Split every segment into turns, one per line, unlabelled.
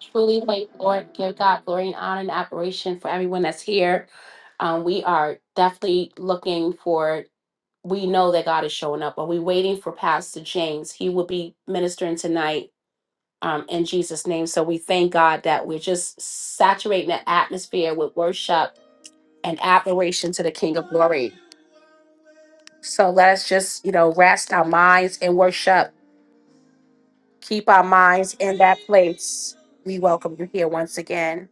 Truly, wait, Lord, give God glory and honor and admiration for everyone that's here. Um, we are definitely looking for, we know that God is showing up, but we're waiting for Pastor James. He will be ministering tonight um, in Jesus' name. So we thank God that we're just saturating the atmosphere with worship and admiration to the King of Glory. So let us just, you know, rest our minds and worship. Keep our minds in that place. We welcome you here once again.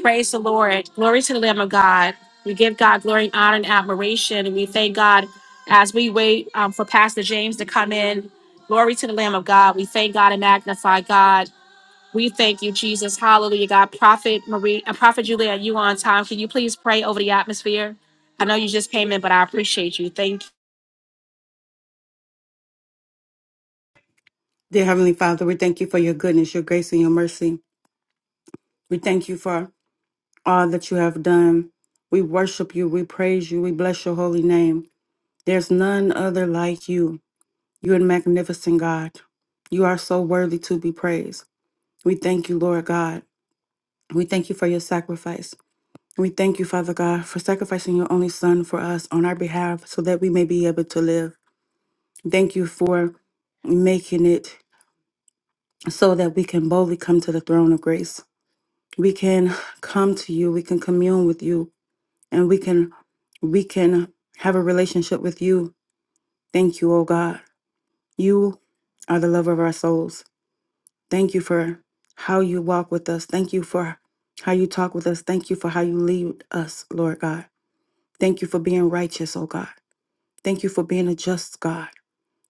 Praise the Lord. Glory to the Lamb of God. We give God glory, and honor, and admiration. And we thank God as we wait um, for Pastor James to come in. Glory to the Lamb of God. We thank God and magnify God. We thank you, Jesus. Hallelujah, God. Prophet Marie, uh, Prophet Julia, are you on time. Can you please pray over the atmosphere? I know you just came in, but I appreciate you. Thank you.
Dear Heavenly Father, we thank you for your goodness, your grace, and your mercy. We thank you for all that you have done. We worship you, we praise you, we bless your holy name. There's none other like you. You're a magnificent God. You are so worthy to be praised. We thank you, Lord God. We thank you for your sacrifice. We thank you, Father God, for sacrificing your only Son for us on our behalf so that we may be able to live. Thank you for making it so that we can boldly come to the throne of grace. we can come to you we can commune with you and we can we can have a relationship with you thank you oh god you are the lover of our souls thank you for how you walk with us thank you for how you talk with us thank you for how you lead us lord god thank you for being righteous oh god thank you for being a just god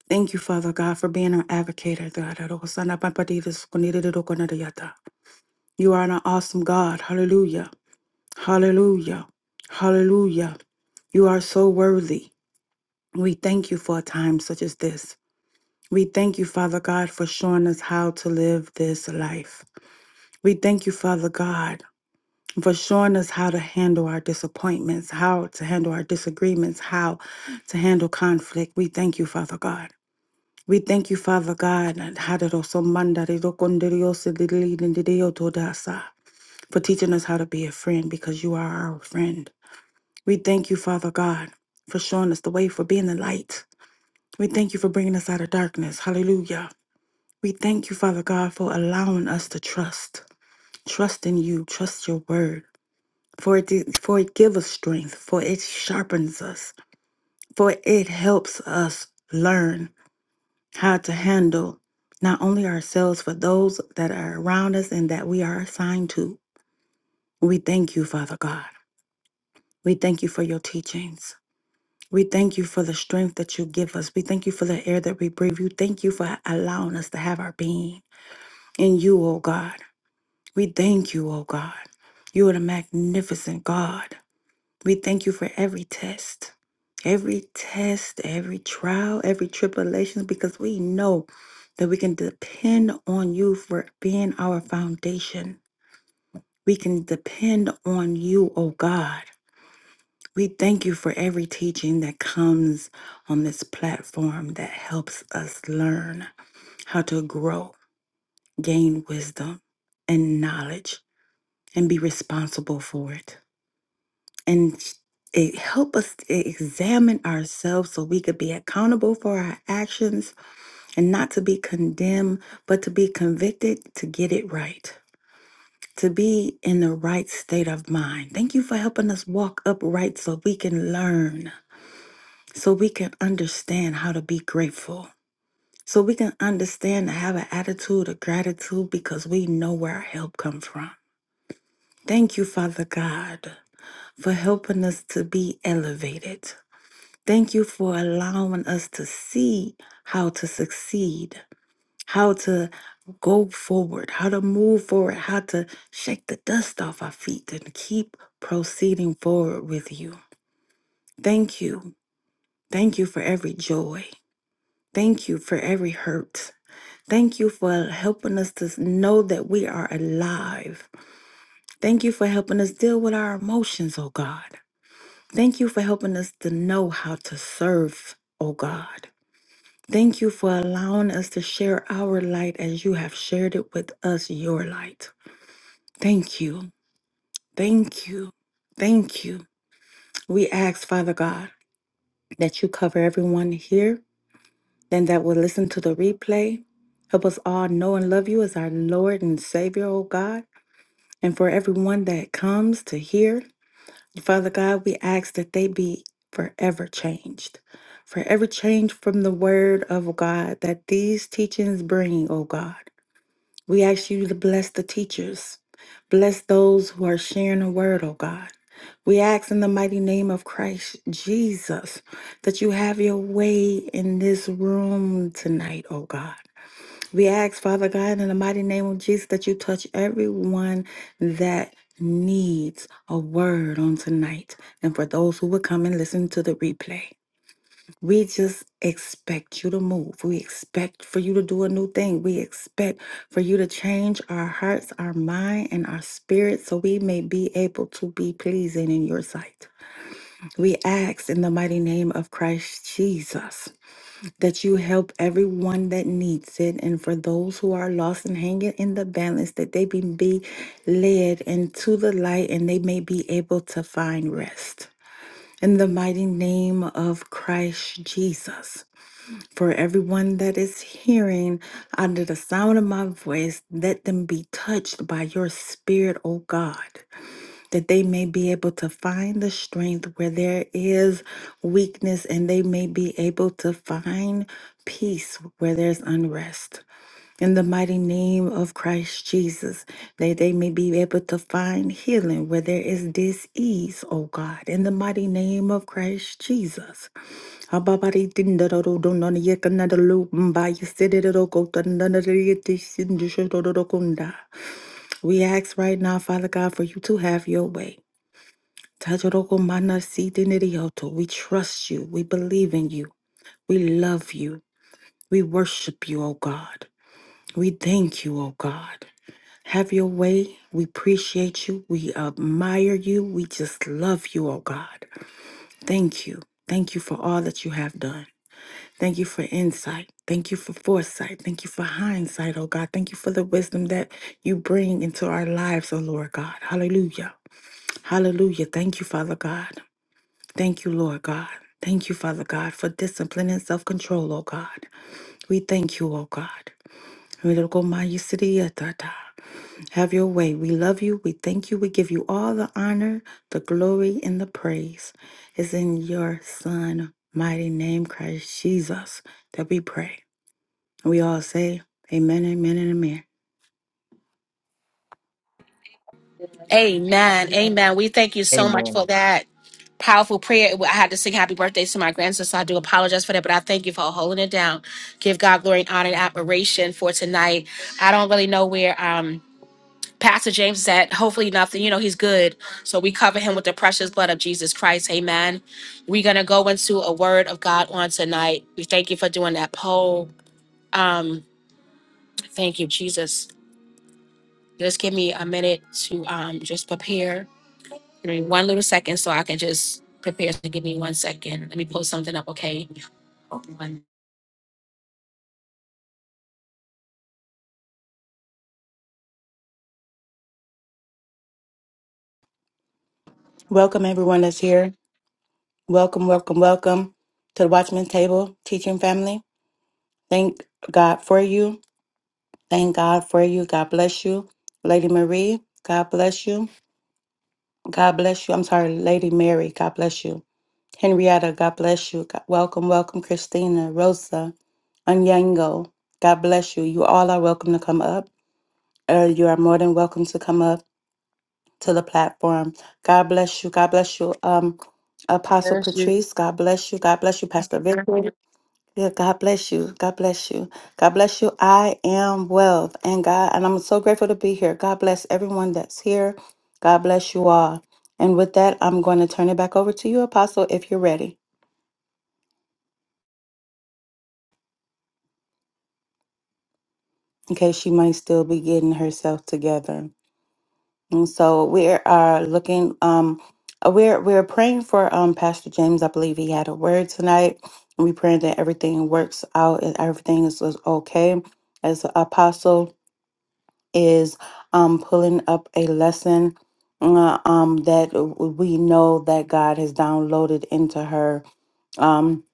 Thank you, Father God, for being our advocate. You are an awesome God. Hallelujah. Hallelujah. Hallelujah. You are so worthy. We thank you for a time such as this. We thank you, Father God, for showing us how to live this life. We thank you, Father God, for showing us how to handle our disappointments, how to handle our disagreements, how to handle conflict. We thank you, Father God. We thank you, Father God, and for teaching us how to be a friend because you are our friend. We thank you, Father God, for showing us the way, for being the light. We thank you for bringing us out of darkness. Hallelujah. We thank you, Father God, for allowing us to trust. Trust in you, trust your word. For it, for it gives us strength, for it sharpens us, for it helps us learn how to handle not only ourselves, but those that are around us and that we are assigned to. We thank you, Father God. We thank you for your teachings. We thank you for the strength that you give us. We thank you for the air that we breathe. You thank you for allowing us to have our being in you, O God. We thank you, O God. You are the magnificent God. We thank you for every test, every test, every trial, every tribulation, because we know that we can depend on you for being our foundation. We can depend on you, O God. We thank you for every teaching that comes on this platform that helps us learn how to grow, gain wisdom and knowledge, and be responsible for it. And it help us to examine ourselves so we could be accountable for our actions and not to be condemned, but to be convicted to get it right. To be in the right state of mind. Thank you for helping us walk upright so we can learn so we can understand how to be grateful, so we can understand to have an attitude of gratitude because we know where our help come from. Thank you, Father God, for helping us to be elevated. Thank you for allowing us to see how to succeed, how to go forward, how to move forward, how to shake the dust off our feet and keep proceeding forward with you. Thank you. Thank you for every joy. Thank you for every hurt. Thank you for helping us to know that we are alive. Thank you for helping us deal with our emotions, oh God. Thank you for helping us to know how to serve, oh God. Thank you for allowing us to share our light as you have shared it with us, your light. Thank you. Thank you. Thank you. We ask, Father God, that you cover everyone here and that will listen to the replay. Help us all know and love you as our Lord and Savior, O God. And for everyone that comes to hear, Father God, we ask that they be forever changed. Forever changed from the word of God that these teachings bring, O God. We ask you to bless the teachers, bless those who are sharing the word, O God. We ask in the mighty name of Christ Jesus that you have your way in this room tonight, O God. We ask, Father God, in the mighty name of Jesus, that you touch everyone that needs a word on tonight. And for those who will come and listen to the replay, we just expect you to move. We expect for you to do a new thing. We expect for you to change our hearts, our mind, and our spirit so we may be able to be pleasing in your sight. We ask in the mighty name of Christ Jesus that you help everyone that needs it, and for those who are lost and hanging in the balance, that they be, be led into the light and they may be able to find rest. In the mighty name of Christ Jesus, for everyone that is hearing under the sound of my voice, let them be touched by your spirit, O God that they may be able to find the strength where there is weakness and they may be able to find peace where there's unrest. In the mighty name of Christ Jesus, that they may be able to find healing where there is dis-ease, oh God. In the mighty name of Christ Jesus. We ask right now, Father God, for you to have your way. Tajoroko mana si dinirioto. We trust you. We believe in you. We love you. We worship you, O God. We thank you, O God. Have your way. We appreciate you. We admire you. We just love you, O God. Thank you. Thank you for all that you have done. Thank you for insight. Thank you for foresight. Thank you for hindsight, oh God. Thank you for the wisdom that you bring into our lives, oh Lord God. Hallelujah. Hallelujah. Thank you, Father God. Thank you, Lord God. Thank you, Father God, for discipline and self control, oh God. We thank you, oh God. Mirogomai siriyatata. Have your way. We love you. We thank you. We give you all the honor, the glory, and the praise. It's in your Son, mighty name, Christ Jesus, that we pray. And we all say, Amen, amen, and amen.
Yeah,
Amen.
Amen.
Amen. We thank you so much for
Amen.
that. powerful prayer. I had to sing happy birthday to my grandson, so I do apologize for that, but I thank you for holding it down. Give God glory and honor and admiration for tonight. I don't really know where um Pastor James is at. Hopefully nothing. You know, he's good. So we cover him with the precious blood of Jesus Christ. Amen. We're gonna go into a word of God on tonight. We thank you for doing that poll. Um, thank you, Jesus. Just give me a minute to um just prepare. Give me one little second so I can just prepare. So give me one second. Let me pull something up, okay?
Welcome, everyone that's here. Welcome, welcome, welcome to the Watchman's Table Teaching Family. Thank God for you. Thank God for you. God bless you. Lady Marie, God bless you. God bless you. I'm sorry, Lady Mary, God bless you. Henrietta, God bless you. God, welcome, welcome, Christina, Rosa, Onyango. God bless you. You all are welcome to come up. Uh, you are more than welcome to come up to the platform. God bless you. God bless you. Um,
God
Apostle
Bless you.
Patrice, God bless you. God bless you, Pastor Victor. Yeah, God bless you. God bless you. God bless you. I am wealth And God, and I'm so grateful to be here. God bless everyone that's here. God bless you all. And with that, I'm going to turn it back over to you, Apostle, if you're ready, in case she might still be getting herself together. And so we are looking, um, uh, we're we're praying for um Pastor James. I believe he had a word tonight. And we praying that everything works out and everything is, is okay. As an apostle is um, pulling up a lesson uh, um, that w- we know that God has downloaded into her. Um,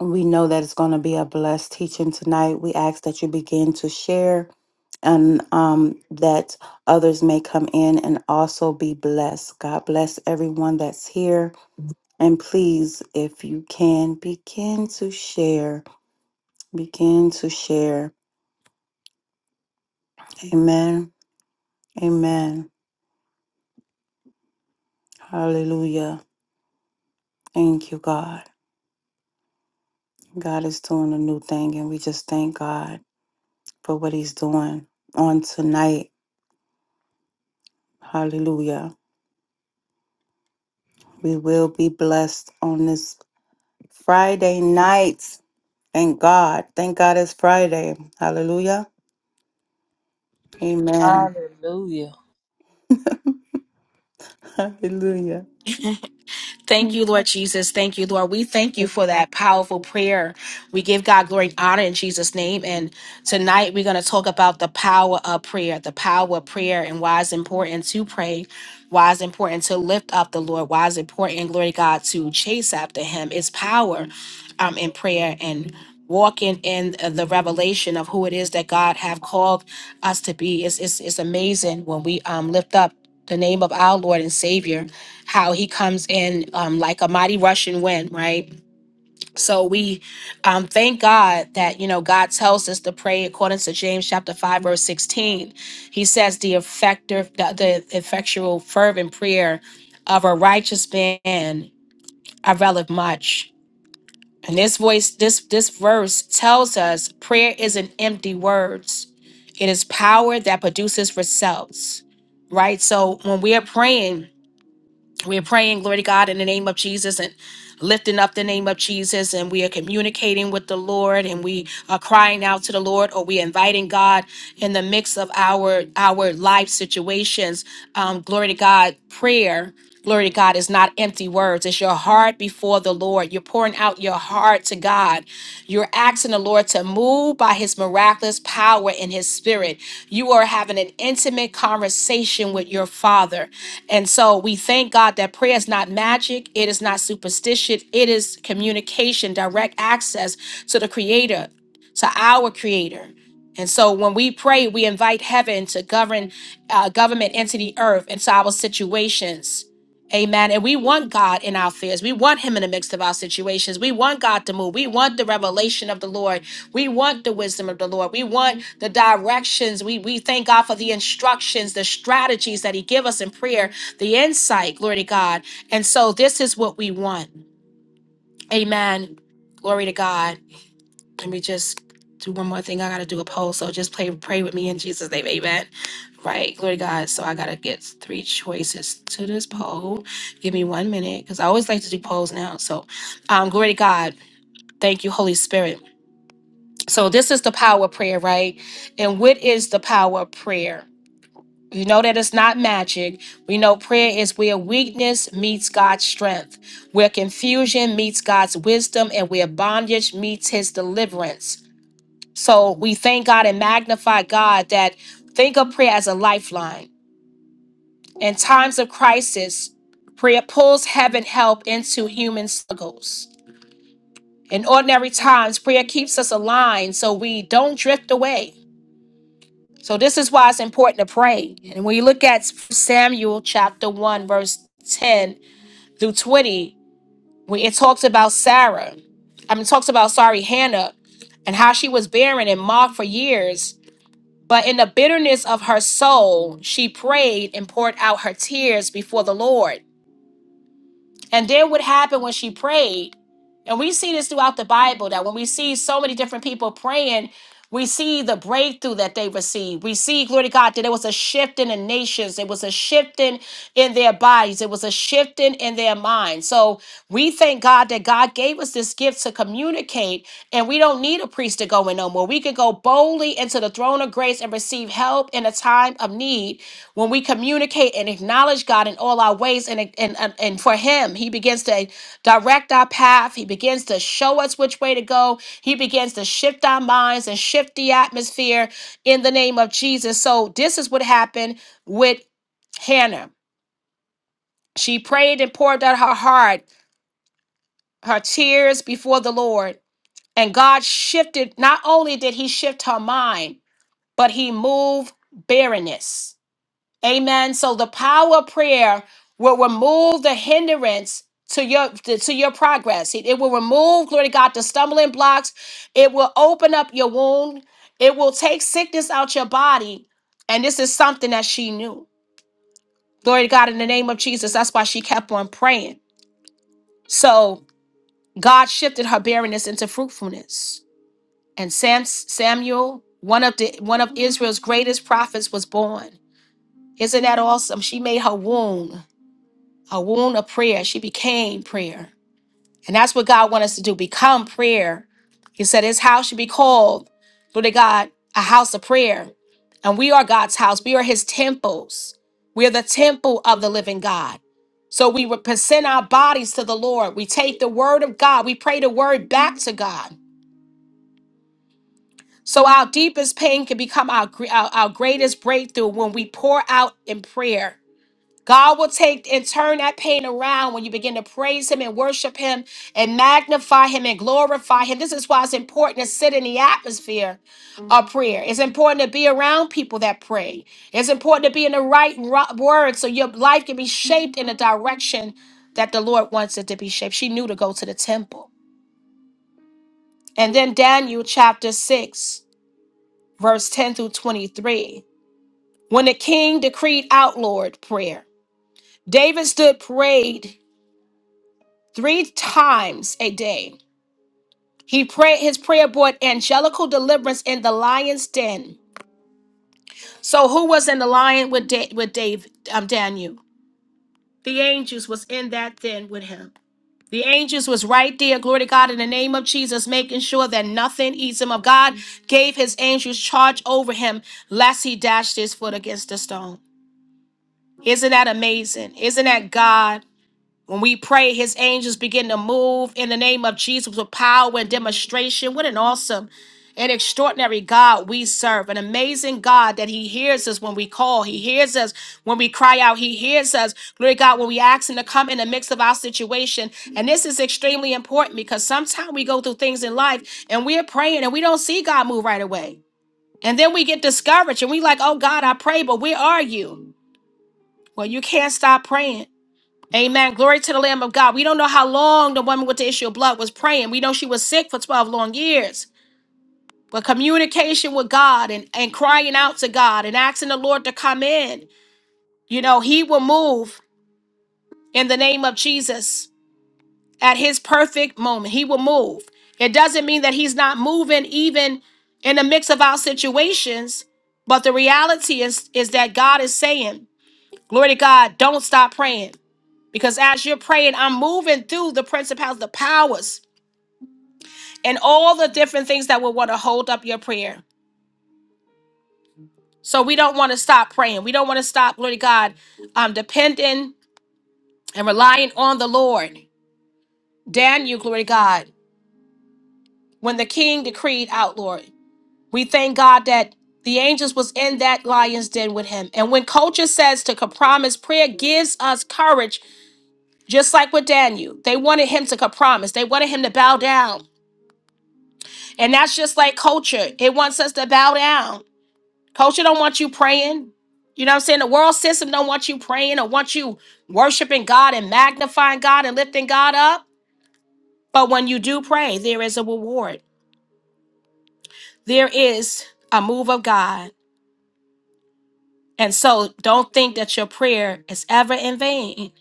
we know that it's going to be a blessed teaching tonight. We ask that you begin to share and um, that others may come in and also be blessed. God bless everyone that's here. And please, if you can, begin to share. Begin to share. Amen. Amen. Hallelujah. Thank you, God. God is doing a new thing, and we just thank God for what He's doing on tonight. Hallelujah. We will be blessed on this Friday night. Thank God. Thank God it's Friday. Hallelujah. Amen.
Hallelujah.
Hallelujah.
Thank you, Lord Jesus. Thank you, Lord. We thank you for that powerful prayer. We give God glory and honor in Jesus' name. And tonight we're going to talk about the power of prayer, the power of prayer, and why it's important to pray, why it's important to lift up the Lord, why it's important, glory to God, to chase after Him. It's power um, in prayer and walking in the revelation of who it is that God have called us to be. It's, it's, it's amazing when we um, lift up the name of our Lord and Savior how he comes in um, like a mighty rushing wind, right? So we um, thank God that, you know, God tells us to pray according to James chapter 5, verse 16. He says, the effective, the, the effectual, fervent prayer of a righteous man availeth much. And this voice, this this verse tells us prayer isn't empty words. It is power that produces results. Right. So when we are praying, we're praying, glory to God, in the name of Jesus and lifting up the name of Jesus. And we are communicating with the Lord and we are crying out to the Lord or we are inviting God in the mix of our our life situations. Um, glory to God, prayer. Glory to God is not empty words. It's your heart before the Lord. You're pouring out your heart to God. You're asking the Lord to move by his miraculous power in his spirit. You are having an intimate conversation with your father. And so we thank God that prayer is not magic, it is not superstition, it is communication, direct access to the Creator, to our Creator. And so when we pray, we invite heaven to govern uh, government into the earth, into our situations. Amen. And we want God in our fears. We want Him in the midst of our situations. We want God to move. We want the revelation of the Lord. We want the wisdom of the Lord. We want the directions. We, we thank God for the instructions, the strategies that He give us in prayer the insight, glory to God. And so this is what we want. Amen. Glory to God. Let me just do one more thing. I gotta do a poll. So just play pray with me in Jesus' name. Amen. Right. Glory to God. So I gotta get three choices to this poll. Give me one minute, because I always like to do polls now. So um glory to God. Thank you, Holy Spirit. So this is the power of prayer, right? And what is the power of prayer? We know that it's not magic. We know prayer is where weakness meets God's strength, where confusion meets God's wisdom, and where bondage meets his deliverance. So we thank God and magnify God that think of prayer as a lifeline. In times of crisis, prayer pulls heaven help into human struggles. In ordinary times, prayer keeps us aligned so we don't drift away. So this is why it's important to pray. And when you look at Samuel chapter 1, verse 10 through 20, when it talks about Sarah, I mean it talks about sorry, Hannah, and how she was barren and mocked for years. But in the bitterness of her soul, she prayed and poured out her tears before the Lord. And then what happened when she prayed, and we see this throughout the Bible that when we see so many different people praying, we see the breakthrough that they received. We see, glory to God, that there was a shifting in nations. It was a shifting in their bodies. It was a shifting in their minds. So we thank God that God gave us this gift to communicate, and we don't need a priest to go in no more. We can go boldly into the throne of grace and receive help in a time of need when we communicate and acknowledge God in all our ways and, and, and, and for Him, He begins to direct our path. He begins to show us which way to go. He begins to shift our minds and shift the atmosphere in the name of Jesus. So, this is what happened with Hannah. She prayed and poured out her heart, her tears before the Lord. And God shifted, not only did He shift her mind, but He moved barrenness. Amen. So the power of prayer will remove the hindrance to your to, to your progress. It, it will remove, glory to God, the stumbling blocks. It will open up your wound. It will take sickness out your body. And this is something that she knew. Glory to God in the name of Jesus. That's why she kept on praying. So God shifted her barrenness into fruitfulness. And Sam, Samuel, one of the one of Israel's greatest prophets, was born. Isn't that awesome? She made her womb. a wound of prayer. She became prayer. And that's what God wants us to do become prayer. He said his house should be called, Lord of God, a house of prayer. And we are God's house, we are his temples. We are the temple of the living God. So we would present our bodies to the Lord. We take the word of God, we pray the word back to God. So our deepest pain can become our, gre- our, our greatest breakthrough when we pour out in prayer God will take and turn that pain around when you begin to praise Him and worship Him and magnify Him and glorify Him. This is why it's important to sit in the atmosphere of prayer. It's important to be around people that pray. It's important to be in the right ro- word so your life can be shaped in the direction that the Lord wants it to be shaped. She knew to go to the temple. And then Daniel chapter 6, verse 10 through 23. When the king decreed outlawed prayer, David stood prayed three times a day. He prayed his prayer brought angelical deliverance in the lion's den. So who was in the lion with da- with Dave um, Daniel? The angels was in that den with him. The angels was right there, glory to God, in the name of Jesus, making sure that nothing eats him up. God gave his angels charge over him, lest he dashed his foot against a stone. Isn't that amazing? Isn't that God? When we pray, his angels begin to move in the name of Jesus with power and demonstration. What an awesome and extraordinary God we serve. An amazing God that he hears us when we call. He hears us when we cry out. He hears us, glory to God, when we ask him to come in the midst of our situation. And this is extremely important because sometimes we go through things in life and we're praying and we don't see God move right away. And then we get discouraged and we like, oh God, I pray, but where are you? Well, you can't stop praying Amen. Glory to the Lamb of God. We don't know how long the woman with the issue of blood was praying. We know she was sick for 12 long years. But communication with God and, and crying out to God and asking the Lord to come in, you know, He will move in the name of Jesus at His perfect moment. He will move. It doesn't mean that He's not moving even in the mix of our situations. But the reality is, is that God is saying, Glory to God, don't stop praying. Because as you're praying, I'm moving through the principalities, the powers, and all the different things that will want to hold up your prayer. So we don't want to stop praying. We don't want to stop, glory to God, um, depending and relying on the Lord. Daniel, glory to God, when the king decreed out, Lord, we thank God that the angels was in that lion's den with him. And when culture says to compromise, prayer gives us courage, just like with Daniel. They wanted him to compromise. They wanted him to bow down. And that's just like culture. It wants us to bow down. Culture don't want you praying. You know what I'm saying? The world system don't want you praying or want you worshiping God and magnifying God and lifting God up. But when you do pray, there is a reward. There is a move of God. And so don't think that your prayer is ever in vain.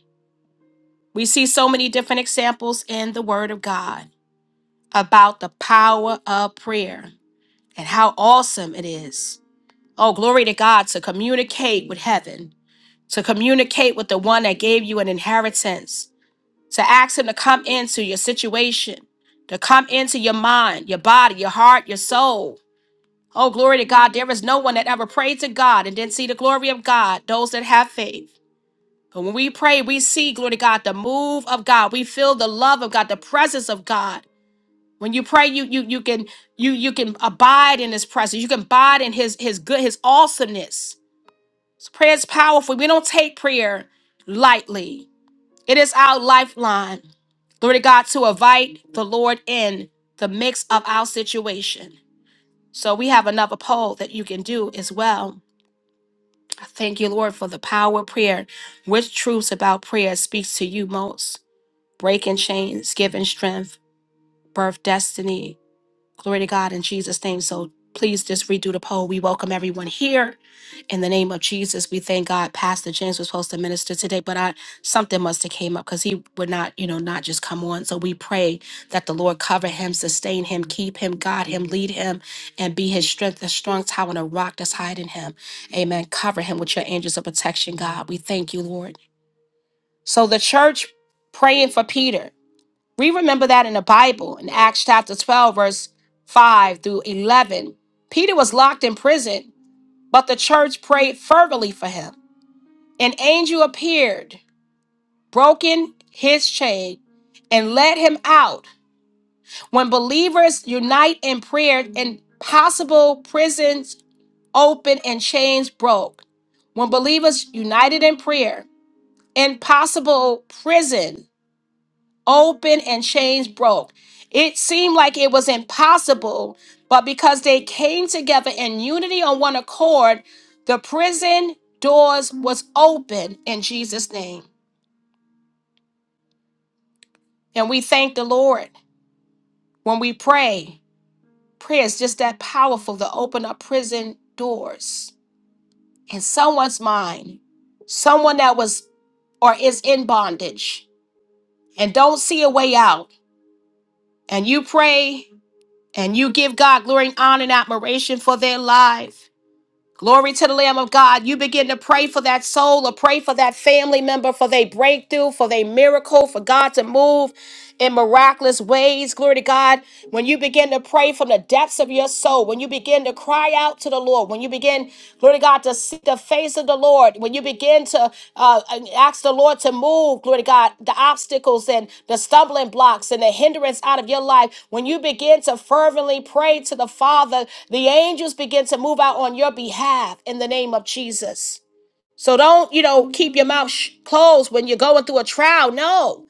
We see so many different examples in the word of God about the power of prayer and how awesome it is. Oh, glory to God to communicate with heaven to communicate with the one that gave you an inheritance, to ask him to come into your situation, to come into your mind, your body, your heart, your soul. Oh, glory to God. There is no one that ever prayed to God and didn't see the glory of God, those that have faith. But when we pray, we see, glory to God, the move of God. We feel the love of God, the presence of God. When you pray, you you you can you you can abide in his presence. You can abide in his his good his awesomeness. So prayer is powerful. We don't take prayer lightly. It is our lifeline. Glory to God to invite the Lord in the mix of our situation. So we have another poll that you can do as well. I thank you, Lord, for the power of prayer. Which truths about prayer speaks to you most? Breaking chains, giving strength, birth destiny, Glory to God in Jesus' name. So please just redo the poll. We welcome everyone here in the name of Jesus. We thank God. Pastor James was supposed to minister today, but I something must have came up because he would not, you know, not just come on. So we pray that the Lord cover him, sustain him, keep him, guide him, lead him, and be his strength, a strong tower and a rock that's hiding him. Amen. Cover him with your angels of protection, God. We thank you, Lord. So the church praying for Peter. We remember that in the Bible, in Acts chapter 12, verse 5 through 11. Peter was locked in prison, but the church prayed fervently for him. An angel appeared, broken his chain, and led him out. When believers unite in prayer, impossible prisons open and chains broke. When believers united in prayer, impossible prison open and chains broke. It seemed like it was impossible, but because they came together in unity on one accord, the prison doors was open in Jesus name. And we thank the Lord when we pray. Prayer is just that powerful to open up prison doors in someone's mind. Someone that was or is in bondage and don't see a way out and you pray And you give God glory and honor and admiration for their life. Glory to the Lamb of God. You begin to pray for that soul or pray for that family member for their breakthrough, for their miracle, for God to move in miraculous ways. Glory to God. When you begin to pray from the depths of your soul, when you begin to cry out to the Lord, when you begin, glory to God, to seek the face of the Lord, when you begin to uh, ask the Lord to move, glory to God, the obstacles and the stumbling blocks and the hindrance out of your life, when you begin to fervently pray to the Father, the angels begin to move out on your behalf in the name of Jesus. So don't, you know, keep your mouth sh- closed when you're going through a trial. No.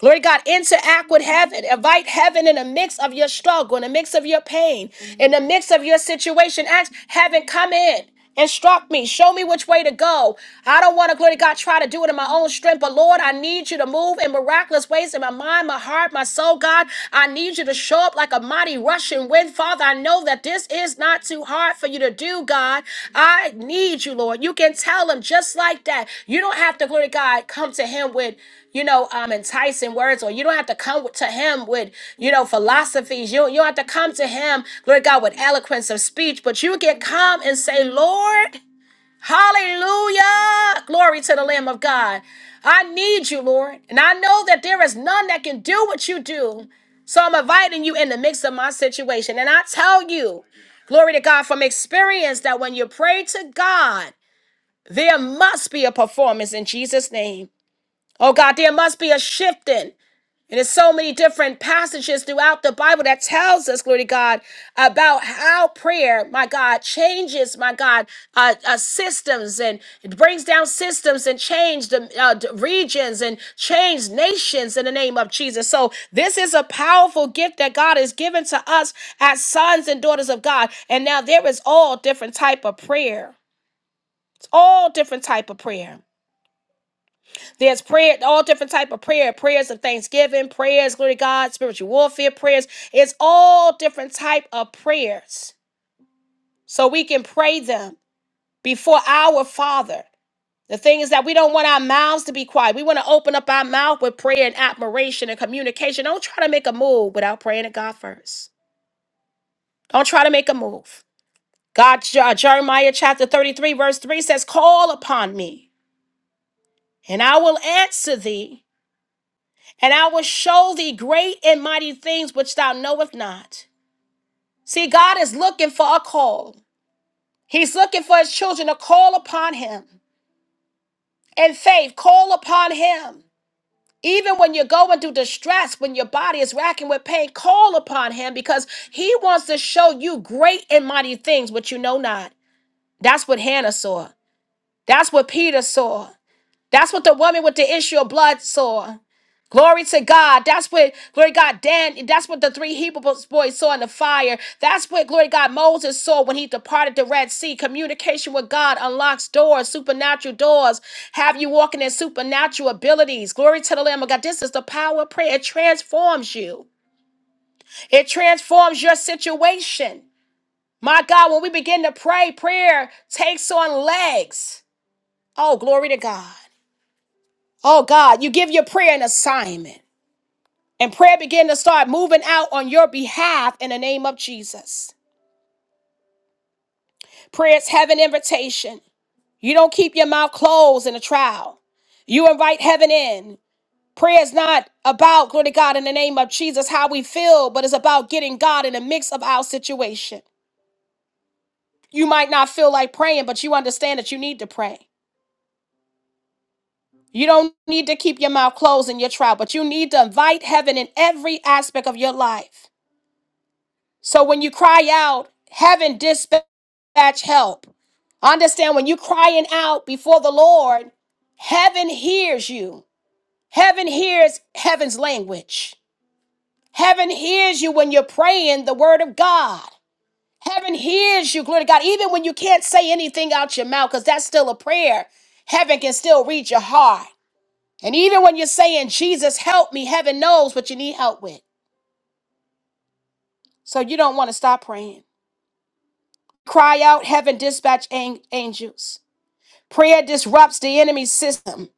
Glory to God, interact with heaven. Invite heaven in the mix of your struggle, in the mix of your pain, in the mix of your situation. Ask heaven, come in. Instruct me, show me which way to go. I don't want to, glory to God, try to do it in my own strength, but Lord, I need you to move in miraculous ways in my mind, my heart, my soul, God. I need you to show up like a mighty rushing wind, Father. I know that this is not too hard for you to do, God. I need you, Lord. You can tell him just like that. You don't have to, glory to God, come to him with you know, um, enticing words, or you don't have to come to him with, you know, philosophies. You, you don't have to come to him, Lord God, with eloquence of speech, but you can come and say, Lord, hallelujah, glory to the Lamb of God. I need you, Lord. And I know that there is none that can do what you do. So I'm inviting you in the mix of my situation. And I tell you, glory to God from experience, that when you pray to God, there must be a performance in Jesus' name. Oh God, there must be a shifting. And there's so many different passages throughout the Bible that tells us, glory to God, about how prayer, my God, changes, my God, uh, uh, systems and it brings down systems and change the uh, d- regions and change nations in the name of Jesus. So this is a powerful gift that God has given to us as sons and daughters of God. And now there is all different type of prayer. It's all different type of prayer. There's prayer, all different type of prayer, prayers of thanksgiving, prayers, glory to God, spiritual warfare prayers. It's all different type of prayers. So we can pray them before our Father. The thing is that we don't want our mouths to be quiet. We want to open up our mouth with prayer and admiration and communication. Don't try to make a move without praying to God first. Don't try to make a move. God, Je- Jeremiah chapter 33, verse 3 says, Call upon me, and I will answer thee and I will show thee great and mighty things which thou knowest not. See, God is looking for a call. He's looking for his children to call upon him. In faith, call upon him. Even when you're going through distress, when your body is racking with pain, call upon him because he wants to show you great and mighty things which you know not. That's what Hannah saw. That's what Peter saw. That's what the woman with the issue of blood saw. Glory to God. That's what, glory to God, Dan, that's what the three Hebrew boys saw in the fire. That's what, glory to God, Moses saw when he departed the Red Sea. Communication with God unlocks doors, supernatural doors. Have you walking in supernatural abilities. Glory to the Lamb of God. This is the power of prayer. It transforms you, it transforms your situation. My God, when we begin to pray, prayer takes on legs. Oh, glory to God. Oh God, you give your prayer an assignment. And prayer begin to start moving out on your behalf in the name of Jesus. Prayer is heaven invitation. You don't keep your mouth closed in a trial. You invite heaven in. Prayer is not about, glory to God, in the name of Jesus, how we feel, but it's about getting God in the mix of our situation. You might not feel like praying, but you understand that you need to pray. You don't need to keep your mouth closed in your trial, but you need to invite heaven in every aspect of your life. So when you cry out, heaven dispatch help. Understand when you crying out before the Lord, heaven hears you. Heaven hears heaven's language. Heaven hears you when you're praying the word of God. Heaven hears you, glory to God, even when you can't say anything out your mouth, because that's still a prayer. Heaven can still read your heart. And even when you're saying, Jesus, help me, heaven knows what you need help with. So you don't want to stop praying. Cry out, heaven, dispatch an- angels. Prayer disrupts the enemy's system.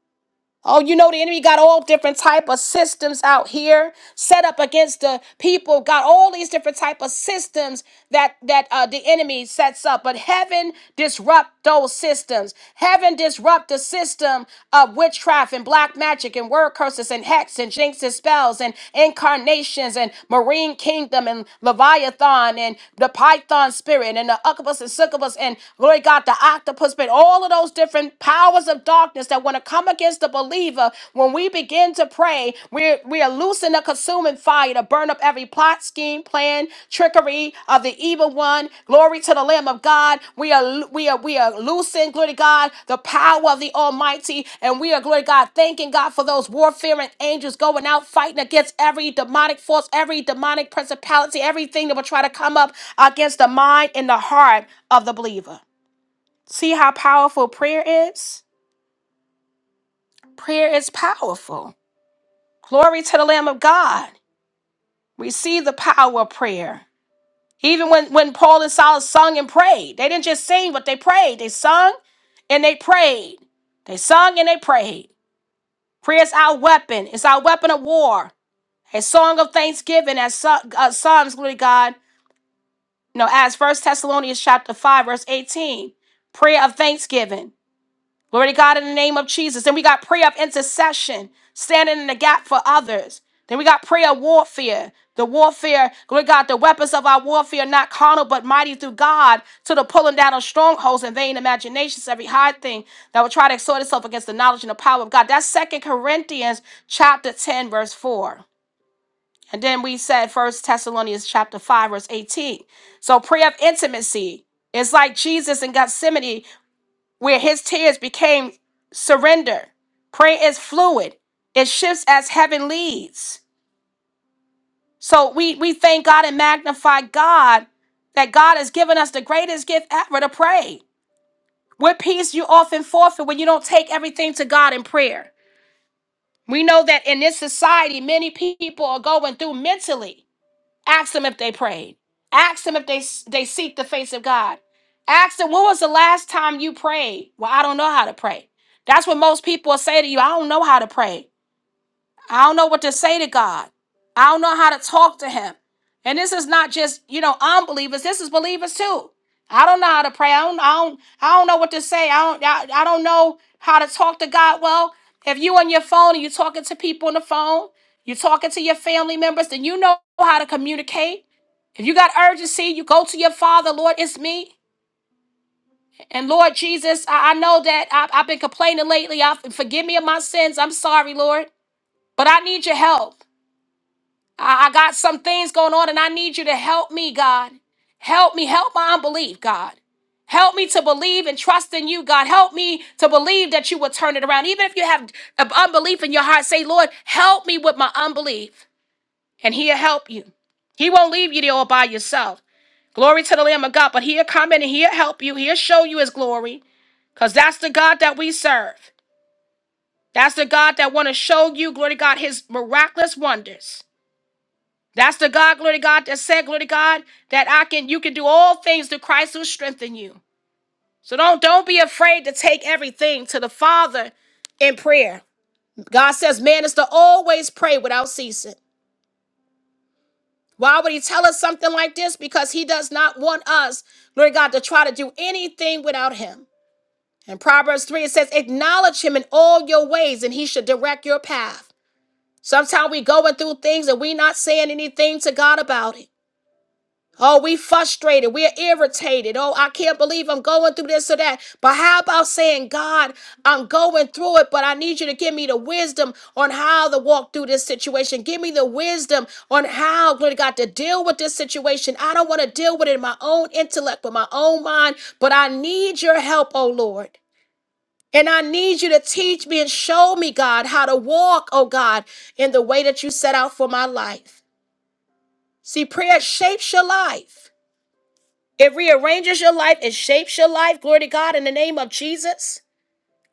Oh, you know the enemy got all different type of systems out here set up against the people. Got all these different type of systems that that uh, the enemy sets up. But heaven disrupt those systems. Heaven disrupt the system of witchcraft and black magic and word curses and hex and jinx and spells and incarnations and marine kingdom and leviathan and the python spirit and the succubus and succubus and glory God the octopus but all of those different powers of darkness that want to come against the believer when we begin to pray. We're we are loosing the consuming fire to burn up every plot, scheme, plan, trickery of the evil one. Glory to the Lamb of God. We are we are we are loosing, glory to God, the power of the Almighty, and we are glory to God, thanking God for those warfaring angels going out fighting against every demonic force, every demonic principality, everything that will try to come up against the mind and the heart of the believer. See how powerful prayer is? Prayer is powerful. Glory to the Lamb of God. We see the power of prayer. Even when, when Paul and Silas sung and prayed, they didn't just sing, but they prayed. They sung and they prayed. They sung and they prayed. Prayer is our weapon, it's our weapon of war. A song of thanksgiving, as Psa- uh, Psalms, glory to God, you know, as First Thessalonians chapter 5, verse 18. Prayer of thanksgiving. Glory to God in the name of Jesus. Then we got prayer of intercession, standing in the gap for others. Then we got prayer warfare. The warfare, glory to God, the weapons of our warfare, not carnal, but mighty through God, to the pulling down of strongholds and vain imaginations, every high thing that will try to exhort itself against the knowledge and the power of God. That's Second Corinthians chapter 10, verse 4. And then we said First Thessalonians chapter 5, verse 18. So prayer of intimacy. It's like Jesus in Gethsemane where his tears became surrender. Prayer is fluid, it shifts as heaven leads. So we, we thank God and magnify God that God has given us the greatest gift ever to pray. What peace you often forfeit when you don't take everything to God in prayer. We know that in this society, many people are going through mentally. Ask them if they prayed. Ask them if they they seek the face of God. Ask them when was the last time you prayed? Well, I don't know how to pray. That's what most people will say to you. I don't know how to pray. I don't know what to say to God. I don't know how to talk to Him. And this is not just, you know, unbelievers. This is believers too. I don't know how to pray. I don't, I don't, I don't know what to say. I don't, I, I don't know how to talk to God. Well, if you on your phone and you're talking to people on the phone, you're talking to your family members, then you know how to communicate. If you got urgency, you go to your father, Lord, it's me. And Lord Jesus, I, I know that I, I've been complaining lately. I, forgive me of my sins. I'm sorry, Lord, but I need your help. I, I got some things going on and I need you to help me, God. Help me, help my unbelief, God. Help me to believe and trust in you, God. Help me to believe that you will turn it around. Even if you have uh, unbelief in your heart, say, Lord, help me with my unbelief, and he'll help you. He won't leave you there all by yourself. Glory to the Lamb of God, but he'll come in and he'll help you. He'll show you his glory. Because that's the God that we serve. That's the God that want to show you, glory to God, his miraculous wonders. That's the God, glory to God, that said, glory to God, that I can you can do all things through Christ who strengthen you. So don't don't be afraid to take everything to the Father in prayer. God says, man is to always pray without ceasing. Why would he tell us something like this? Because he does not want us, glory to God, to try to do anything without him. In Proverbs 3, it says, acknowledge him in all your ways, and he should direct your path. Sometimes we going through things and we not saying anything to God about it. Oh, we frustrated. We're irritated. Oh, I can't believe I'm going through this or that. But how about saying, God, I'm going through it, but I need you to give me the wisdom on how to walk through this situation. Give me the wisdom on how, glory to God, to deal with this situation. I don't want to deal with it in my own intellect, with my own mind, but I need your help, oh Lord. And I need you to teach me and show me, God, how to walk, oh God, in the way that you set out for my life. See, prayer shapes your life. It rearranges your life, it shapes your life. Glory to God in the name of Jesus.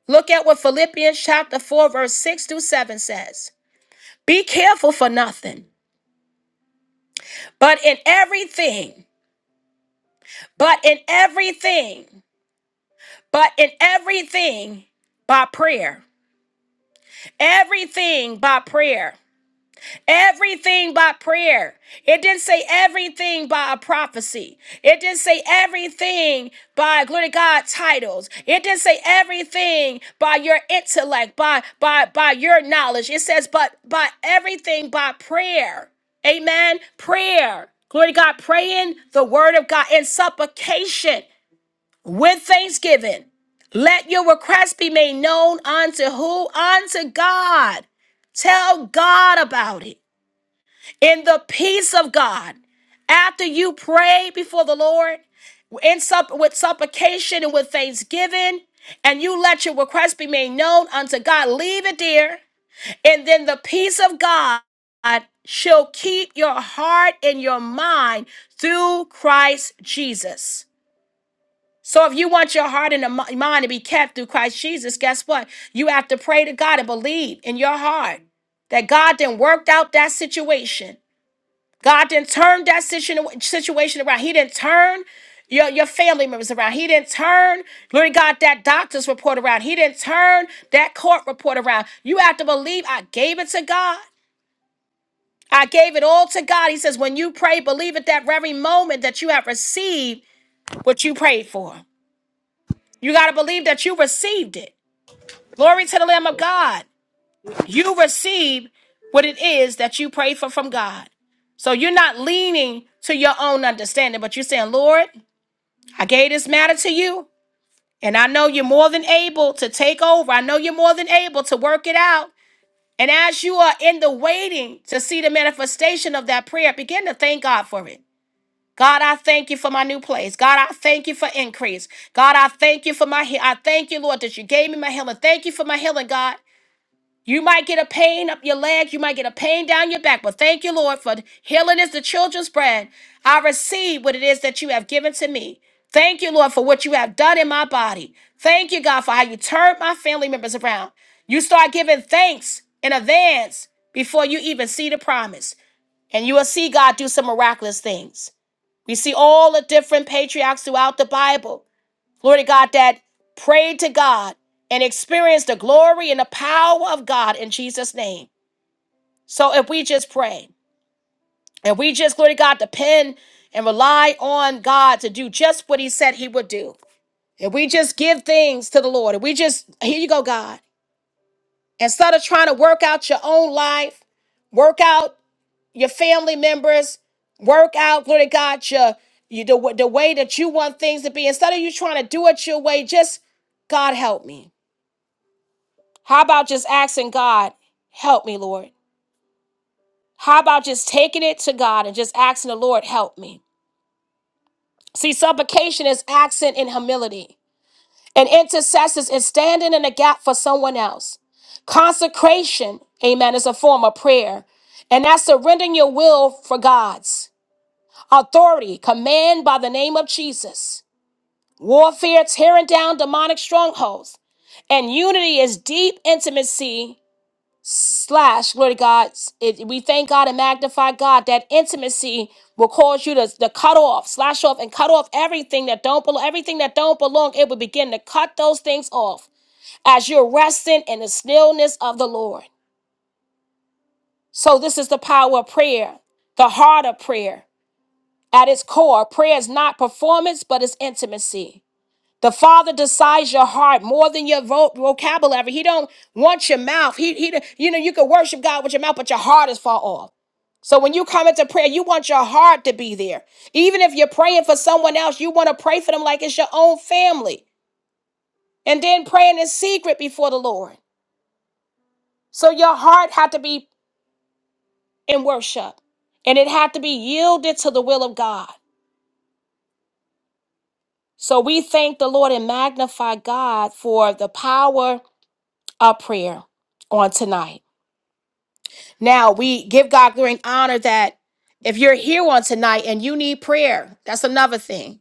Look at what Philippians chapter 4, verse 6 through 7 says. Be careful for nothing, but in everything, but in everything, but in everything by prayer. Everything by prayer Everything by prayer. It didn't say everything by a prophecy. It didn't say everything by glory to God titles. It didn't say everything by your intellect, by by by your knowledge. It says but by everything by prayer. Amen. Prayer. Glory to God. Praying the word of God in supplication with thanksgiving. Let your request be made known unto who? Unto God. Tell God about it in the peace of God. After you pray before the Lord in sup- with supplication and with thanksgiving, and you let your request be made known unto God, leave it there, and then the peace of God shall keep your heart and your mind through Christ Jesus. So if you want your heart and the mi- mind to be kept through Christ Jesus, guess what? You have to pray to God and believe in your heart that God then worked out that situation God didn't turn that situ- situation around. He didn't turn your, your family members around. He didn't turn, Lord God, that doctor's report around. He didn't turn that court report around. You have to believe I gave it to God. I gave it all to God. He says, when you pray, believe at that very moment that you have received what you prayed for. You got to believe that you received it. Glory to the Lamb of God. you receive what it is that you pray for from God. So you're not leaning to your own understanding, but you're saying, Lord, I gave this matter to you, and I know you're more than able to take over. I know you're more than able to work it out. And as you are in the waiting to see the manifestation of that prayer, begin to thank God for it. God, I thank you for my new place. God, I thank you for increase. God, I thank you for my he- I thank you, Lord, that you gave me my healing. Thank you for my healing, God. You might get a pain up your leg. You might get a pain down your back. But thank you, Lord, for healing is the children's bread. I receive what it is that you have given to me. Thank you, Lord, for what you have done in my body. Thank you, God, for how you turned my family members around. You start giving thanks in advance before you even see the promise. And you will see God do some miraculous things. We see all the different patriarchs throughout the Bible glory to God, that prayed to God and experienced the glory and the power of God in Jesus' name. So if we just pray and we just, glory to God, depend and rely on God to do just what He said He would do, if we just give things to the Lord, if we just, here you go, God, instead of trying to work out your own life, work out your family members, work out, glory to God, your, you, the, the way that you want things to be, instead of you trying to do it your way, just, God help me. How about just asking God, help me, Lord? How about just taking it to God and just asking the Lord, help me? See, supplication is accent in humility, and intercessors is standing in the gap for someone else. Consecration, amen, is a form of prayer, and that's surrendering your will for God's. Authority, command by the name of Jesus. Warfare, tearing down demonic strongholds. And unity is deep intimacy slash glory to god it, we thank god and magnify god that intimacy will cause you to, to cut off slash off and cut off everything that don't belong everything that don't belong it will begin to cut those things off as you're resting in the stillness of the lord so this is the power of prayer the heart of prayer at its core prayer is not performance but it's intimacy the Father desires your heart more than your vo- vocabulary. He don't want your mouth. He, he, you know, you can worship God with your mouth, but your heart is far off. So when you come into prayer, you want your heart to be there. Even if you're praying for someone else, you want to pray for them like it's your own family. And then praying in secret before the Lord. So your heart had to be in worship. And it had to be yielded to the will of God. So we thank the Lord and magnify God for the power of prayer on tonight. Now we give God glory and honor that if you're here on tonight and you need prayer, that's another thing.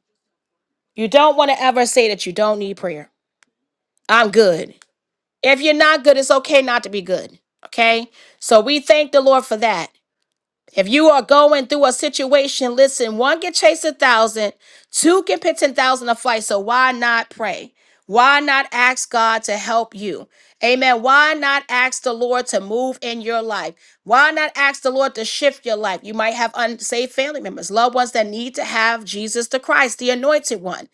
You don't want to ever say that you don't need prayer. I'm good. If you're not good, it's okay not to be good. Okay? So we thank the Lord for that. If you are going through a situation, listen, one can chase a thousand, two can put 10,000 a flight. So why not pray? Why not ask God to help you? Amen. Why not ask the Lord to move in your life? Why not ask the Lord to shift your life? You might have unsaved family members, loved ones that need to have Jesus the Christ, the anointed one.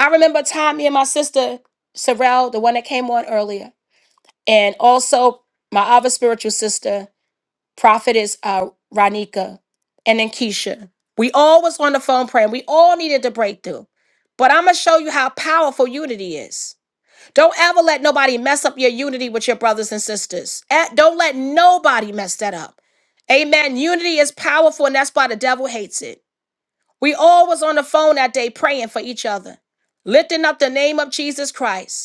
I remember a time me and my sister, Sorrel, the one that came on earlier, and also my other spiritual sister prophetess uh, Ronika, and then Keisha. We all was on the phone praying. We all needed the breakthrough. But I'm gonna show you how powerful unity is. Don't ever let nobody mess up your unity with your brothers and sisters. Eh, Don't let nobody mess that up. Amen. Unity is powerful, and that's why the devil hates it. We all was on the phone that day praying for each other, lifting up the name of Jesus Christ.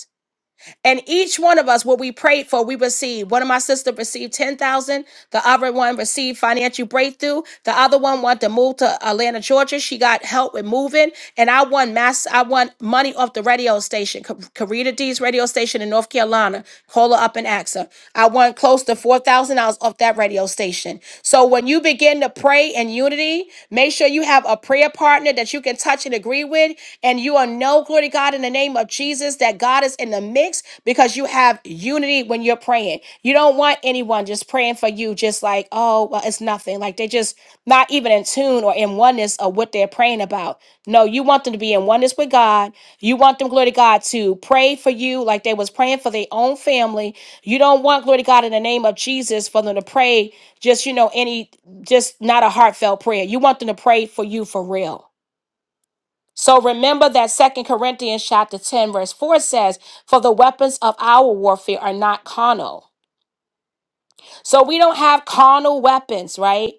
And each one of us, what we prayed for, we received. One of my sisters received 10,000. The other one received financial breakthrough. The other one wanted to move to Atlanta, Georgia. She got help with moving. And I won mass, I won money off the radio station, Ca- Karita D's radio station in North Carolina. Call her up and ask her. I won close to $4,000 off that radio station. So when you begin to pray in unity, make sure you have a prayer partner that you can touch and agree with. And you will know, glory to God, in the name of Jesus, that God is in the mix because you have unity when you're praying. You don't want anyone just praying for you, just like, oh, well, it's nothing. Like they just not even in tune or in oneness of what they're praying about. No, you want them to be in oneness with God. You want them, glory to God, to pray for you like they was praying for their own family. You don't want, glory to God, in the name of Jesus, for them to pray just, you know, any, just not a heartfelt prayer. You want them to pray for you for real. So remember that Second Corinthians chapter 10 verse 4 says, "For the weapons of our warfare are not carnal." So we don't have carnal weapons, right?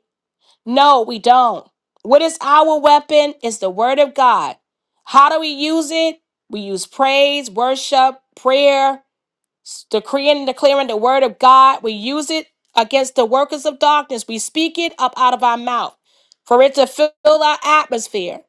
No, we don't. What is our weapon? Is the word of God. How do we use it? We use praise, worship, prayer, s- decreeing and declaring the word of God. We use it against the workers of darkness. We speak it up out of our mouth for it to fill our atmosphere.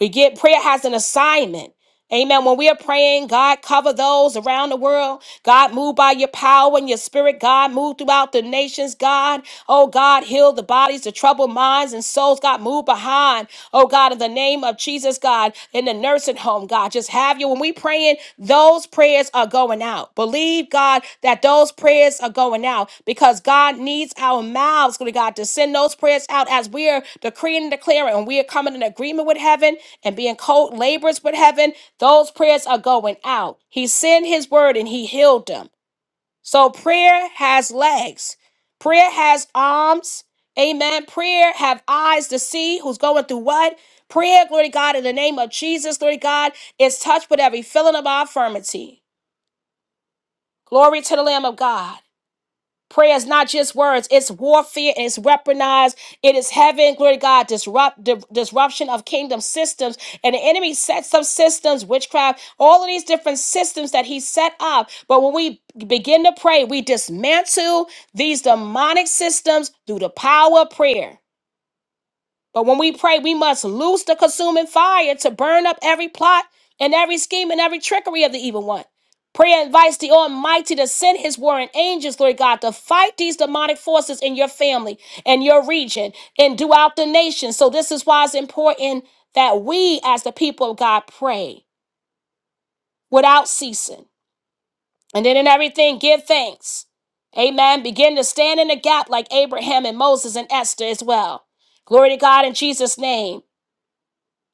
We get prayer has an assignment. Amen. When we are praying, God, cover those around the world. God, move by your power and your spirit. God, move throughout the nations. God, oh God, heal the bodies, the troubled minds and souls. God, move behind. Oh God, in the name of Jesus, God, in the nursing home, God, just have you. When we praying, those prayers are going out. Believe, God, that those prayers are going out because God needs our mouths, glory to God, to send those prayers out as we are decreeing and declaring. And we are coming in agreement with heaven and being co laborers with heaven, those prayers are going out. He sent his word and he healed them. So prayer has legs, prayer has arms. Amen. Prayer have eyes to see who's going through what. Prayer, glory to God, in the name of Jesus, glory to God, is touched with every feeling of our infirmity. Glory to the Lamb of God. Prayer is not just words, it's warfare, it's weaponized, it is heaven, glory to God, disrupt di- disruption of kingdom systems. And the enemy sets up systems, witchcraft, all of these different systems that he set up. But when we begin to pray, we dismantle these demonic systems through the power of prayer. But when we pray, we must loose the consuming fire to burn up every plot and every scheme and every trickery of the evil one. Prayer invites the Almighty to send His warring angels, Lord God, to fight these demonic forces in your family and your region and throughout the nation. So, this is why it's important that we, as the people of God, pray without ceasing. And then in everything, give thanks. Amen. Begin to stand in the gap like Abraham and Moses and Esther as well. Glory to God in Jesus' name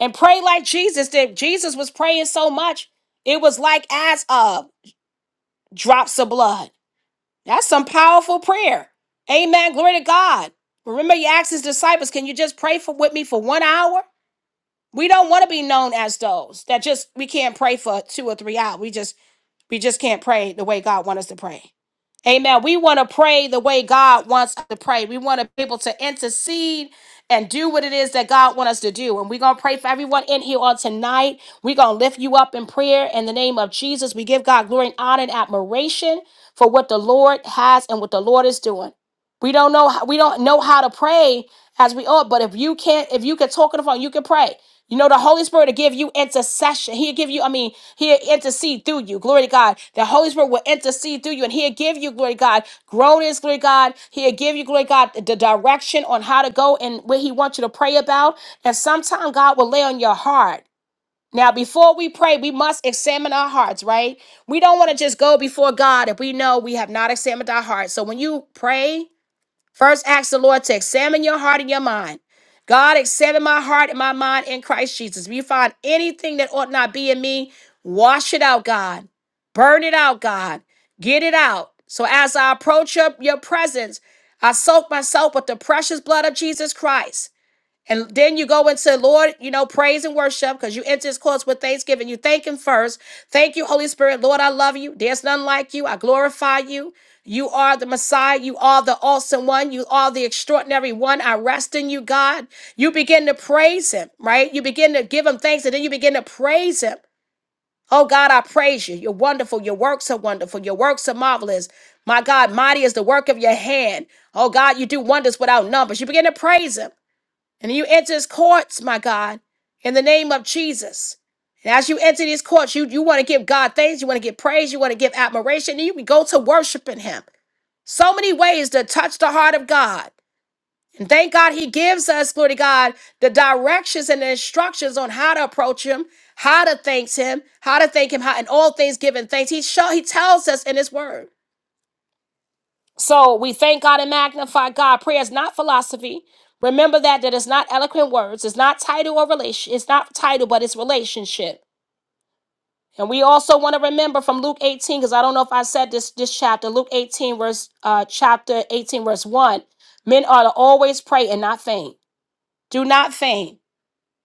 and pray like Jesus did. Jesus was praying so much, it was like as of drops of blood. That's some powerful prayer. Amen. Glory to God. Remember, he asked his disciples, Can you just pray for with me for one hour? We don't want to be known as those that just we can't pray for two or three hours. We just we just can't pray the way God wants us to pray. Amen. We want to pray the way God wants us to pray. We want to be able to intercede and do what it is that God wants us to do. And we're going to pray for everyone in here on tonight. We're going to lift you up in prayer in the name of Jesus. We give God glory and honor and admiration for what the Lord has and what the Lord is doing. We don't know how, we don't know how to pray as we ought, but if you can't, if you can talk on the phone, you can pray. You know, the Holy Spirit will give you intercession. He'll give you, I mean, He'll intercede through you. Glory to God. The Holy Spirit will intercede through you and he'll give you, glory to God, groanings, glory to God. He'll give you, glory to God, the direction on how to go and what he wants you to pray about. And sometimes God will lay on your heart. Now, before we pray, we must examine our hearts, right? We don't want to just go before God if we know we have not examined our hearts. So when you pray, First, ask the Lord to examine your heart and your mind. God, examine my heart and my mind in Christ Jesus. If you find anything that ought not be in me, wash it out, God. Burn it out, God. Get it out. So as I approach your, your presence, I soak myself with the precious blood of Jesus Christ. And then you go into Lord, you know, praise and worship because you enter his courts with thanksgiving. You thank him first. Thank you, Holy Spirit. Lord, I love you. There's none like you. I glorify you. You are the Messiah. You are the awesome one. You are the extraordinary one. I rest in you, God. You begin to praise him, right? You begin to give him thanks and then you begin to praise him. Oh God, I praise you. You're wonderful. Your works are wonderful. Your works are marvelous. My God, mighty is the work of your hand. Oh God, you do wonders without numbers. You begin to praise him. And you enter his courts, my God, in the name of Jesus. And as you enter these courts, you, you want to give God thanks, you want to give praise, you want to give admiration, and you can go to worshiping him. So many ways to touch the heart of God. And thank God he gives us, glory to God, the directions and the instructions on how to approach him, how to thank him, how to thank him, how in all things giving thanks. He show he tells us in his word. So we thank God and magnify God. Prayer is not philosophy. Remember that that is not eloquent words. It's not title or relation. It's not title, but it's relationship. And we also want to remember from Luke 18, because I don't know if I said this this chapter, Luke 18, verse uh chapter 18, verse 1. Men ought to always pray and not faint. Do not faint.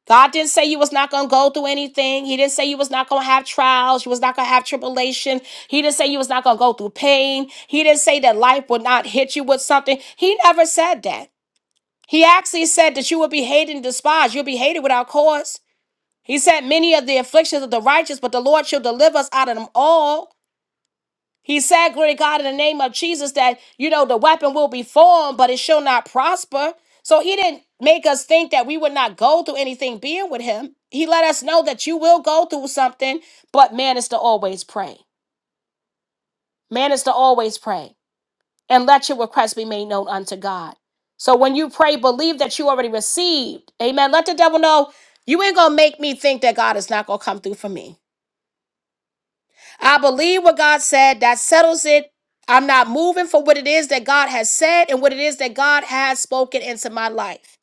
God didn't say you was not going to go through anything. He didn't say you was not going to have trials. You was not going to have tribulation. He didn't say you was not going to go through pain. He didn't say that life would not hit you with something. He never said that. He actually said that you will be hated and despised. You'll be hated without cause. He said many of the afflictions of the righteous, but the Lord shall deliver us out of them all. He said, Glory to God, in the name of Jesus, that, you know, the weapon will be formed, but it shall not prosper. So he didn't make us think that we would not go through anything being with him. He let us know that you will go through something, but man is to always pray. Man is to always pray and let your request be made known unto God. So when you pray, believe that you already received. Amen. Let the devil know you ain't going to make me think that God is not going to come through for me. I believe what God said. That settles it. I'm not moving for what it is that God has said and what it is that God has spoken into my life.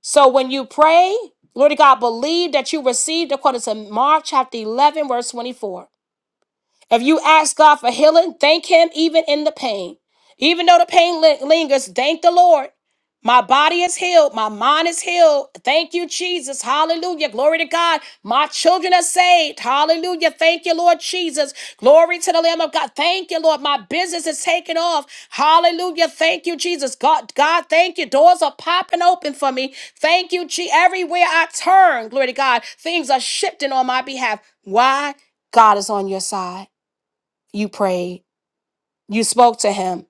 So when you pray, Lord God, believe that you received according to Mark chapter 11, verse 24. If you ask God for healing, thank Him even in the pain. Even though the pain li- lingers, thank the Lord. My body is healed. My mind is healed. Thank you, Jesus. Hallelujah. Glory to God. My children are saved. Hallelujah. Thank you, Lord Jesus. Glory to the Lamb of God. Thank you, Lord. My business is taking off. Hallelujah. Thank you, Jesus. God, God, thank you. Doors are popping open for me. Thank you, G. Everywhere I turn, glory to God, things are shifting on my behalf. Why? God is on your side. You prayed. You spoke to him.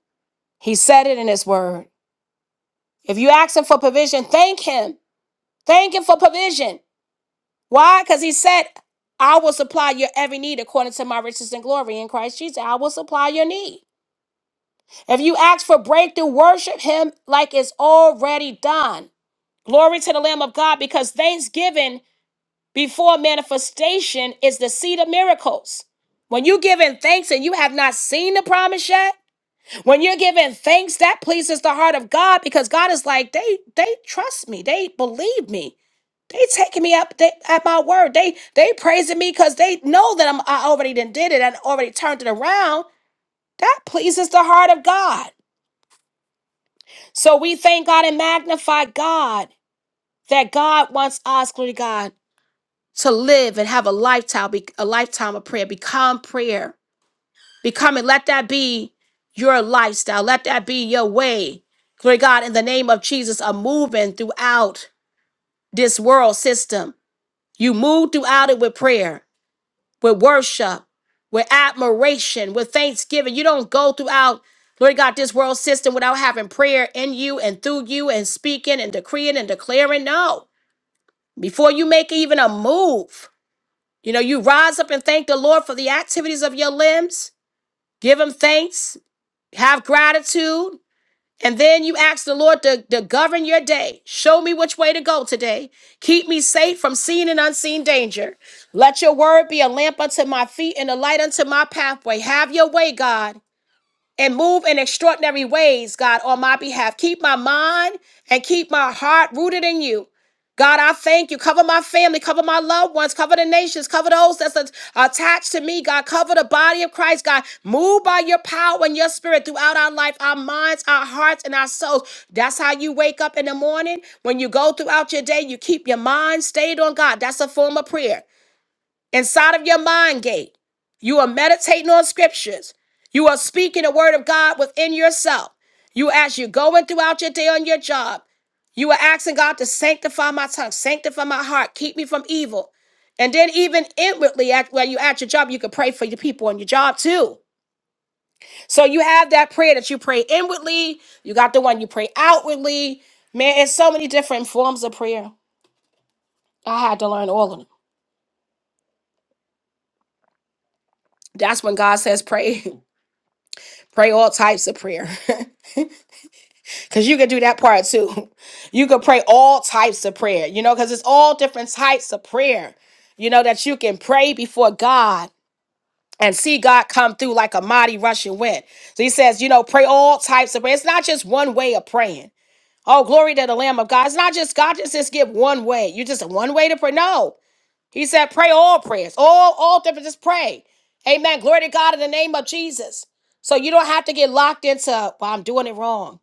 He said it in his word. If you ask him for provision, thank him. Thank him for provision. Why? Because he said, I will supply your every need according to my riches and glory in Christ Jesus. I will supply your need. If you ask for breakthrough, worship him like it's already done. Glory to the Lamb of God because thanksgiving before manifestation is the seed of miracles. When you give in thanks and you have not seen the promise yet, When you're giving thanks, that pleases the heart of God because God is like, they they trust me, they believe me. They taking me up they, at my word. They they praising me because they know that I'm I already done did it and already turned it around. That pleases the heart of God. So we thank God and magnify God that God wants us, glory to God, to live and have a lifetime, a lifetime of prayer, become prayer. becoming. Let that be your lifestyle. Let that be your way. Glory to God, in the name of Jesus, a moving throughout this world system. You move throughout it with prayer, with worship, with admiration, with thanksgiving. You don't go throughout, glory to God, this world system without having prayer in you and through you and speaking and decreeing and declaring. No. Before you make even a move, you know, you rise up and thank the Lord for the activities of your limbs. Give him thanks have gratitude and then you ask the lord to, to govern your day show me which way to go today keep me safe from seen and unseen danger let your word be a lamp unto my feet and a light unto my pathway have your way god and move in extraordinary ways, God, on my behalf. Keep my mind and keep my heart rooted in you. God, I thank you. Cover my family, cover my loved ones, cover the nations, cover those that's a- attached to me, God. Cover the body of Christ, God. Move by your power and your spirit throughout our life, our minds, our hearts, and our souls. That's how you wake up in the morning. When you go throughout your day, you keep your mind stayed on God. That's a form of prayer inside of your mind gate. You are meditating on scriptures. You are speaking the word of God within yourself. You as you going throughout your day on your job, you are asking God to sanctify my tongue, sanctify my heart, keep me from evil. And then even inwardly, at when you at your job, you can pray for your people on your job too. So you have that prayer that you pray inwardly. You got the one you pray outwardly. Man, it's so many different forms of prayer. I had to learn all of them. That's when God says pray. Pray all types of prayer. Because you could do that part too. You could pray all types of prayer, you know, because it's all different types of prayer, you know, that you can pray before God and see God come through like a mighty rushing wind. So he says, you know, pray all types of prayer. It's not just one way of praying. Oh, glory to the Lamb of God. It's not just God just, just give one way. You just one way to pray. No. He said, pray all prayers, all, all different, just pray. Amen. Glory to God in the name of Jesus. So you don't have to get locked into, well, I'm doing it wrong.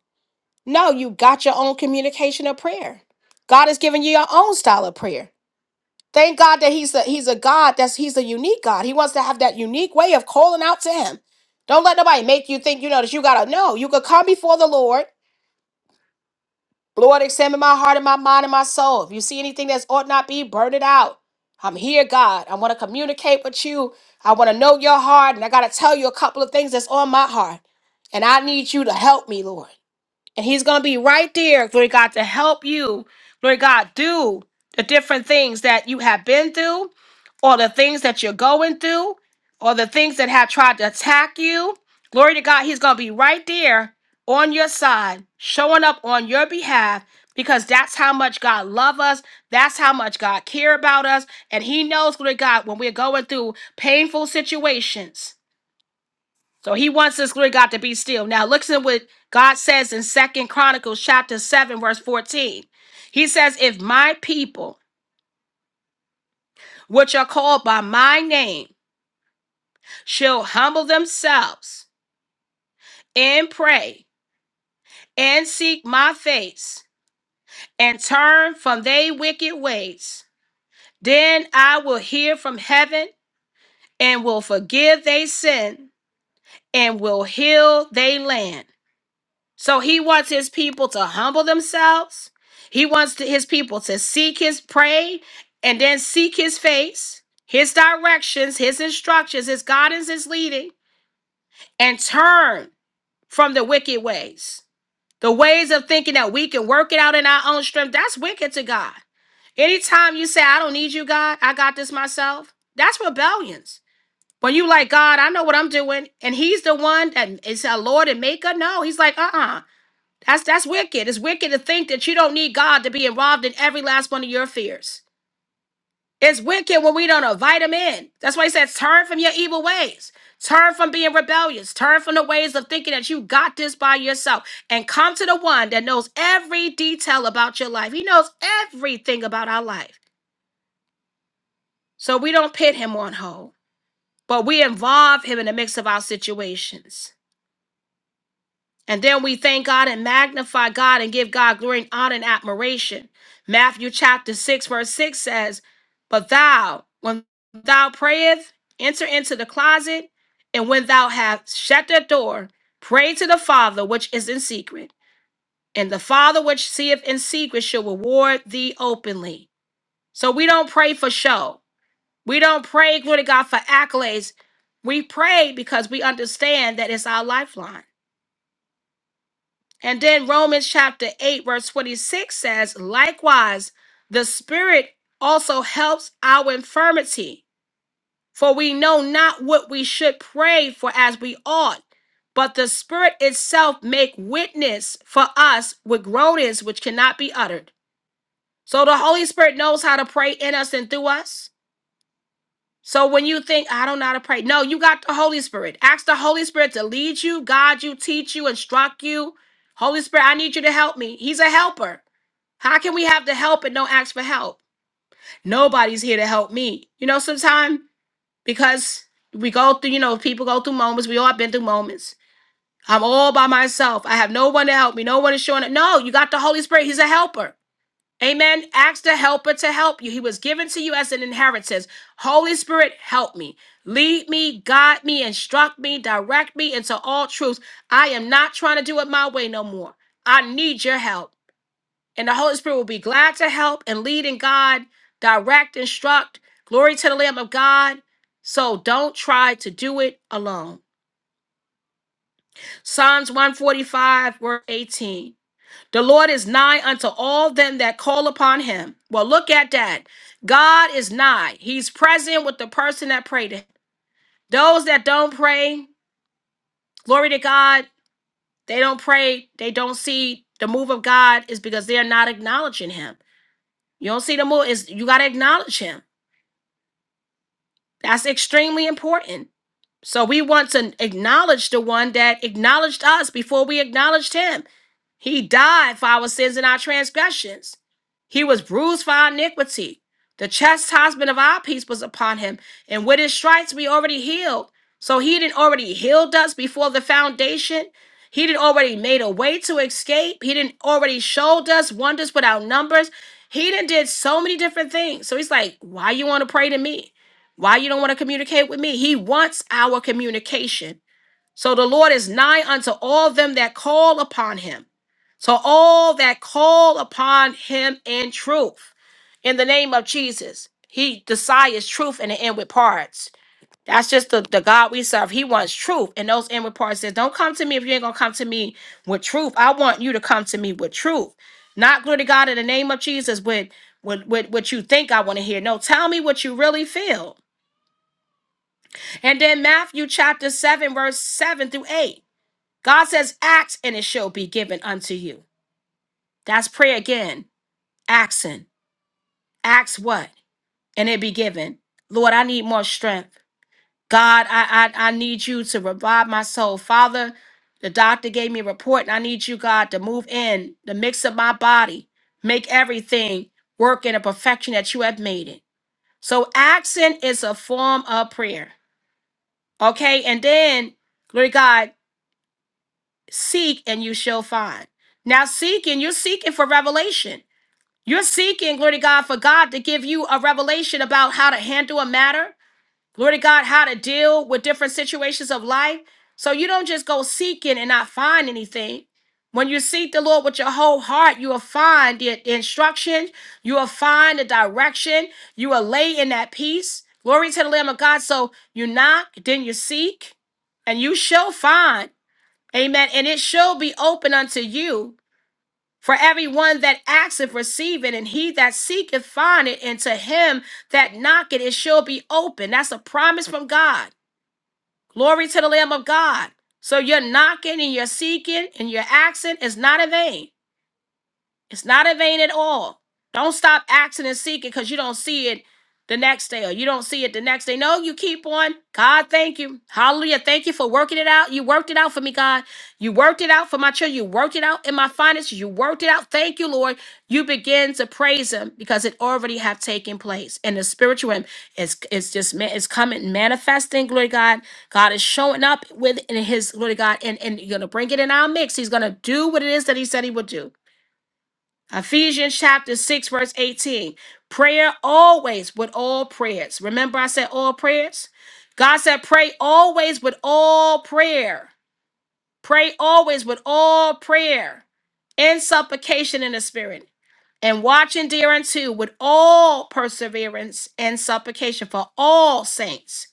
No, you got your own communication of prayer. God has given you your own style of prayer. Thank God that He's a He's a God that's He's a unique God. He wants to have that unique way of calling out to Him. Don't let nobody make you think you know that you gotta know. You could come before the Lord Lord, examine my heart and my mind and my soul. If you see anything that ought not be, burn it out. I'm here, God. I want to communicate with you. I want to know your heart, and I got to tell you a couple of things that's on my heart. And I need you to help me, Lord. And he's going to be right there, glory to God, to help you, glory to God, do the different things that you have been through, or the things that you're going through, or the things that have tried to attack you. Glory to God, he's going to be right there on your side, showing up on your behalf, because that's how much God loves us. That's how much God care about us. And he knows, glory to God, when we're going through painful situations. So he wants this glory God to be still. Now listen to what God says in Second Chronicles chapter 7, verse 14. He says, If my people, which are called by my name, shall humble themselves and pray and seek my face and turn from their wicked ways, then I will hear from heaven and will forgive their sin and will heal their land. So he wants his people to humble themselves. He wants to- his people to seek his pray and then seek his face, his directions, his instructions, his guidance, his leading, and turn from the wicked ways. The ways of thinking that we can work it out in our own strength, that's wicked to God. Anytime you say, I don't need you, God, I got this myself, that's rebellions. When you like, God, I know what I'm doing, and He's the one that is our Lord and Maker, no, He's like, uh uh that's that's wicked. It's wicked to think that you don't need God to be involved in every last one of your fears. It's wicked when we don't invite him in. That's why he says, turn from your evil ways. Turn from being rebellious. Turn from the ways of thinking that you got this by yourself. And come to the one that knows every detail about your life. He knows everything about our life. So we don't pit him on hold, but we involve him in the mix of our situations. And then we thank God and magnify God and give God glory and honor and admiration. Matthew chapter 6, verse 6 says, But thou, when thou prayest, enter into the closet, and when thou hast shut the door, pray to the Father which is in secret. And the Father which seeth in secret shall reward thee openly. So we don't pray for show. We don't pray, glory to God, for accolades. We pray because we understand that it's our lifeline. And then Romans chapter 8, verse 26 says, Likewise, the Spirit also helps our infirmity, for we know not what we should pray for as we ought, but the Spirit itself make witness for us with groanings which cannot be uttered. So the Holy Spirit knows how to pray in us and through us. So when you think, I don't know how to pray, no, you got the Holy Spirit. Ask the Holy Spirit to lead you, guide you, teach you, instruct you. Holy Spirit, I need you to help me. He's a helper. How can we have the help and don't ask for help? Nobody's here to help me. You know, sometimes because we go through, you know, people go through moments. We all have been through moments. I'm all by myself. I have no one to help me. No one is showing up. No, you got the Holy Spirit. He's a helper. Amen. Ask the helper to help you. He was given to you as an inheritance. Holy Spirit, help me. Lead me, guide me, instruct me, direct me into all truth. I am not trying to do it my way no more. I need your help. And the Holy Spirit will be glad to help and lead and guide, direct, instruct. Glory to the Lamb of God. So don't try to do it alone. Psalms 145, verse 18. The Lord is nigh unto all them that call upon him. Well, look at that. God is nigh. He's present with the person that prayed. to him. Those that don't pray, glory to God, they don't pray, they don't see the move of God is because they're not acknowledging him. You don't see the move, is you gotta acknowledge him. That's extremely important. So we want to acknowledge the one that acknowledged us before we acknowledged him. He died for our sins and our transgressions. He was bruised for our iniquity. The chastisement of our peace was upon him, and with his stripes we already healed. So he didn't already healed us before the foundation. He didn't already made a way to escape. He didn't already showed us wonders without numbers. He didn't did so many different things. So he's like, why you want to pray to me? Why you don't want to communicate with me? He wants our communication. So the Lord is nigh unto all them that call upon him. So all that call upon him in truth. In the name of Jesus, he desires truth in the inward parts. That's just the, the God we serve. He wants truth in those inward parts. Says, don't come to me if you ain't gonna come to me with truth. I want you to come to me with truth. Not glory to God in the name of Jesus with, with, with what you think I want to hear. No, tell me what you really feel. And then Matthew chapter 7, verse 7 through 8. God says, Ask and it shall be given unto you. That's prayer again. Asking. Ask what? And it be given. Lord, I need more strength. God, I, I I need you to revive my soul. Father, the doctor gave me a report, and I need you, God, to move in, the mix of my body, make everything work in the perfection that you have made it. So asking is a form of prayer. Okay, and then glory to God. seek and you shall find. Now, seeking, you're seeking for revelation. You're seeking, glory to God, for God to give you a revelation about how to handle a matter, glory to God, how to deal with different situations of life. So you don't just go seeking and not find anything. When you seek the Lord with your whole heart, you will find the instruction, you will find the direction, you will lay in that peace. Glory to the Lamb of God. So you knock, then you seek, and you shall find. Amen. And it shall be open unto you. For everyone that asketh, receiveth, and he that seeketh, findeth, and to him that knocketh, it shall be open. That's a promise from God. Glory to the Lamb of God. So you're knocking and you're seeking and your asking is not in vain. It's not in vain at all. Don't stop asking and seeking because you don't see it the next day or you don't see it the next day. No, you keep on. God, thank you. Hallelujah. Thank you for working it out. You worked it out for me, God. You worked it out for my children. You worked it out in my finances. You worked it out. Thank you, Lord. You begin to praise him because it already have taken place. And the spiritual realm is it's just ma- it's coming manifesting, glory to God. God is showing up within his glory to God and, and you're gonna bring it in our mix. He's gonna do what it is that he said he would do. Ephesians chapter 6, verse 18. Prayer always with all prayers. Remember, I said all prayers? God said, pray always with all prayer. Pray always with all prayer and supplication in the spirit. And watch and dear unto with all perseverance and supplication for all saints.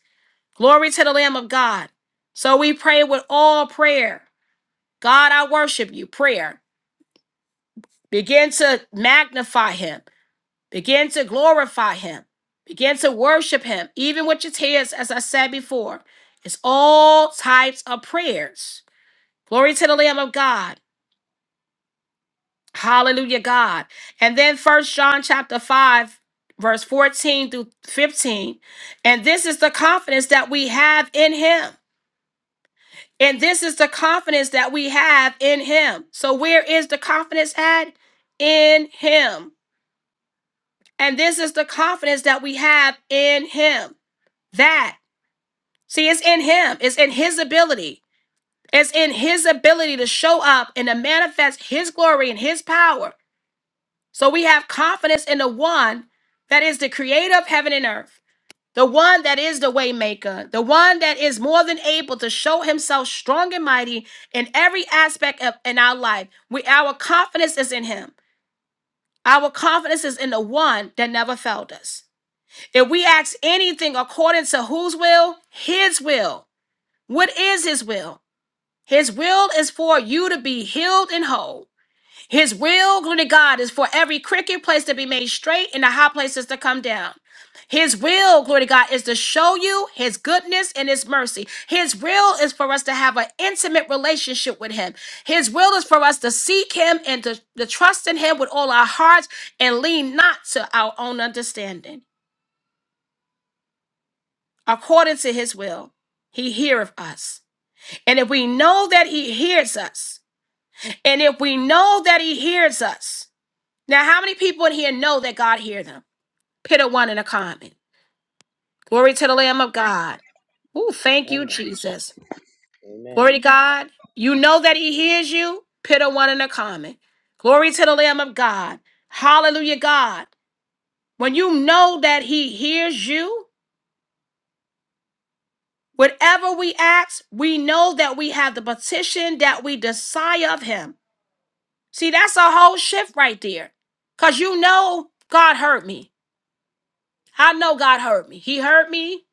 Glory to the Lamb of God. So we pray with all prayer. God, I worship you. Prayer. Begin to magnify him. Begin to glorify him. Begin to worship him, even with your tears, as I said before. It's all types of prayers. Glory to the Lamb of God. Hallelujah, God. And then First John chapter 5, verse 14 through 15. And this is the confidence that we have in him. And this is the confidence that we have in him. So where is the confidence at? In him. And this is the confidence that we have in him. That See, it's in him, it's in his ability. It's in his ability to show up and to manifest his glory and his power. So we have confidence in the one that is the creator of heaven and earth, the one that is the waymaker, the one that is more than able to show himself strong and mighty in every aspect of in our life. We our confidence is in him. Our confidence is in the one that never failed us. If we ask anything according to whose will, his will. What is his will? His will is for you to be healed and whole. His will, glory to God, is for every cricket place to be made straight and the high places to come down. His will, glory to God, is to show you his goodness and his mercy. His will is for us to have an intimate relationship with him. His will is for us to seek him and to, to trust in him with all our hearts and lean not to our own understanding. According to his will, he heareth us. And if we know that he hears us, And if we know that he hears us, now how many people in here know that God hear them? Put a one in a comment. Glory to the Lamb of God. Ooh, thank you,
Amen.
Jesus.
Amen.
Glory to God. You know that he hears you. Put a one in a comment. Glory to the Lamb of God. Hallelujah, God. When you know that he hears you, whatever we ask, we know that we have the petition that we desire of him. See, that's a whole shift right there. Because you know God heard me. I know God heard me. He heard me,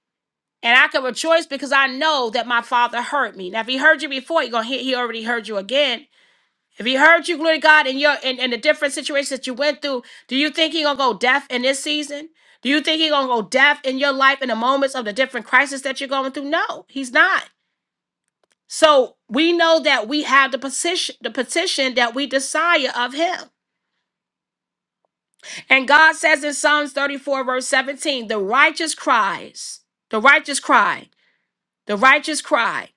and I can rejoice because I know that my Father heard me. Now, if He heard you before, He gonna hear, He already heard you again. If He heard you, glory to God, in your in, in the different situations that you went through, do you think He gonna go deaf in this season? Do you think He gonna go deaf in your life in the moments of the different crises that you're going through? No, He's not. So we know that we have the position, the petition that we desire of Him. And God says in Psalms 34, verse 17, the righteous cries, the righteous cry. The righteous cry.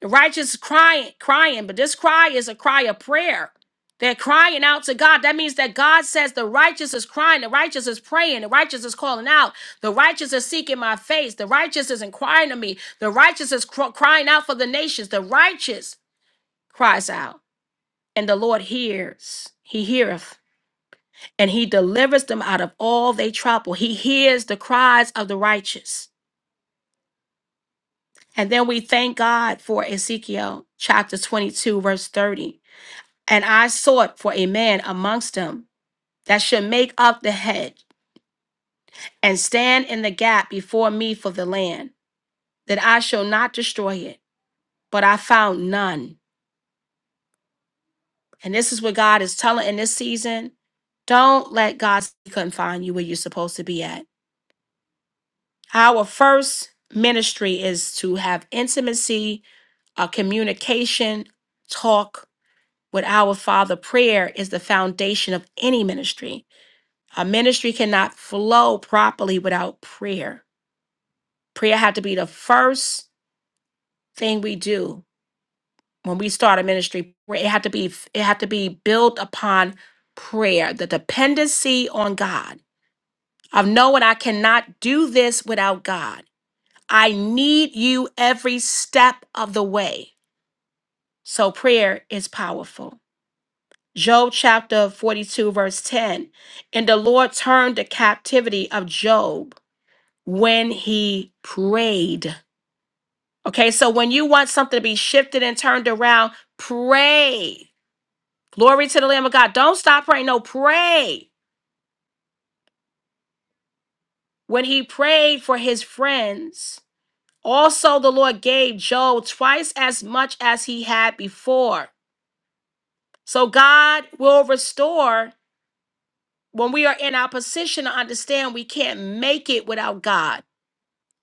The righteous is crying, crying, but this cry is a cry of prayer. They're crying out to God. That means that God says the righteous is crying, the righteous is praying, the righteous is calling out, the righteous is seeking my face, the righteous is inquiring of me, the righteous is cr- crying out for the nations. The righteous cries out, and the Lord hears. He heareth, and he delivers them out of all their trouble. He hears the cries of the righteous. And then we thank God for Ezekiel chapter 22, verse 30. And I sought for a man amongst them that should make up the head and stand in the gap before me for the land, that I shall not destroy it. But I found none. And this is what God is telling in this season. Don't let God confine you where you're supposed to be at. Our first ministry is to have intimacy, a communication, talk with our Father prayer is the foundation of any ministry. A ministry cannot flow properly without prayer. Prayer had to be the first thing we do when we start a ministry. It had to be it had to be built upon prayer, the dependency on God. Of knowing I cannot do this without God. I need you every step of the way. So prayer is powerful. Job chapter 42, verse 10. And the Lord turned the captivity of Job when he prayed. Okay, so when you want something to be shifted and turned around, pray. Glory to the Lamb of God. Don't stop praying. No, pray. When he prayed for his friends, also the Lord gave Job twice as much as he had before. So God will restore when we are in our position to understand we can't make it without God.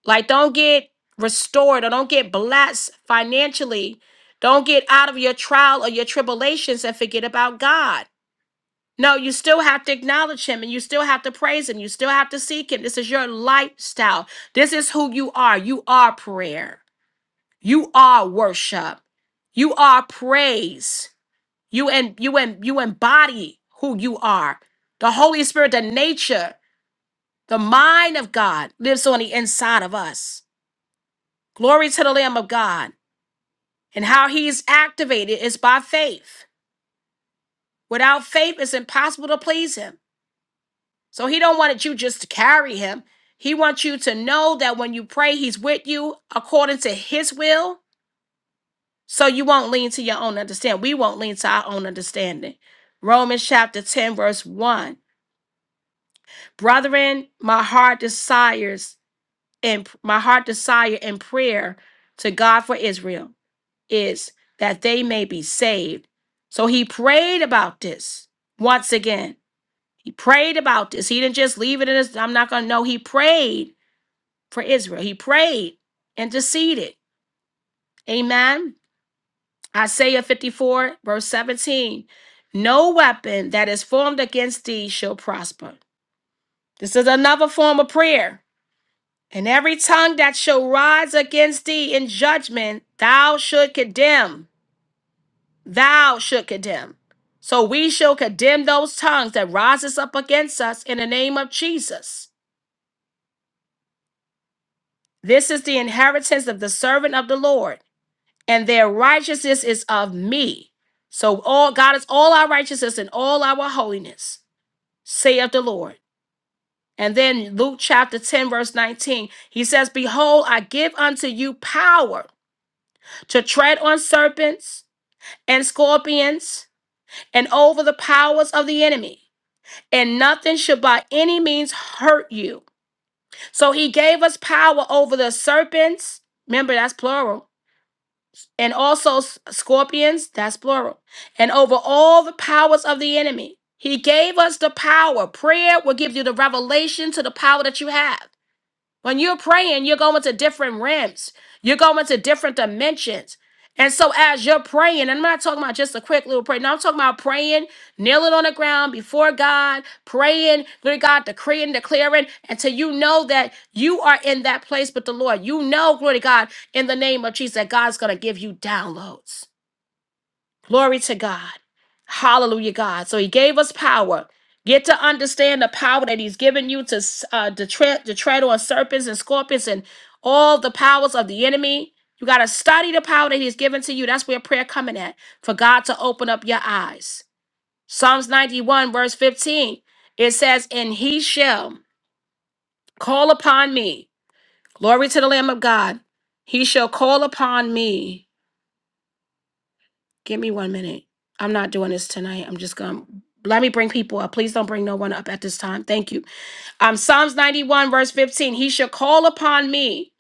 Like, don't get restored or don't get blessed financially. Don't get out of your trial or your tribulations and forget about God. No, you still have to acknowledge Him and you still have to praise Him. You still have to seek Him. This is your lifestyle. This is who you are. You are prayer. You are worship. You are praise. You and you and you embody who you are. The Holy Spirit, the nature, the mind of God lives on the inside of us. Glory to the Lamb of God. And how he's activated is by faith. Without faith, it's impossible to please him. So he don't want you just to carry him. He wants you to know that when you pray, he's with you according to his will. So you won't lean to your own understanding. We won't lean to our own understanding. Romans chapter 10, verse 1. Brethren, my heart desires and my heart desire in prayer to God for Israel is that they may be saved. So he prayed about this once again. He prayed about this. He didn't just leave it in his, I'm not going to know. He prayed for Israel. He prayed, interceded. Amen. Isaiah 54, verse 17. No weapon that is formed against thee shall prosper. This is another form of prayer. And every tongue that shall rise against thee in judgment, thou should condemn. thou should condemn. So we shall condemn those tongues that rises up against us in the name of Jesus. This is the inheritance of the servant of the Lord, and their righteousness is of me. So all God is all our righteousness and all our holiness, saith the Lord. And then Luke chapter 10, verse 19, he says, Behold, I give unto you power to tread on serpents and scorpions and over the powers of the enemy and nothing should by any means hurt you. So he gave us power over the serpents. Remember, that's plural. And also s- scorpions, that's plural. And over all the powers of the enemy. He gave us the power. Prayer will give you the revelation to the power that you have. When you're praying, you're going to different realms, you're going to different dimensions. And so, as you're praying, and I'm not talking about just a quick little prayer. No, I'm talking about praying, kneeling on the ground before God, praying, glory to God, decreeing, declaring, until you know that you are in that place with the Lord. You know, glory to God, in the name of Jesus, that God's going to give you downloads. Glory to God. Hallelujah, God. So he gave us power. Get to understand the power that he's given you to, s- uh, to, tread, to tread on serpents and scorpions and all the powers of the enemy. You got to study the power that he's given to you. That's where prayer coming at, for God to open up your eyes. Psalms 91, verse 15, it says, And he shall call upon me. Glory to the Lamb of God. He shall call upon me Give me one minute. I'm not doing this tonight. I'm just going to let me bring people up. Please don't bring no one up at this time. Thank you. Um, Psalms 91, verse 15. He shall call upon me,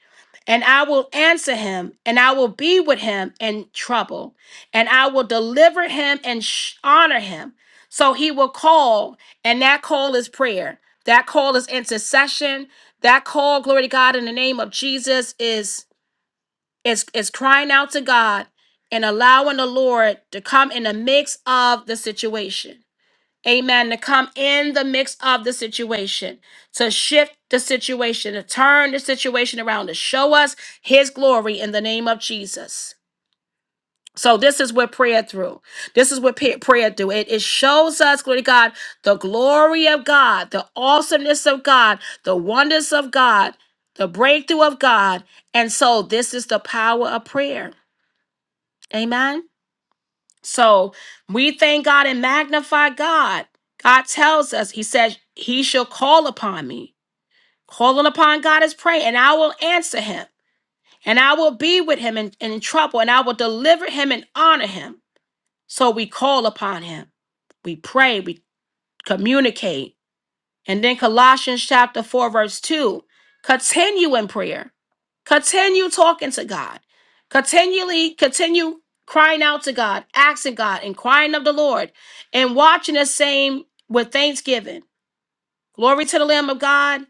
and I will answer him, and I will be with him in trouble, and I will deliver him and sh- honor him. So he will call, and that call is prayer. That call is intercession. That call, glory to God, in the name of Jesus, is is is crying out to God and allowing the Lord to come in the mix of the situation. Amen. To come in the mix of the situation, to shift the situation, to turn the situation around, to show us his glory in the name of Jesus. So this is what prayer through. This is what pa- prayer do. It, it shows us, glory to God, the glory of God, the awesomeness of God, the wonders of God, the breakthrough of God. And so this is the power of prayer. Amen. So we thank God and magnify God. God tells us, He says, He shall call upon me. Calling upon God is praying, and I will answer him, and I will be with him in, in trouble, and I will deliver him and honor him. So we call upon him. We pray, we communicate, And then Colossians chapter 4, verse 2 continue in prayer, continue talking to God, continually continue crying out to God, asking God, and crying of the Lord, and watching the same with thanksgiving. Glory to the Lamb of God.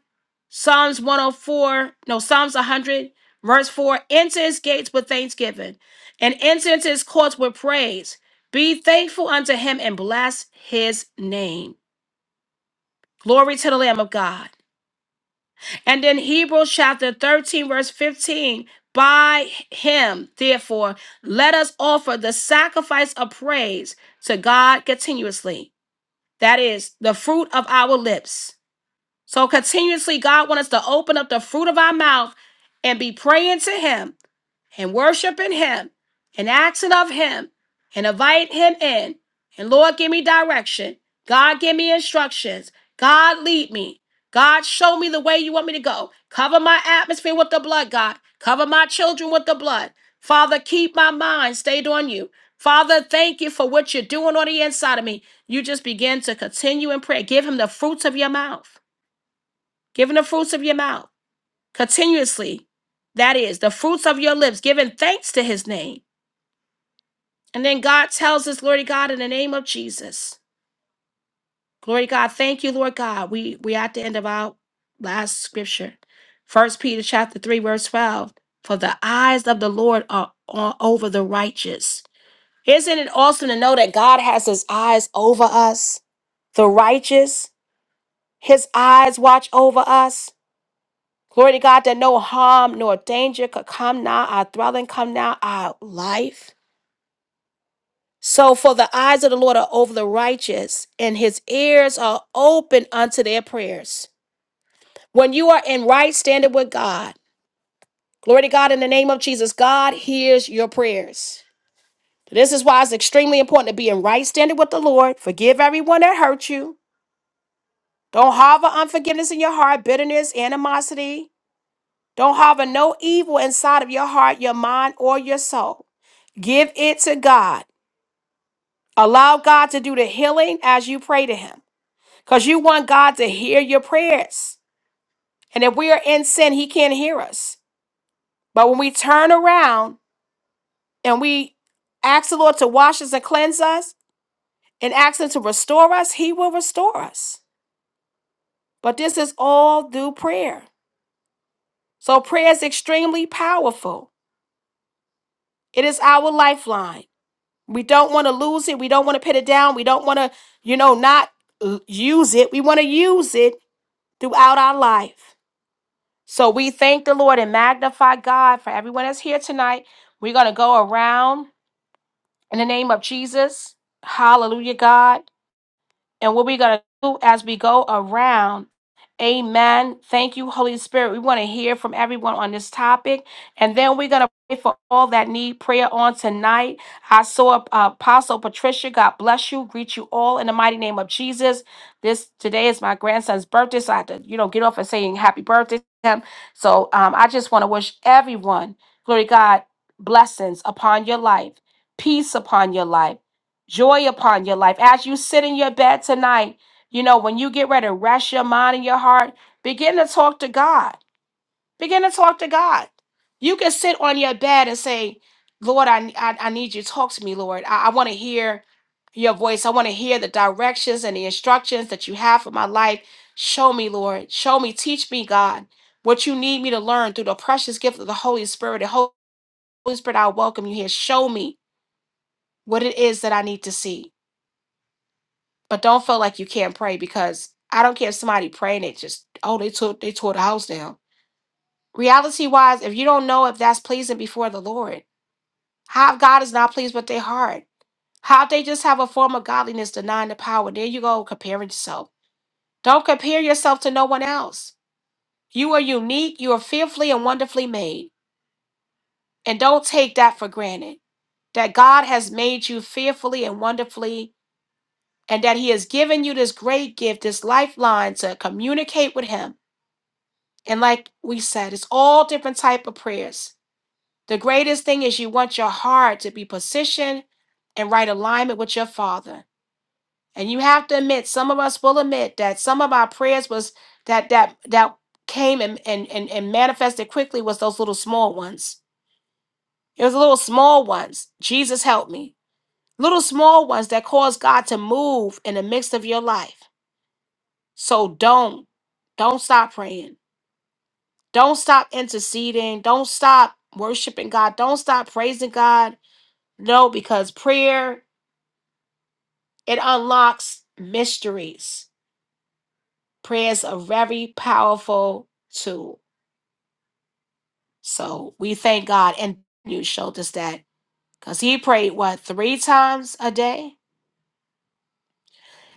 Psalms 104, no, Psalms 100, verse 4 enter his gates with thanksgiving and enter into his courts with praise. Be thankful unto him and bless his name. Glory to the Lamb of God. And in Hebrews chapter 13, verse 15, by him, therefore, let us offer the sacrifice of praise to God continuously. That is the fruit of our lips. So continuously, God wants us to open up the fruit of our mouth and be praying to him and worshiping him and asking of him and invite him in. And Lord, give me direction. God, give me instructions. God, lead me. God, show me the way you want me to go. Cover my atmosphere with the blood, God. Cover my children with the blood. Father, keep my mind stayed on you. Father, thank you for what you're doing on the inside of me. You just begin to continue in prayer. Give him the fruits of your mouth. Give him the fruits of your mouth continuously. That is the fruits of your lips, giving thanks to his name. And then God tells us, Glory to God, in the name of Jesus. Glory to God. Thank you, Lord God. We we at the end of our last scripture. First Peter chapter 3, verse 12. For the eyes of the Lord are on, over the righteous. Isn't it awesome to know that God has his eyes over us, the righteous? His eyes watch over us. Glory to God that no harm nor danger could come now, our dwelling come now, our life. So, for the eyes of the Lord are over the righteous, and his ears are open unto their prayers. When you are in right standing with God, glory to God in the name of Jesus, God hears your prayers. This is why it's extremely important to be in right standing with the Lord. Forgive everyone that hurt you. Don't harbor unforgiveness in your heart, bitterness, animosity, Don't harbor no evil inside of your heart, your mind, or your soul. Give it to God. Allow God to do the healing as you pray to Him because you want God to hear your prayers. And if we are in sin, He can't hear us. But when we turn around and we ask the Lord to wash us and cleanse us and ask Him to restore us, He will restore us. But this is all through prayer. So prayer is extremely powerful, it is our lifeline. We don't want to lose it. We don't want to put it down. We don't want to, you know, not l- use it. We want to use it throughout our life. So we thank the Lord and magnify God for everyone that's here tonight. We're going to go around in the name of Jesus. Hallelujah, God. And what we're going to do as we go around, amen. Thank you, Holy Spirit. We want to hear from everyone on this topic. And then we're going to pray for all that need prayer on tonight. I saw uh, Apostle Patricia. God bless you. Greet you all in the mighty name of Jesus. This today is my grandson's birthday, so I had to, you know, get off and saying happy birthday to him. So um, I just want to wish everyone, glory to God, blessings upon your life, peace upon your life joy upon your life. As you sit in your bed tonight, you know, when you get ready to rest your mind and your heart, begin to talk to God. Begin to talk to God. You can sit on your bed and say, Lord, I, I, I need you. Talk to me, Lord. I, I want to hear your voice. I want to hear the directions and the instructions that you have for my life. Show me, Lord. Show me. Teach me, God, what you need me to learn through the precious gift of the Holy Spirit. The Holy Spirit, I welcome you here. Show me what it is that I need to see. But don't feel like you can't pray because I don't care if somebody praying it just oh they tore they tore the house down. Reality wise, if you don't know if that's pleasing before the Lord, how if God is not pleased with their heart? How if they just have a form of godliness denying the power? There you go, comparing yourself. Don't compare yourself to no one else. You are unique, you are fearfully and wonderfully made. And don't take that for granted. That God has made you fearfully and wonderfully, and that He has given you this great gift, this lifeline to communicate with Him And like we said, it's all different type of prayers. The greatest thing is you want your heart to be positioned and right alignment with your Father. And you have to admit, some of us will admit that some of our prayers was that that that came and and and, and manifested quickly was those little small ones. It was little small ones. Jesus help me. Little small ones that cause God to move in the midst of your life. So don't don't stop praying Don't stop interceding. Don't stop worshiping God. Don't stop praising God. No, because prayer, it unlocks mysteries. Prayer is a very powerful tool. So we thank God. And you showed us that because he prayed, what, three times a day?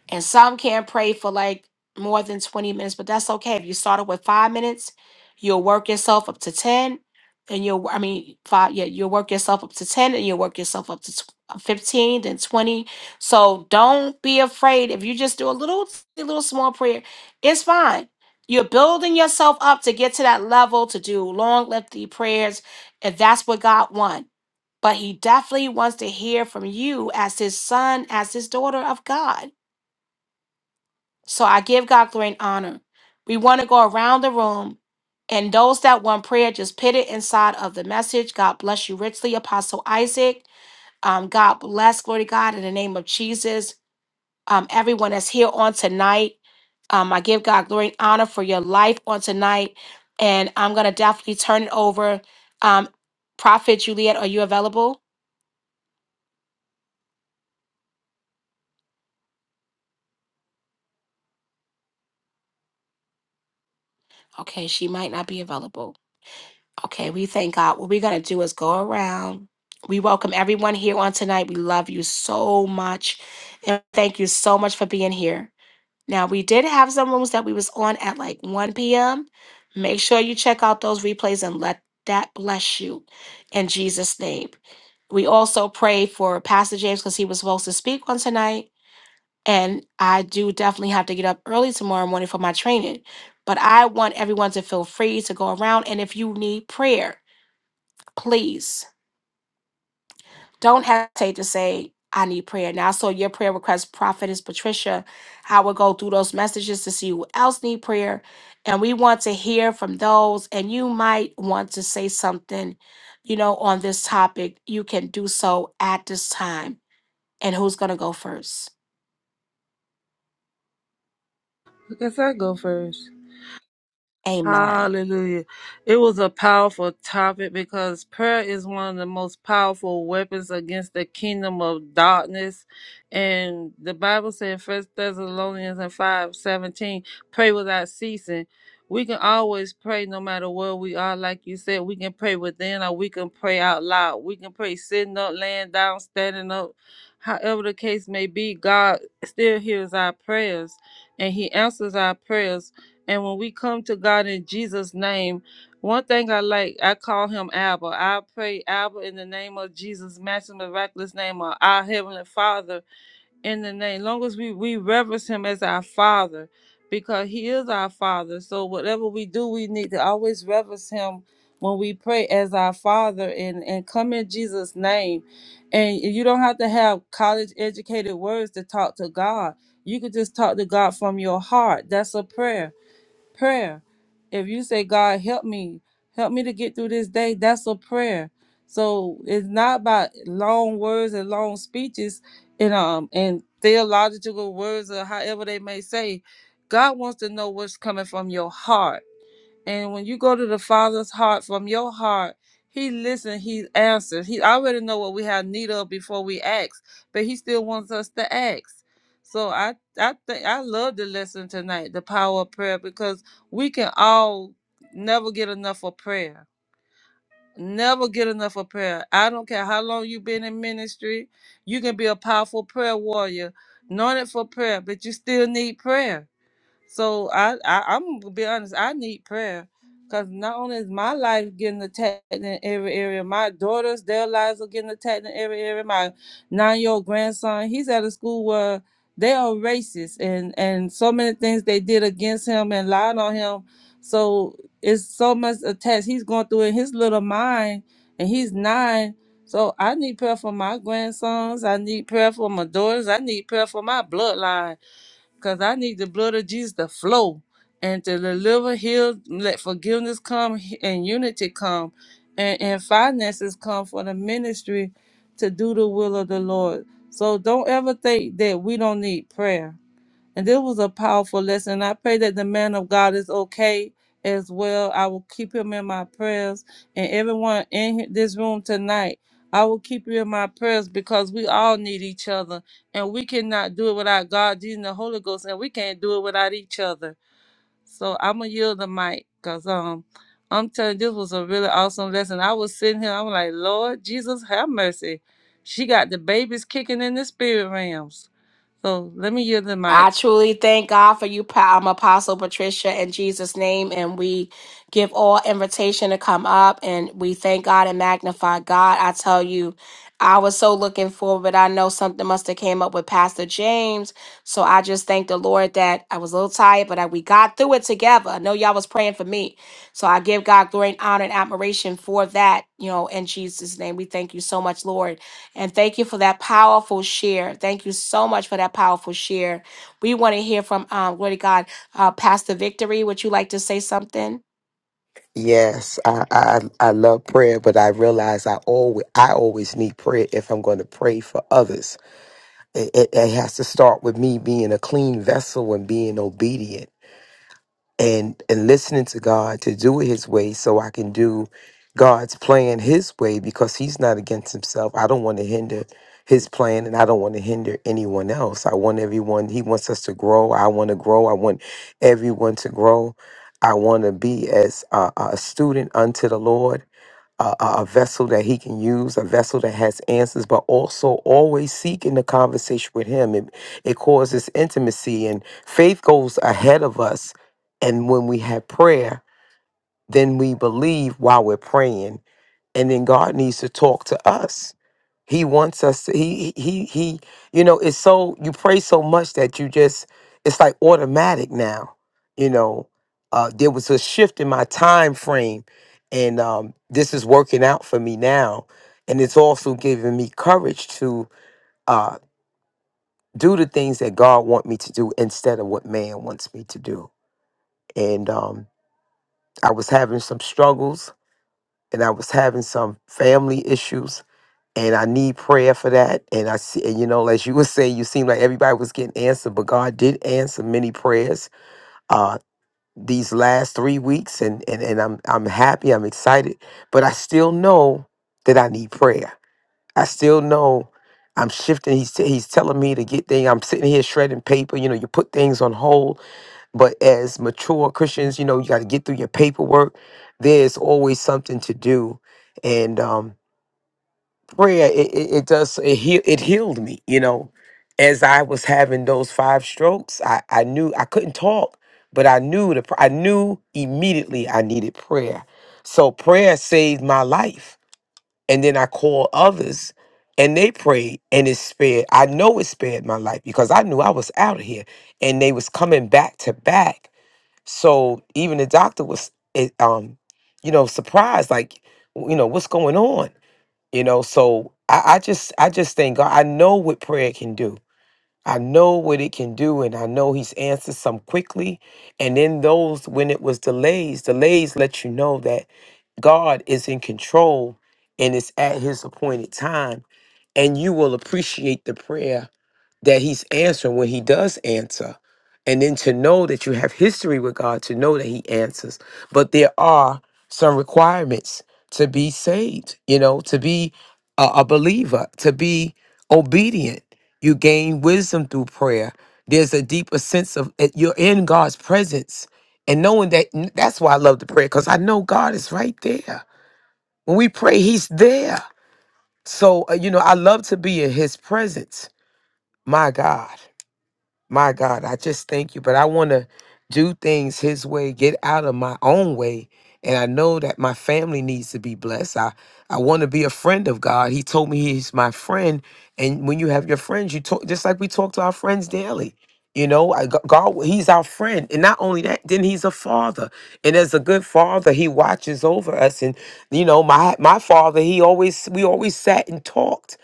And some can't pray for like more than 20 minutes, but that's okay. If you started with five minutes, you'll work yourself up to 10, and you'll, I mean, five, yeah, you'll work yourself up to 10, and you'll work yourself up to tw- uh, 15, then 20. So don't be afraid. If you just do a little, a little small prayer, it's fine. You're building yourself up to get to that level to do long, lengthy prayers, if that's what God wants. But He definitely wants to hear from you as His son, as His daughter of God. So I give God glory and honor. We want to go around the room, and those that want prayer, just put it inside of the message. God bless you richly, Apostle Isaac. Um, God bless, glory to God, in the name of Jesus. Um, everyone that's here on tonight, um, I give God glory and honor for your life on tonight. And I'm going to definitely turn it over. Um, Prophet Juliet, are you available? Okay, she might not be available. Okay, we thank God. What we're going to do is go around. We welcome everyone here on tonight. We love you so much. And thank you so much for being here. Now, we did have some rooms that we was on at like 1 p.m. Make sure you check out those replays and let that bless you in Jesus' name. We also pray for Pastor James because he was supposed to speak on tonight. And I do definitely have to get up early tomorrow morning for my training. But I want everyone to feel free to go around. And if you need prayer, please don't hesitate to say, I need prayer. Now, so your prayer request, Prophetess Patricia, I will go through those messages to see who else need prayer. And we want to hear from those. And you might want to say something, you know, on this topic. You can do so at this time. And who's going to go first?
I guess I go first.
Amen.
Hallelujah. It was a powerful topic because prayer is one of the most powerful weapons against the kingdom of darkness. And the Bible said First Thessalonians and five seventeen, pray without ceasing. We can always pray no matter where we are. Like you said, we can pray within or we can pray out loud. We can pray sitting up, laying down, standing up. However the case may be, God still hears our prayers and he answers our prayers and when we come to God in Jesus' name, one thing I like, I call him Abba. I pray Abba in the name of Jesus, matching the miraculous name of our Heavenly Father in the name. Long as we, we reverence him as our Father, because he is our Father. So whatever we do, we need to always reverence him when we pray as our Father and, and come in Jesus' name. And you don't have to have college educated words to talk to God. You could just talk to God from your heart. That's a prayer prayer. If you say, God, help me, help me to get through this day, that's a prayer. So it's not about long words and long speeches and um and theological words or however they may say. God wants to know what's coming from your heart. And when you go to the Father's heart from your heart, He listens, He answers. He already know what we have need of before we ask, but He still wants us to ask. So I I think I love the lesson tonight, the power of prayer, because we can all never get enough of prayer. Never get enough of prayer. I don't care how long you've been in ministry, you can be a powerful prayer warrior, anointed for prayer, but you still need prayer so I, I I'm gonna be honest. I need prayer because not only is my life getting attacked in every area, my daughters, their lives are getting attacked in every area. My nine-year-old grandson, he's at a school where they are racist and and so many things they did against him and lied on him. So it's so much attached. He's going through in his little mind, and he's nine. So I need prayer for my grandsons. I need prayer for my daughters. I need prayer for my bloodline Cause I need the blood of Jesus to flow and to deliver, heal, let forgiveness come and unity come and, and finances come for the ministry to do the will of the Lord. So don't ever think that we don't need prayer. And this was a powerful lesson. I pray that the man of God is okay as well. I will keep him in my prayers and everyone in this room tonight. I will keep you in my prayers because we all need each other and we cannot do it without God, Jesus, and the Holy Ghost, and we can't do it without each other. So I'm gonna yield the mic because um I'm telling you, this was a really awesome lesson. I was sitting here, I'm like, Lord Jesus, have mercy. She got the babies kicking in the spirit realms. So let me yield the mic.
I truly thank God for you, Pa- um, Apostle Patricia, in Jesus' name. And we give all invitation to come up and we thank God and magnify God. I tell you, I was so looking forward, but I know something must have came up with Pastor James. So I just thank the Lord that I was a little tired, but I, we got through it together. I know y'all was praying for me. So I give God glory and honor and admiration for that, you know, in Jesus' name. We thank you so much, Lord. And thank you for that powerful share. Thank you so much for that powerful share we want to hear from, um, glory to God, uh, Pastor Victory. Would you like to say something?
Yes, I, I I love prayer, but I realize I always I always need prayer if I'm going to pray for others. It, it, it has to start with me being a clean vessel and being obedient. and and listening to God to do it his way so I can do God's plan his way because he's not against himself. I don't want to hinder his plan and I don't want to hinder anyone else. I want everyone he wants us to grow. I want to grow. I want everyone to grow. I want to be as a, a student unto the Lord a, a a vessel that he can use, a vessel that has answers, but also always seeking the conversation with him. It, it causes intimacy, and faith goes ahead of us. And when we have prayer, then we believe while we're praying and then God needs to talk to us. He wants us to he he he he- you know, it's so you pray so much that you just it's like automatic now. You know, uh there was a shift in my time frame and um this is working out for me now and it's also giving me courage to uh do the things that God want me to do instead of what man wants me to do. And um I was having some struggles and I was having some family issues and I need prayer for that. And I see, and you know, as you were saying, you seem like everybody was getting answered, but God did answer many prayers uh these last three weeks, and and and I'm I'm happy, I'm excited, but I still know that I need prayer. I still know I'm shifting. He's he's telling me to get things. I'm sitting here shredding paper. You know, you put things on hold, but as mature Christians, you know, you got to get through your paperwork. There's always something to do, and um prayer it, it, it does it, heal, it healed me you know as i was having those five strokes i i knew i couldn't talk but i knew the pr- i knew immediately i needed prayer so prayer saved my life and then i called others and they prayed and it spared i know it spared my life because i knew i was out of here and they was coming back to back so even the doctor was eh, um you know surprised like you know what's going on you know so I, I just i just thank god i know what prayer can do i know what it can do and i know he's answered some quickly and in those when it was delays delays let you know that god is in control and it's at his appointed time and you will appreciate the prayer that he's answering when he does answer and then to know that you have history with god to know that he answers but there are some requirements to be saved you know to be a, a believer to be obedient you gain wisdom through prayer there's a deeper sense of that you're in god's presence and knowing that that's why i love to pray because i know god is right there when we pray he's there so uh, you know i love to be in his presence my god my God, I just thank you. But I want to do things His way, get out of my own way. And I know that my family needs to be blessed. I, I want to be a friend of God. He told me He's my friend. And when you have your friends, you talk just like we talk to our friends daily. You know, I- G- God, He's our friend. And not only that, then He's a father. And as a good father, He watches over us. And, you know, my my father, he always, we always sat and talked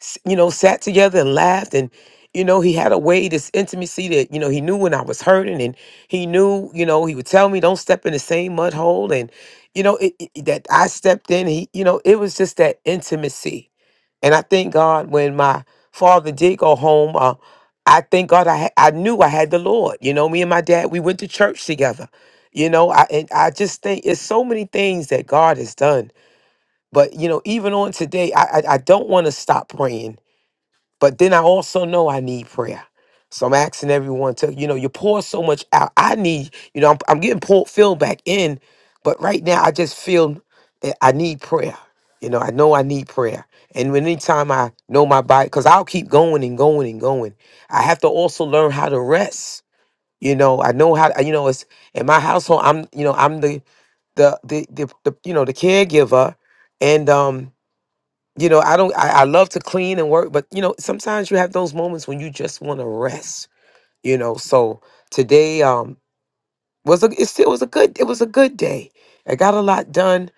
s- you know, sat together and laughed. And, you know, he had a way, this intimacy that, you know, he knew when I was hurting and he knew, you know, he would tell me, don't step in the same mud hole. And, you know, it, it- that I stepped in, he, you know, it was just that intimacy. And I thank God when my father did go home, uh, I thank God I, ha- I knew I had the Lord. You know, me and my dad, we went to church together. You know, I and I just think it's so many things that God has done. But you know, even on today, I I, I don't want to stop praying but then I also know I need prayer. So I'm asking everyone to, you know, you pour so much out. I need, you know, I'm, I'm getting poured, filled back in, but right now I just feel that I need prayer. You know, I know I need prayer. And when anytime I know my body, because I'll keep going and going and going, I have to also learn how to rest. You know, I know how, you know, it's in my household, I'm, you know, I'm the, the, the, the, the you know, the caregiver. And, um, you know, I don't, I, I love to clean and work, but you know, sometimes you have those moments when you just want to rest, you know. So today, um, was a it still was a good it was a good day. I got a lot done,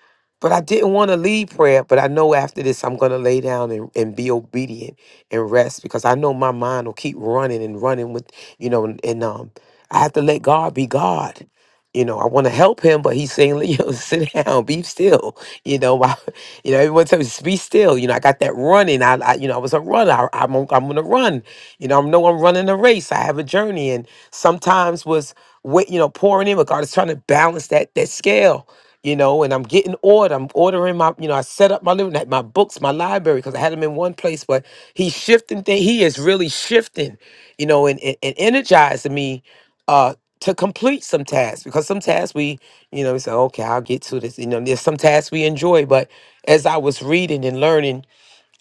but I didn't want to leave prayer. But I know after this I'm gonna lay down and, and be obedient and rest because I know my mind will keep running and running with you know and, and, um I have to let God be God. You know, I want to help him, but he's saying, you know, sit down, be still. You know, my, you know, everyone tells me, be still. You know, I got that running. I, I you know, I was a runner. I, I'm, on- I'm going to run. You know, I know I'm running a race. I have a journey. And sometimes was wait, you know, pouring in, but God is trying to balance that that scale, you know. And I'm getting ordered. I'm ordering my, you know, I set up my living, like my books, my library, because I had them in one place. But He's shifting things. He is really shifting, you know, and and, and energizing me uh, to complete some tasks because some tasks we, you know, we say, okay, I'll get to this. You know, there's some tasks we enjoy, but as I was reading and learning,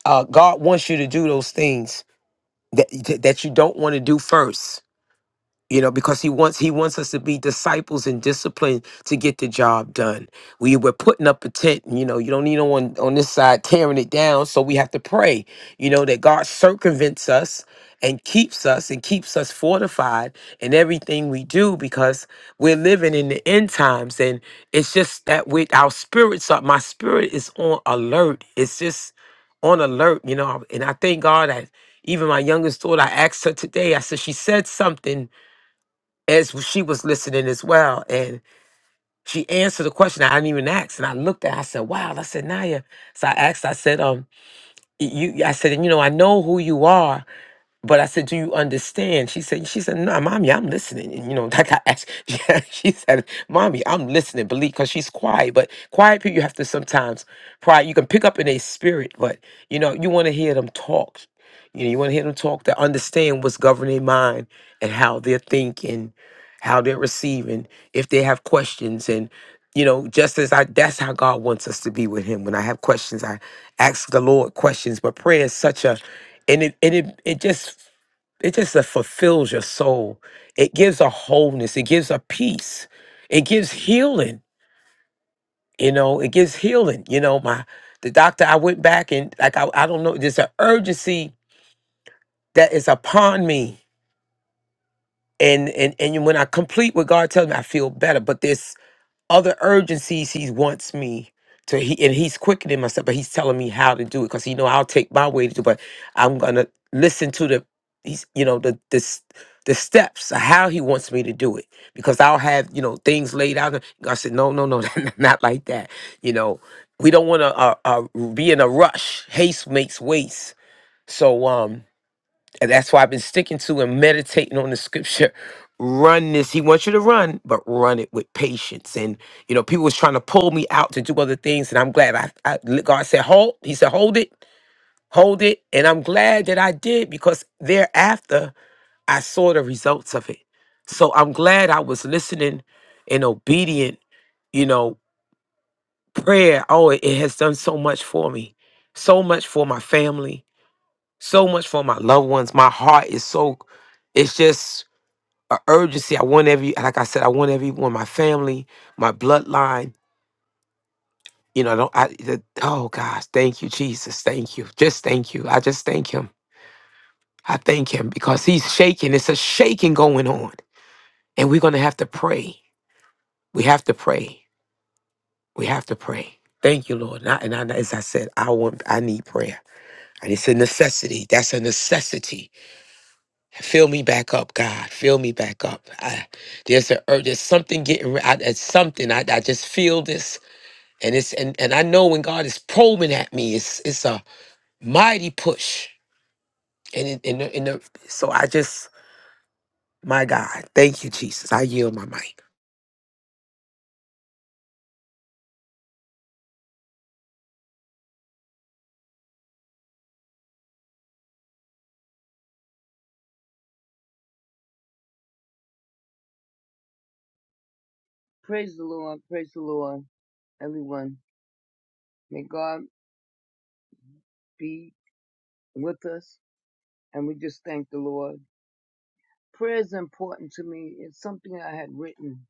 uh, God wants you to do those things that that you don't want to do first you know because he wants he wants us to be disciples and disciplined to get the job done we were putting up a tent and, you know you don't need no one on this side tearing it down so we have to pray you know that god circumvents us and keeps us and keeps us fortified in everything we do because we're living in the end times and it's just that with our spirits up my spirit is on alert it's just on alert you know and i thank god that even my youngest daughter i asked her today i said she said something as she was listening as well. And she answered the question I didn't even ask. And I looked at her, I said, Wow. I said, Naya. So I asked, I said, um, y- you I said, and you know, I know who you are. But I said, "Do you understand?" She said, "She said, no, mommy, I'm listening." And, you know, like I asked. yeah, she said, "Mommy, I'm listening." Believe, because she's quiet. But quiet people, you have to sometimes pride. You can pick up in their spirit, but you know, you want to hear them talk. You know, you want to hear them talk to understand what's governing their mind and how they're thinking, how they're receiving, if they have questions, and you know, just as I, that's how God wants us to be with Him. When I have questions, I ask the Lord questions. But prayer is such a and it and it, it just it just uh, fulfills your soul. It gives a wholeness. It gives a peace. It gives healing. You know, it gives healing. You know, my the doctor. I went back and like I, I don't know. There's an urgency that is upon me, and and and when I complete what God tells me, I feel better. But this other urgencies he wants me to he and he's quickening myself but he's telling me how to do it because he know i'll take my way to do but i'm gonna listen to the he's you know the the s- the steps of how he wants me to do it because i'll have you know things laid out i said no no no not like that you know we don't want to uh, uh, be in a rush haste makes waste so um and that's why I've been sticking to and meditating on the scripture. Run this. He wants you to run, but run it with patience. And you know, people was trying to pull me out to do other things, and I'm glad I, I God said, hold. He said, hold it, hold it. And I'm glad that I did because thereafter I saw the results of it. So I'm glad I was listening and obedient, you know, prayer. Oh, it it has done so much for me. So much for my family, so much for my loved ones. My heart is so it's just a urgency. I want every, like I said, I want everyone, my family, my bloodline. You know, I don't I? The, oh gosh, thank you, Jesus, thank you, just thank you. I just thank Him. I thank Him because He's shaking. It's a shaking going on, and we're gonna have to pray. We have to pray. We have to pray. Thank you, Lord. And, I, and I, as I said, I want, I need prayer, and it's a necessity. That's a necessity. Fill me back up, God. Fill me back up. I, there's a ur- there's something getting. re- I, it's something. I, I just feel this. and it's and and I know when God is probing at me, it's it's a mighty push, and in in the, in the so I just my God, thank you, Jesus. I yield my mic.
Praise the Lord. Praise the Lord, everyone. May God be with us. And we just thank the Lord. Prayer is important to me. It's something I had written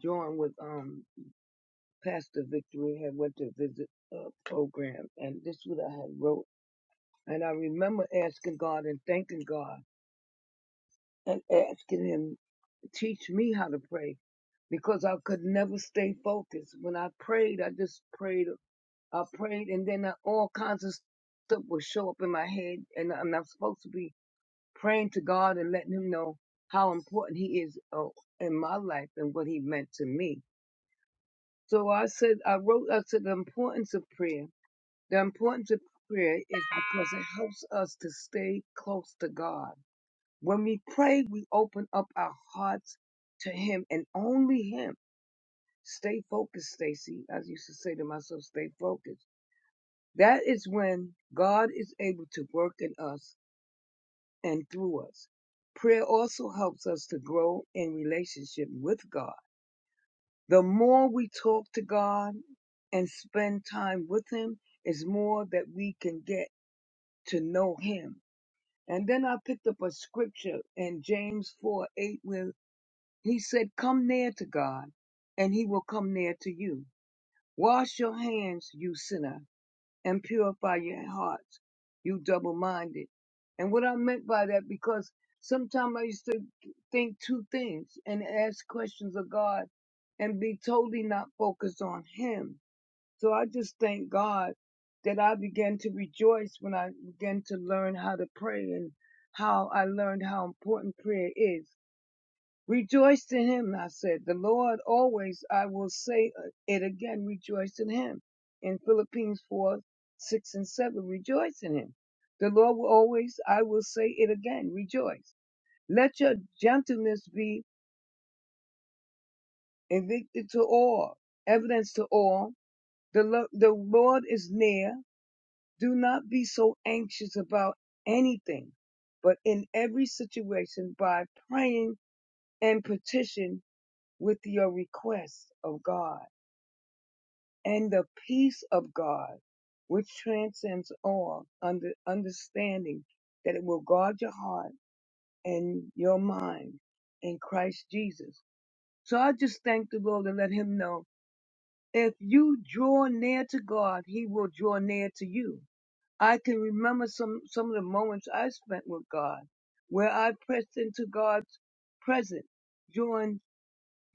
during with um Pastor Victory had went to visit a program and this is what I had wrote. And I remember asking God and thanking God and asking him, teach me how to pray because I could never stay focused. When I prayed, I just prayed I prayed, and then uh, all kinds of stuff would show up in my head, and I'm not supposed to be praying to God and letting Him know how important He is uh, in my life and what He meant to me. So I said, I wrote, I said, the importance of prayer. The importance of prayer is because it helps us to stay close to God. When we pray, we open up our hearts to Him and only Him. Stay focused, Stacy. I used to say to myself, stay focused That is when God is able to work in us and through us. Prayer also helps us to grow in relationship with God. The more we talk to God and spend time with Him, is more that we can get to know Him. And then I picked up a scripture in James 4 8, where He said, Come near to God, and He will come near to you. Wash your hands, you sinner and purify your hearts, you double minded. And what I meant by that, because sometimes I used to think two things and ask questions of God and be totally not focused on Him. So I just thank God that I began to rejoice when I began to learn how to pray and how I learned how important prayer is. Rejoice in him, I said. The Lord always, I will say it again, rejoice in him. In Philippines 4, 6 and 7, rejoice in him. The Lord will always, I will say it again, rejoice. Let your gentleness be evicted to all, evidence to all. The, Lo- the Lord is near. Do not be so anxious about anything, but in every situation by praying and petition with your requests of God and the peace of God, which transcends all under understanding, that it will guard your heart and your mind in Christ Jesus. So I just thank the Lord and let him know if you draw near to God, he will draw near to you. I can remember some, some of the moments I spent with God where I pressed into God's presence, drawing,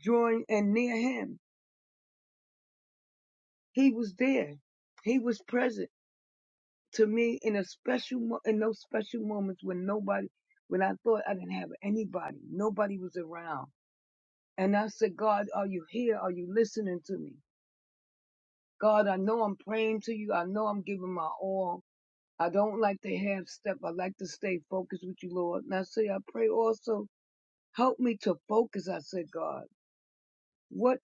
drawing and near him. He was there. He was present to me in a special mo- in those special moments when nobody, when I thought I didn't have anybody, nobody was around. And I said, God, are you here? Are you listening to me? God, I know I'm praying to you. I know I'm giving my all. I don't like to half step. I like to stay focused with you, Lord. And I say, I pray also, help me to focus. I said, God. what?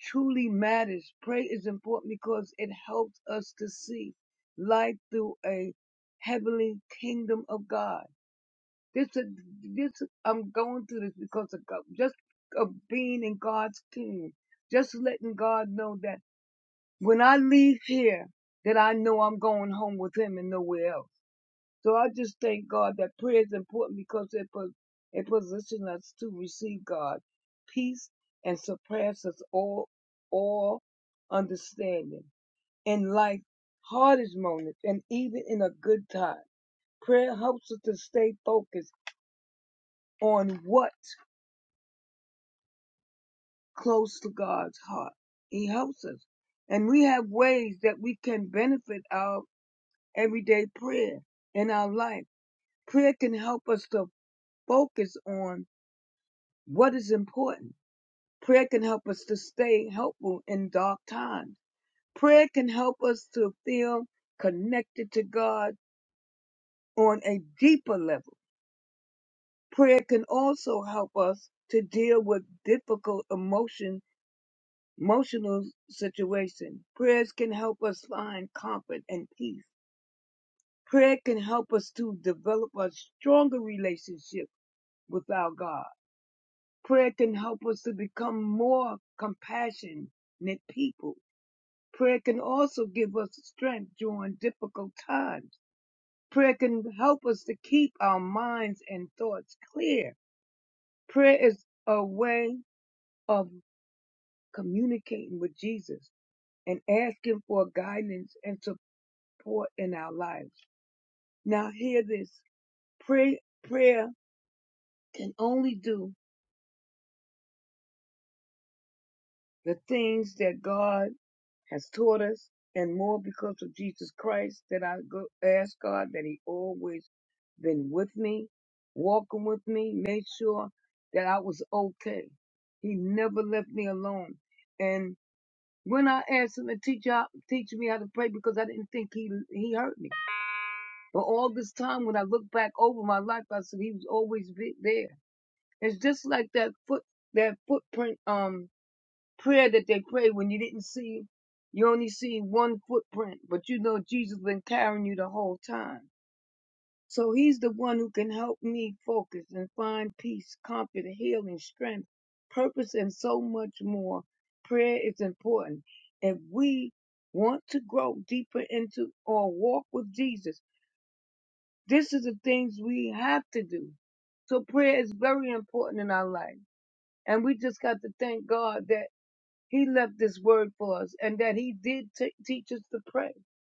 truly matters. Prayer is important because it helps us to see life through a heavenly kingdom of God. This, is- this, I'm going through this because of God, just of being in God's kingdom, just letting God know that when I leave here, that I know I'm going home with Him and nowhere else. So I just thank God that prayer is important because it pos- it positions us to receive God peace and surpasses all all understanding in life, hardest moments, and even in a good time. Prayer helps us to stay focused on what's close to God's heart. He helps us, and we have ways that we can benefit our everyday prayer in our life. Prayer can help us to focus on What is important? Prayer can help us to stay helpful in dark times. Prayer can help us to feel connected to God on a deeper level. Prayer can also help us to deal with difficult emotion, emotional situations. Prayers can help us find comfort and peace. Prayer can help us to develop a stronger relationship with our God. Prayer can help us to become more compassionate people Prayer can also give us strength during difficult times. Prayer can help us to keep our minds and thoughts clear. Prayer is a way of communicating with Jesus and asking for guidance and support in our lives. Now hear this. Pray, prayer can only do the things that God has taught us and more because of Jesus Christ that I go, ask God that he always been with me, walking with me, made sure that I was okay. He never left me alone. And when I asked him to teach out, teach me how to pray because I didn't think he he hurt me. But all this time when I look back over my life, I said he was always be- there. It's just like that foot that footprint um Prayer that they prayed when you didn't see him. You only see one footprint, but you know Jesus been carrying you the whole time. So he's the one who can help me focus and find peace, comfort, healing, strength, purpose, and so much more. Prayer is important. If we want to grow deeper into or walk with Jesus, this is the things we have to do. So prayer is very important in our life. And we just got to thank God that he left this word for us and that he did t- teach us to pray.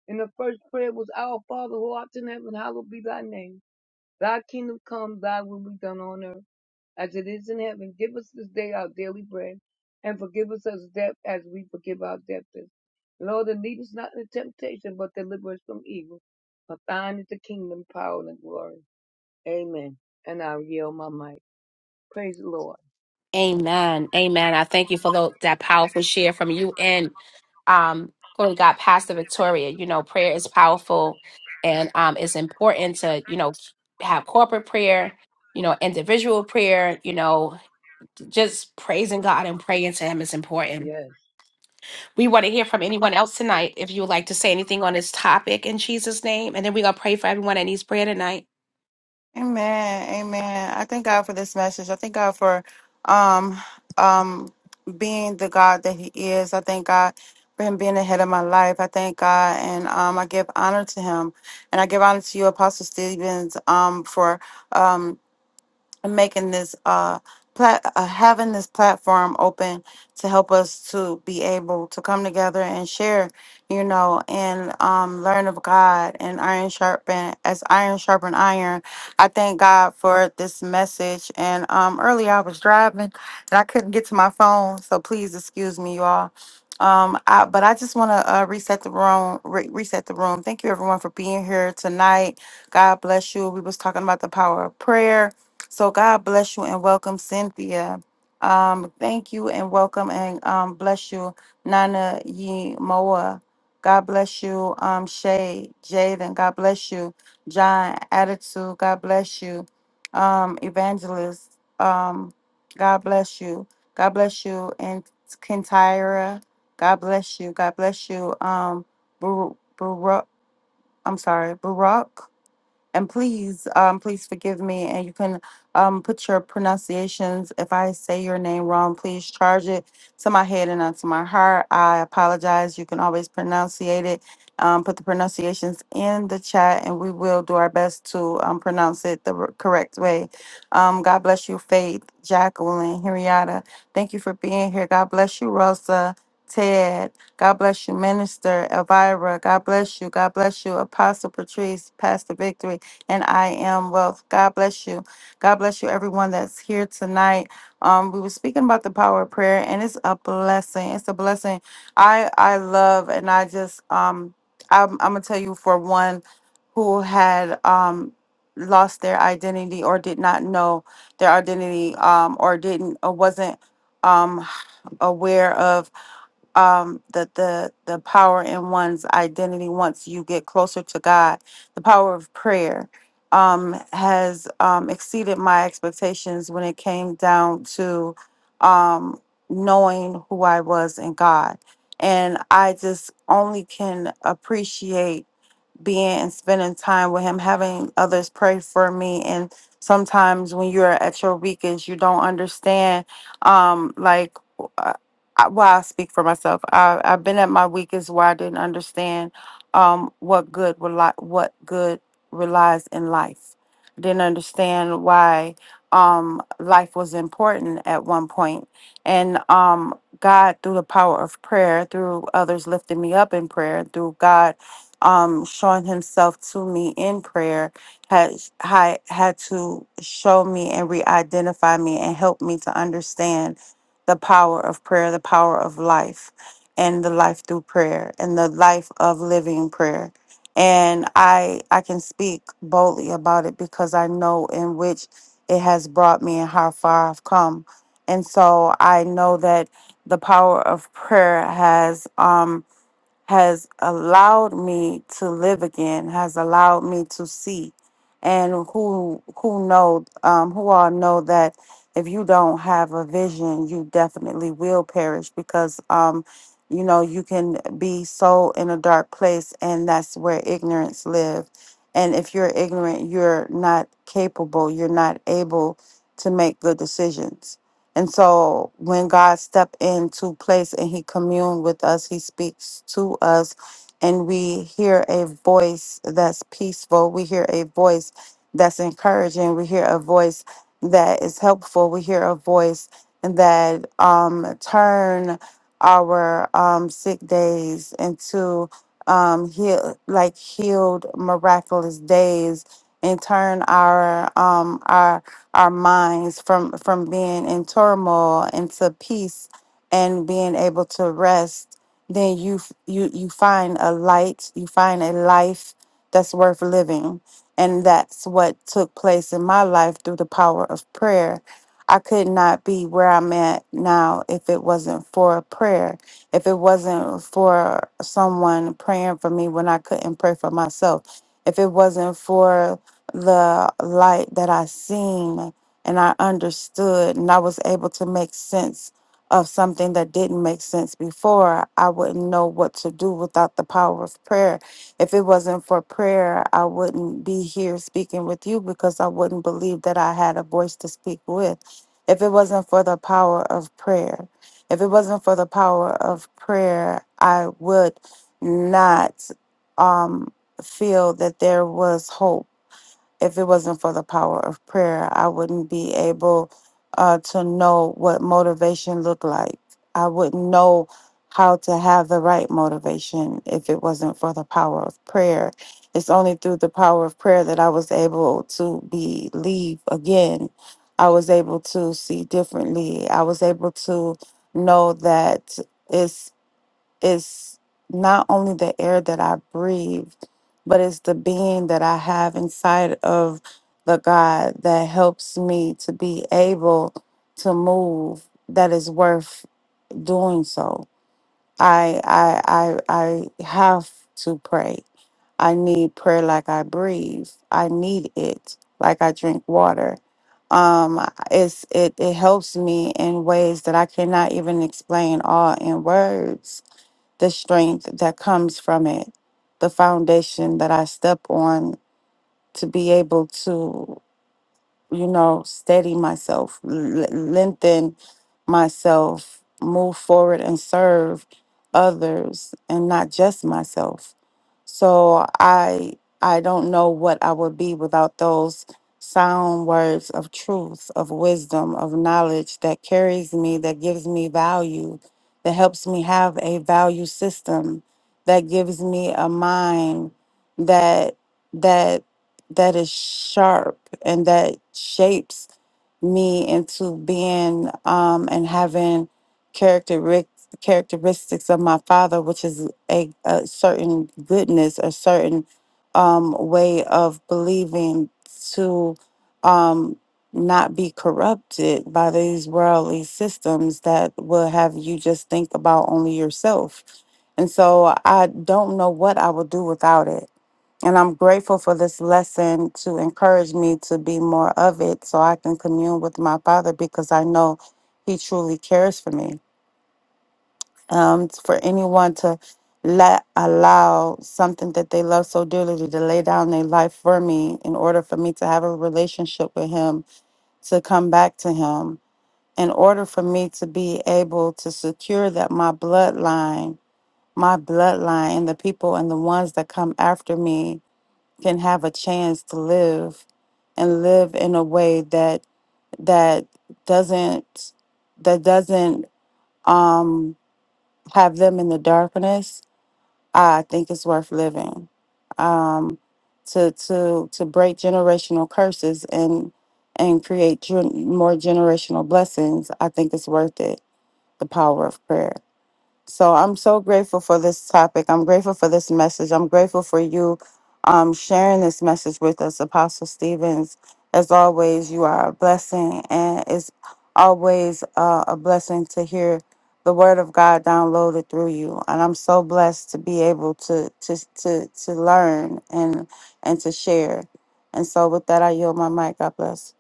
And the first prayer was, Our Father who art in heaven, hallowed be thy name. Thy kingdom come, thy will be done on earth as it is in heaven. Give us this day our daily bread and forgive us our debt as we forgive our debtors. Lord, and lead us not into temptation, but deliver us from evil. For thine is the kingdom, power, and glory. Amen. And I yield my mic. Praise the Lord.
Amen. Amen. I thank you for tho- that powerful share from you and um, glory to God, Pastor Victoria, you know, prayer is powerful and um, it's important to, you know, have corporate prayer, you know, individual prayer, you know, just praising God and praying to Him is important.
Yes.
We want to hear from anyone else tonight if you would like to say anything on this topic in Jesus' name. And then we're going to pray for everyone that needs prayer tonight.
Amen. Amen. I thank God for this message. I thank God for um um being the God that he is. I thank God for him being ahead of my life. I thank God and um I give honor to him. And I give honor to you, Apostle Stevens, um, for um and making this uh, plat- uh having this platform open to help us to be able to come together and share you know and um learn of god and iron sharpen as iron sharpen iron i thank god for this message and um earlier i was driving and i couldn't get to my phone so please excuse me you all um I, but i just want to uh, reset the room re- reset the room thank you everyone for being here tonight god bless you we was talking about the power of prayer so God bless you and welcome, Cynthia. Um, thank you and welcome and um, bless you, Nana Yi Moa. God bless you, um, Shay Jaden. God bless you, John Attitude. God bless you, um, Evangelist. Um, God bless you. God bless you, and Kentira. God bless you. God bless you, um, Baruch. I'm sorry, Barack and please, um, please forgive me. And you can um, put your pronunciations. If I say your name wrong, please charge it to my head and not to my heart. I apologize. You can always pronunciate it. Um, put the pronunciations in the chat, and we will do our best to um, pronounce it the r- correct way. Um, God bless you, Faith, Jacqueline, Henrietta. Thank you for being here. God bless you, Rosa, Ted. God bless you, Minister Elvira. God bless you. God bless you, Apostle Patrice, Pastor Victory and I am wealth. God bless you. God bless you, everyone that's here tonight. Um, we were speaking about the power of prayer, and it's a blessing. It's a blessing. I I love, and I just um, I'm, I'm gonna tell you for one who had um lost their identity or did not know their identity um or didn't or wasn't um aware of um the the the power in one's identity once you get closer to God the power of prayer um, has um, exceeded my expectations when it came down to um, knowing who I was in God. And I just only can appreciate being and spending time with him, having others pray for me. And sometimes when you're at your weakest, you don't understand. Um, like, uh, I, well, I speak for myself. I, I've been at my weakest where I didn't understand um, what good rely, what good relies in life. Didn't understand why um, life was important at one point, point. and um, God through the power of prayer, through others lifting me up in prayer, through God um, showing himself to me in prayer had had had to show me and re-identify me and help me to understand the power of prayer, the power of life, and the life through prayer, and the life of living prayer. And I I can speak boldly about it because I know in which it has brought me and how far I've come. And so I know that the power of prayer has um, has allowed me to live again, has allowed me to see, and who who know um, who all know that if you don't have a vision, you definitely will perish because um, you know you can be so in a dark place, and that's where ignorance live. And if you're ignorant, you're not capable, you're not able to make good decisions and so when God stepped into place and he communed with us, he speaks to us and we hear a voice that's peaceful. We hear a voice that's encouraging. We hear a voice that is helpful. We hear a voice that um turn our um sick days into um heal like healed miraculous days and turn our um our our minds from from being in turmoil into peace and being able to rest then you f- you you find a light you find a life that's worth living and that's what took place in my life through the power of prayer i could not be where i'm at now if it wasn't for prayer if it wasn't for someone praying for me when i couldn't pray for myself if it wasn't for the light that I seen and I understood and I was able to make sense of something that didn't make sense before, I wouldn't know what to do without the power of prayer. If it wasn't for prayer, I wouldn't be here speaking with you because I wouldn't believe that I had a voice to speak with. If it wasn't for the power of prayer, if it wasn't for the power of prayer, I would not um, feel that there was hope if it wasn't for the power of prayer, I wouldn't be able uh, to know what motivation looked like. I wouldn't know how to have the right motivation if it wasn't for the power of prayer. It's only through the power of prayer that I was able to believe again. I was able to see differently. I was able to know that it's it's not only the air that I breathe, but it's the being that I have inside of the God that helps me to be able to move that is worth doing so. I I I I have to pray. I need prayer like I breathe. I need it like I drink water. Um it's it it helps me in ways that I cannot even explain all in words the strength that comes from it, the foundation that I step on to be able to you know, steady myself, l- lengthen myself, move forward and serve others and not just myself. So I I don't know what I would be without those sound words of truth, of wisdom, of knowledge that carries me, that gives me value, that helps me have a value system, that gives me a mind that that that is sharp and that shapes me into being um, and having characteristics characteristics of my father which is a, a certain goodness a certain um, way of believing to um, not be corrupted by these worldly systems that will have you just think about only yourself and so i don't know what i would do without it and I'm grateful for this lesson to encourage me to be more of it so I can commune with my Father because I know He truly cares for me. Um, for anyone to let allow something that they love so dearly to lay down their life for me in order for me to have a relationship with Him, to come back to Him, in order for me to be able to secure that my bloodline, my bloodline, and the people and the ones that come after me can have a chance to live and live in a way that that doesn't that doesn't um have them in the darkness i think it's worth living um to to to break generational curses and and create gen- more generational blessings i think it's worth it the power of prayer so I'm so grateful for this topic. I'm grateful for this message. I'm grateful for you um, sharing this message with us, Apostle Stevens. As always, you are a blessing, and it's always uh, a blessing to hear the word of God downloaded through you. And I'm so blessed to be able to to to to learn and and to share. And so, with that, I yield my mic. God bless.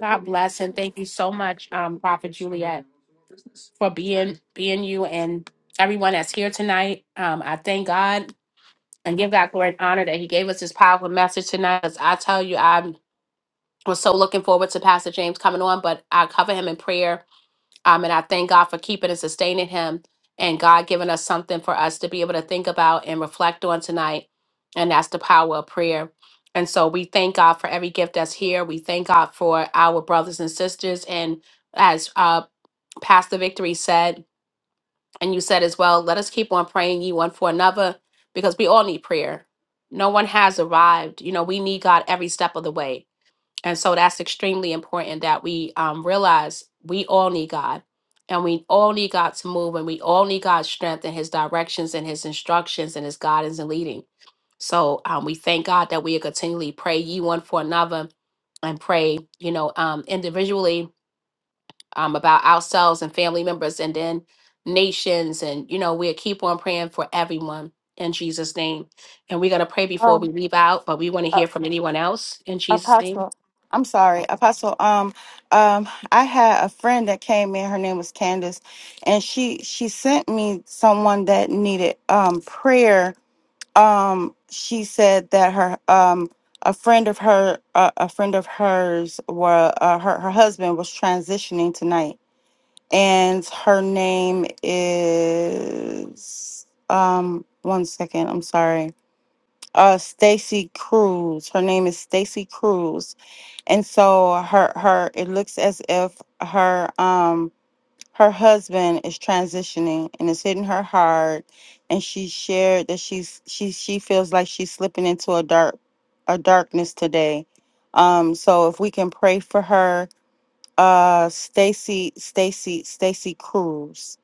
God bless and thank you so much, um, Prophet Juliet, for being being you and everyone that's here tonight. Um, I thank God and give God glory and honor that He gave us this powerful message tonight. 'Cause I tell you, I was so looking forward to Pastor James coming on, but I cover him in prayer. Um, and I thank God for keeping and sustaining him and God giving us something for us to be able to think about and reflect on tonight. And that's the power of prayer. And so we thank God for every gift that's here. We thank God for our brothers and sisters. And as uh, Pastor Victory said, and you said as well, let us keep on praying ye one for another because we all need prayer. No one has arrived. You know, we need God every step of the way. And so that's extremely important that we um, realize we all need God and we all need God to move and we all need God's strength and his directions and his instructions and his guidance and leading. So um, we thank God that we continually pray ye one for another and pray, you know, um, individually um, about ourselves and family members and then nations. And, you know, we'll keep on praying for everyone in Jesus' name. And we're going to pray before we
Um,
leave out, but we want to hear from anyone else in Jesus' name.
Apostle. I'm sorry, Apostle. Um, um, I had a friend that came in. Her name was Candace, and she she sent me someone that needed um prayer. Um, she said that her um a friend of her uh, a friend of hers were uh, her her husband was transitioning tonight, and her name is um one second. I'm sorry. Uh, Stacy Cruz. Her name is Stacy Cruz and so her her it looks as if her um her husband is transitioning and it's hitting her hard and she shared that she's she she feels like she's slipping into a dark a darkness today um so if we can pray for her uh stacy stacy stacy cruz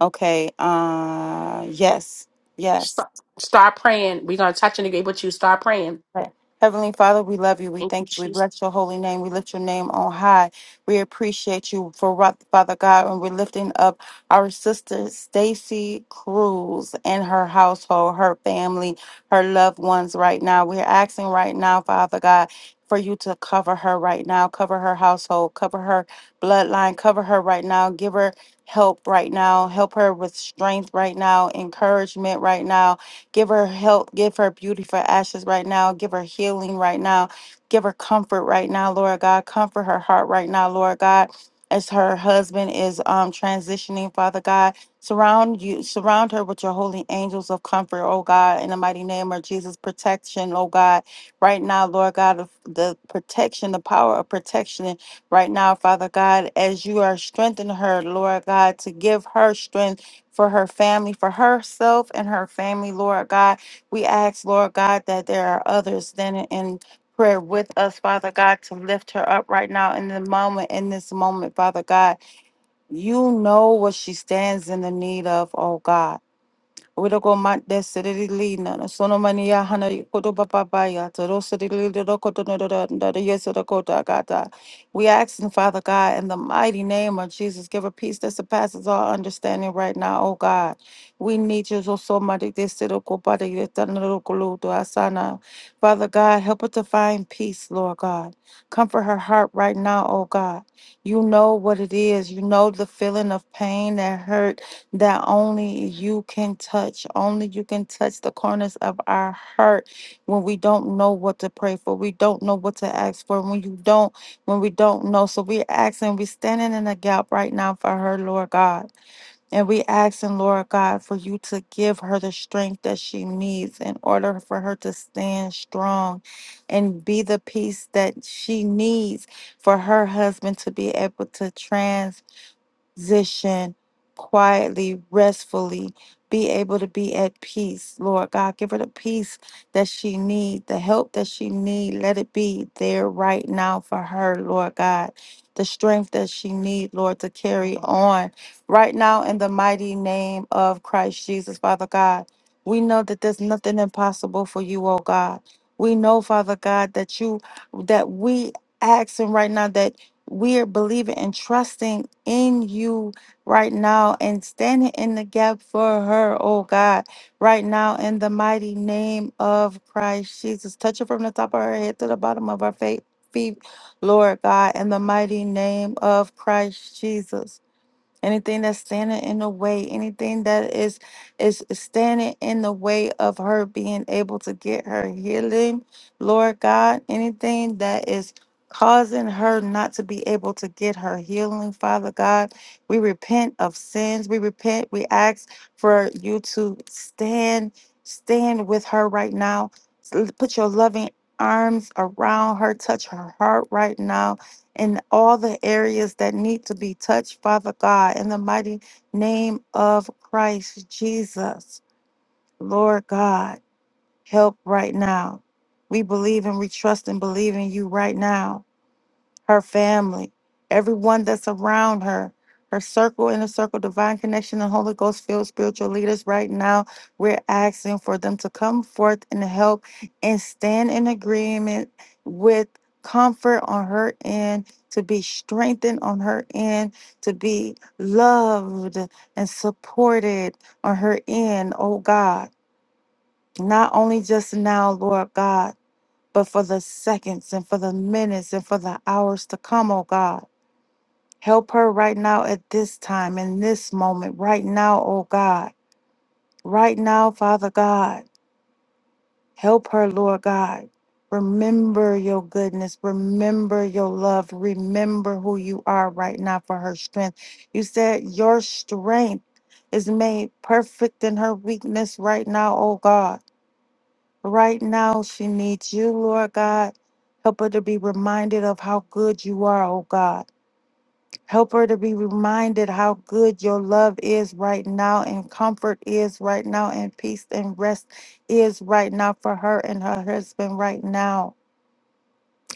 okay uh yes yes
Start, start praying. We're going to touch and agree with you. Start praying.
Right. Heavenly Father, we love you. We
Thank you,
thank you. We
Jesus.
bless your holy name. We lift your name on high. We appreciate you for what, Father God, and we're lifting up our sister Stacy Cruz and her household, her family, her loved ones right now. We're asking right now, Father God, for you to cover her right now, cover her household, cover her bloodline, cover her right now, give her help right now, help her with strength right now, encouragement right now Give her help. Give her beauty for ashes right now. Give her healing right now. Give her comfort right now, Lord God. Comfort her heart right now, Lord God. As her husband is um, transitioning, Father God, surround you, surround her with your holy angels of comfort, oh God, in the mighty name of Jesus. Protection, oh God, right now, Lord God, of the protection, the power of protection right now, Father God, as you are strengthening her, Lord God, to give her strength for her family, for herself and her family, Lord God. We ask, Lord God, that there are others standing in prayer with us, Father God, to lift her up right now in the moment, in this moment, Father God. You know what she stands in the need of, oh God. Uroko mande sirili na hana koto papa ya no We ask you, Father God, in the mighty name of Jesus, give a peace that surpasses all understanding right now, oh God. We need you so much. this siro kopa de yeta no do kulu do asana. Father God, help her to find peace, Lord God. Comfort her heart right now, oh God. You know what it is. You know the feeling of pain and hurt that only you can touch. Only you can touch the corners of our heart when we don't know what to pray for. We don't know what to ask for. When you don't, when we don't know. So we're asking, we're standing in the gap right now for her, Lord God. And we asking, Lord God, for you to give her the strength that she needs in order for her to stand strong and be the peace that she needs for her husband to be able to position quietly, restfully, be able to be at peace. Lord God, give her the peace that she need, the help that she need. Let it be there right now for her, Lord God. The strength that she need, Lord, to carry on right now in the mighty name of Christ Jesus, Father God. We know that there's nothing impossible for you, oh God. We know, Father God, that you that we asking right now that we are believing and trusting in you right now and standing in the gap for her, oh God, right now in the mighty name of Christ Jesus. Touch her from the top of her head to the bottom of her fa- feet, Lord God, in the mighty name of Christ Jesus anything that's standing in the way anything that is is standing in the way of her being able to get her healing lord god anything that is causing her not to be able to get her healing father god we repent of sins we repent we ask for you to stand stand with her right now put your loving arms around her touch her heart right now in all the areas that need to be touched, Father God, in the mighty name of Christ Jesus. Lord God, help right now. We believe and we trust and believe in you right now her family, everyone that's around her, her circle, inner circle, divine connection, and Holy Ghost filled spiritual leaders right now. We're asking for them to come forth and help and stand in agreement with comfort on her end, to be strengthened on her end, to be loved and supported on her end, oh God. Not only just now, Lord God, but for the seconds and for the minutes and for the hours to come, oh God. Help her right now at this time, in this moment, right now, oh God. Right now, Father God. Help her, Lord God. Remember your goodness. Remember your love. Remember who you are right now for her strength. You said your strength is made perfect in her weakness right now, oh God. Right now, she needs you, Lord God. Help her to be reminded of how good you are, oh God Help her to be reminded how good your love is right now, and comfort is right now, and peace and rest is right now for her and her husband right now.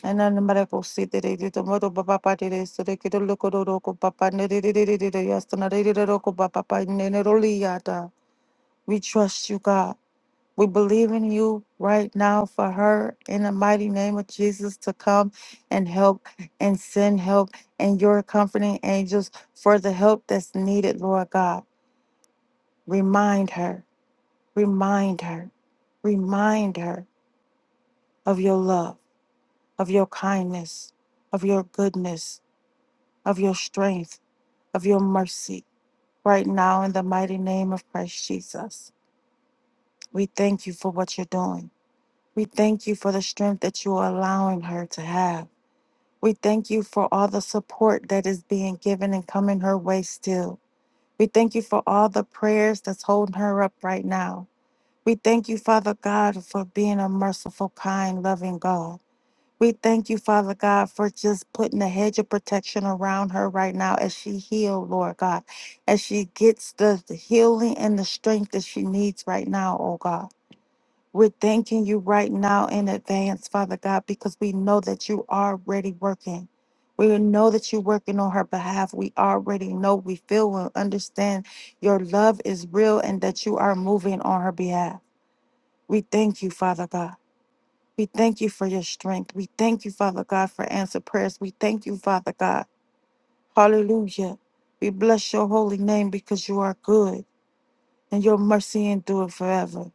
And then the medical seat that they did the mother papa did it, so they could look at the local papa, and they did it, yes, and they did it, local papa, and then it only yada. We trust you, God. We believe in you right now for her in the mighty name of Jesus to come and help and send help and your comforting angels for the help that's needed, Lord God. Remind her, remind her, remind her of your love, of your kindness, of your goodness, of your strength, of your mercy right now in the mighty name of Christ Jesus. We thank you for what you're doing. We thank you for the strength that you are allowing her to have. We thank you for all the support that is being given and coming her way still. We thank you for all the prayers that's holding her up right now. We thank you, Father God, for being a merciful, kind, loving God. We thank you, Father God, for just putting a hedge of protection around her right now as she heals, Lord God, as she gets the, the healing and the strength that she needs right now, oh God. We're thanking you right now in advance, Father God, because we know that you are already working. We know that you're working on her behalf. We already know, we feel, and understand your love is real and that you are moving on her behalf. We thank you, Father God. We thank you for your strength. We thank you, Father God, for answered prayers. We thank you, Father God. Hallelujah. We bless your holy name because you are good and your mercy endure forever.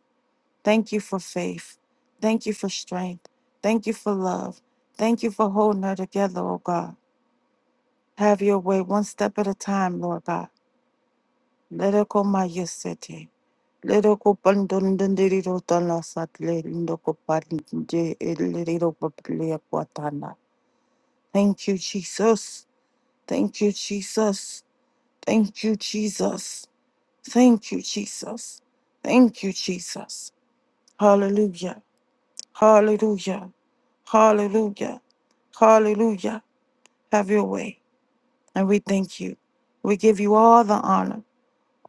Thank you for faith. Thank you for strength. Thank you for love. Thank you for holding her together, oh God. Have your way one step at a time, Lord God. Let it go my yes city. Let it go pandundundirido tanasatli lindoko parinde ilirido paplia kwatana. Thank you, Jesus. Thank you, Jesus. Thank you, Jesus. Thank you, Jesus. Thank you, Jesus. Hallelujah. Hallelujah. Hallelujah. Hallelujah. Have your way. And we thank you. We give you all the honor,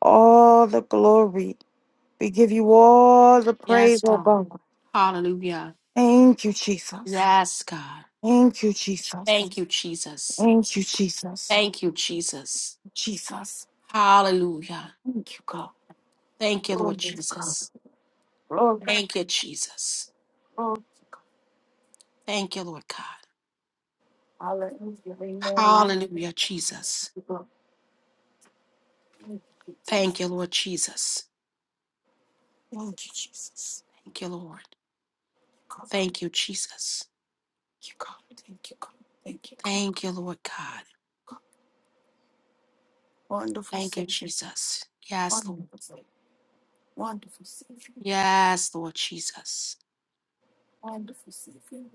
all the glory. We give you all the praise,
Yes,
oh
God.
God.
Hallelujah.
Thank you, Jesus.
Yes, God.
Thank you, Jesus.
Thank you, Jesus.
Thank you, Jesus.
Thank you, Jesus.
Jesus.
Hallelujah.
Thank you, God.
Thank you,
Glory
Lord
to God.
Jesus.
Glory,
Thank you, Jesus.
glory to God.
Thank you, Lord God.
Hallelujah. Amen. Thank
Hallelujah, Jesus.
you, God. Thank you, Jesus.
Thank you, Lord Jesus.
Thank you, Jesus.
Thank you, Lord.
God.
Thank you, Jesus.
Thank you, God. Thank you, God. Thank you, God.
Thank you, Lord God.
God. Wonderful
Thank you,
Savior.
Jesus. Yes, Lord.
Wonderful Savior, wonderful Savior,
Yes, Lord Jesus.
wonderful Savior.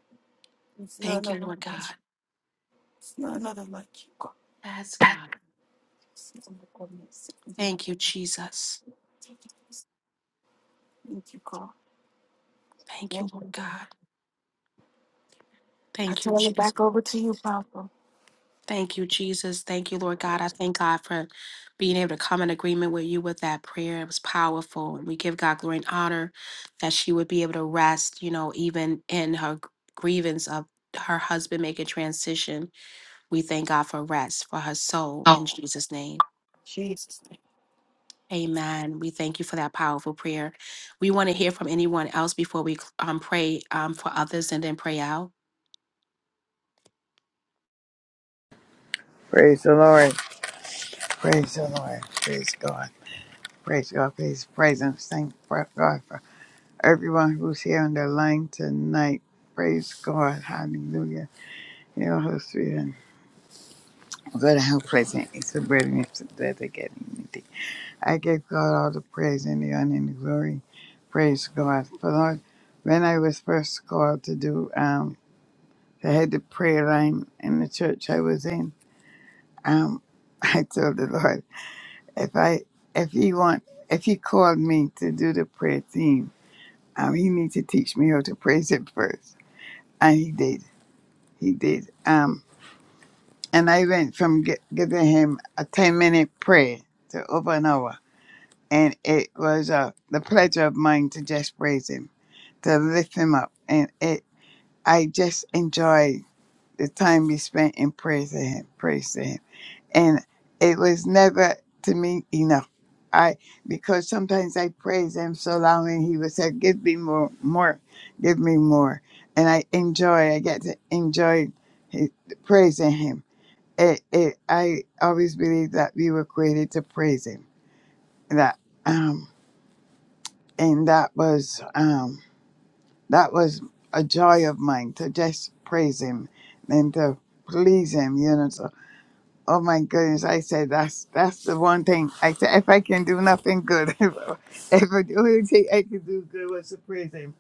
There's none
Thank you,
other
Lord
like
God.
you. There's none other like you, God.
Yes, God.
There's none other God. Yes, Thank you, Lord.
Thank you, Jesus.
Thank you, Jesus. Thank you, God.
Thank you,
Thank
Lord
you, Lord.
God.
I
Thank you,
turn it
Jesus.
back over to you, Papa.
Thank you, Jesus. Thank you, Lord God. I thank God for being able to come in agreement with you with that prayer. It was powerful. And we give God glory and honor that she would be able to rest, you know, even in her gr- grievance of her husband making transition. We thank God for rest for her soul in
Oh,
Jesus' name.
Jesus.
Amen. We thank you for that powerful prayer. We want to hear from anyone else before we um, pray um, for others and then pray out.
Praise the Lord. Praise the Lord. Praise God. Praise God. Please praise and thank for God for everyone who's here on the line tonight. Praise God. Hallelujah. You know how sweet and good and how pleasant it's the brethren together getting unity. I give God all the praise and the honor and the glory. Praise God. For Lord, when I was first called to do um to head the prayer line in the church I was in, um I told the Lord. if I if he want if he called me to do the prayer team, um, he need to teach me how to praise him first, and he did. He did. Um, and I went from gi- giving him a ten minute prayer to over an hour, and it was uh, the pleasure of mine to just praise him, to lift him up, and it. I just enjoy. the time we spent in praise to him, praise to him. And it was never to me enough. I because sometimes I praise him so long and he would say, Give me more more, give me more. And I enjoy, I get to enjoy his, praising him. It, it I always believed that we were created to praise him. That um and that was um that was a joy of mine to just praise him and to please him, you know. so Oh my goodness! I said that's that's the one thing. I said if I can do nothing good, if, if I do anything I can do good was to praise Him.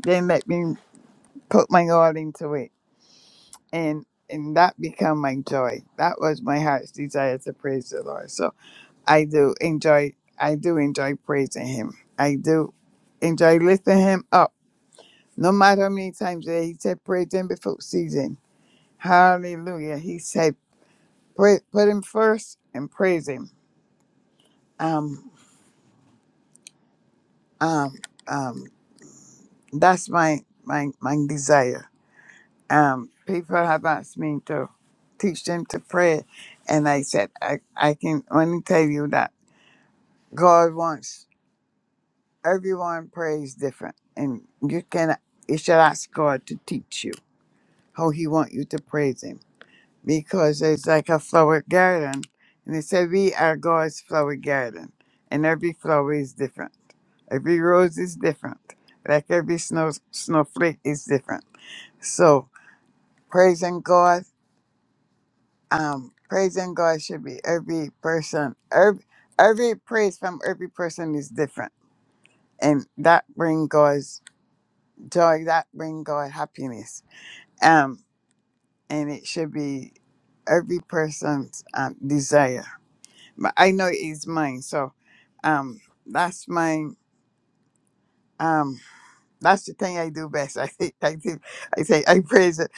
Then let me put my all into it, and and that become my joy. That was my heart's desire to praise the Lord. So I do enjoy. I do enjoy praising Him. I do enjoy lifting Him up. No matter how many times that He said praise Him before season. Hallelujah! He said put put Him first and praise Him. Um Um, um, that's my, my, my desire. Um, people have asked me to teach them to pray. And I said, I, I can only tell you that God wants everyone prays different. And you can, you should ask God to teach you how he want you to praise him because it's like a flower garden. And they said, We are God's flower garden. And every flower is different. Every rose is different. Like every snow snowflake is different. So praising God, um, praising God should be every person. Every, every praise from every person is different. And that bring God's joy, that bring God happiness. Um, and it should be every person's um, desire but I know it's mine. So um that's my um that's the thing I do best. I think I do I say I praise it.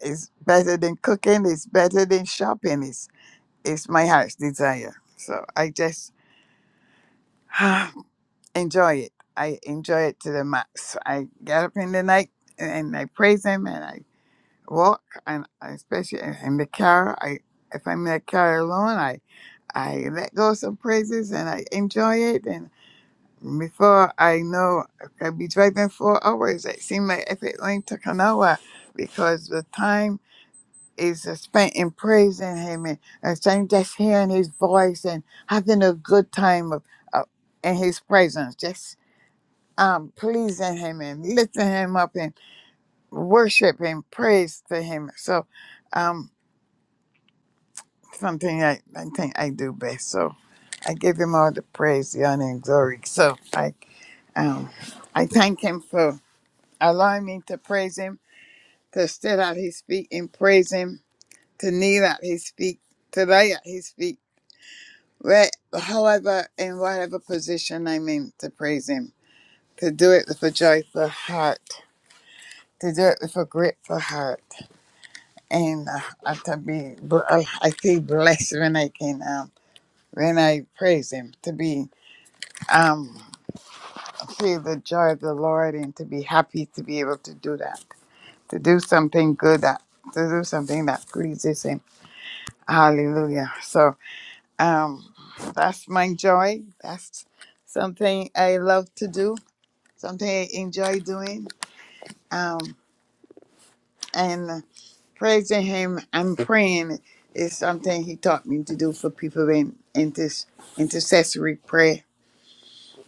It's better than cooking, it's better than shopping, it's it's my heart's desire. So I just enjoy it. I enjoy it to the max. I get up in the night and I praise him and I walk and I, especially in in the car I if I'm in the car alone I I let go some praises and I enjoy it before I know, I could be driving four hours. It seems like if it only took an hour because the time is spent in praising Him and, and saying, just hearing His voice and having a good time of, of in His presence, just um, pleasing Him and lifting Him up and worship and praise to Him. So, um, something I, I think I do best. So, I give Him all the praise, the honor, and glory. So, I um, I thank Him for. Allowing me to praise him, to sit at his feet and praise him, to kneel at his feet, to lay at his feet, where, however, in whatever position I'm in, to praise him, to do it with a joyful heart, to do it with a grateful heart, and uh, and to be, bl- uh, I feel blessed when I can, um, when I praise him, to be, um, feel the joy of the Lord and to be happy to be able to do that, to do something good that to do something that pleases him Hallelujah. So um that's my joy. That's something I love to do, something I enjoy doing. Um and praising him and praying is something he taught me to do for people in inter- intercessory prayer.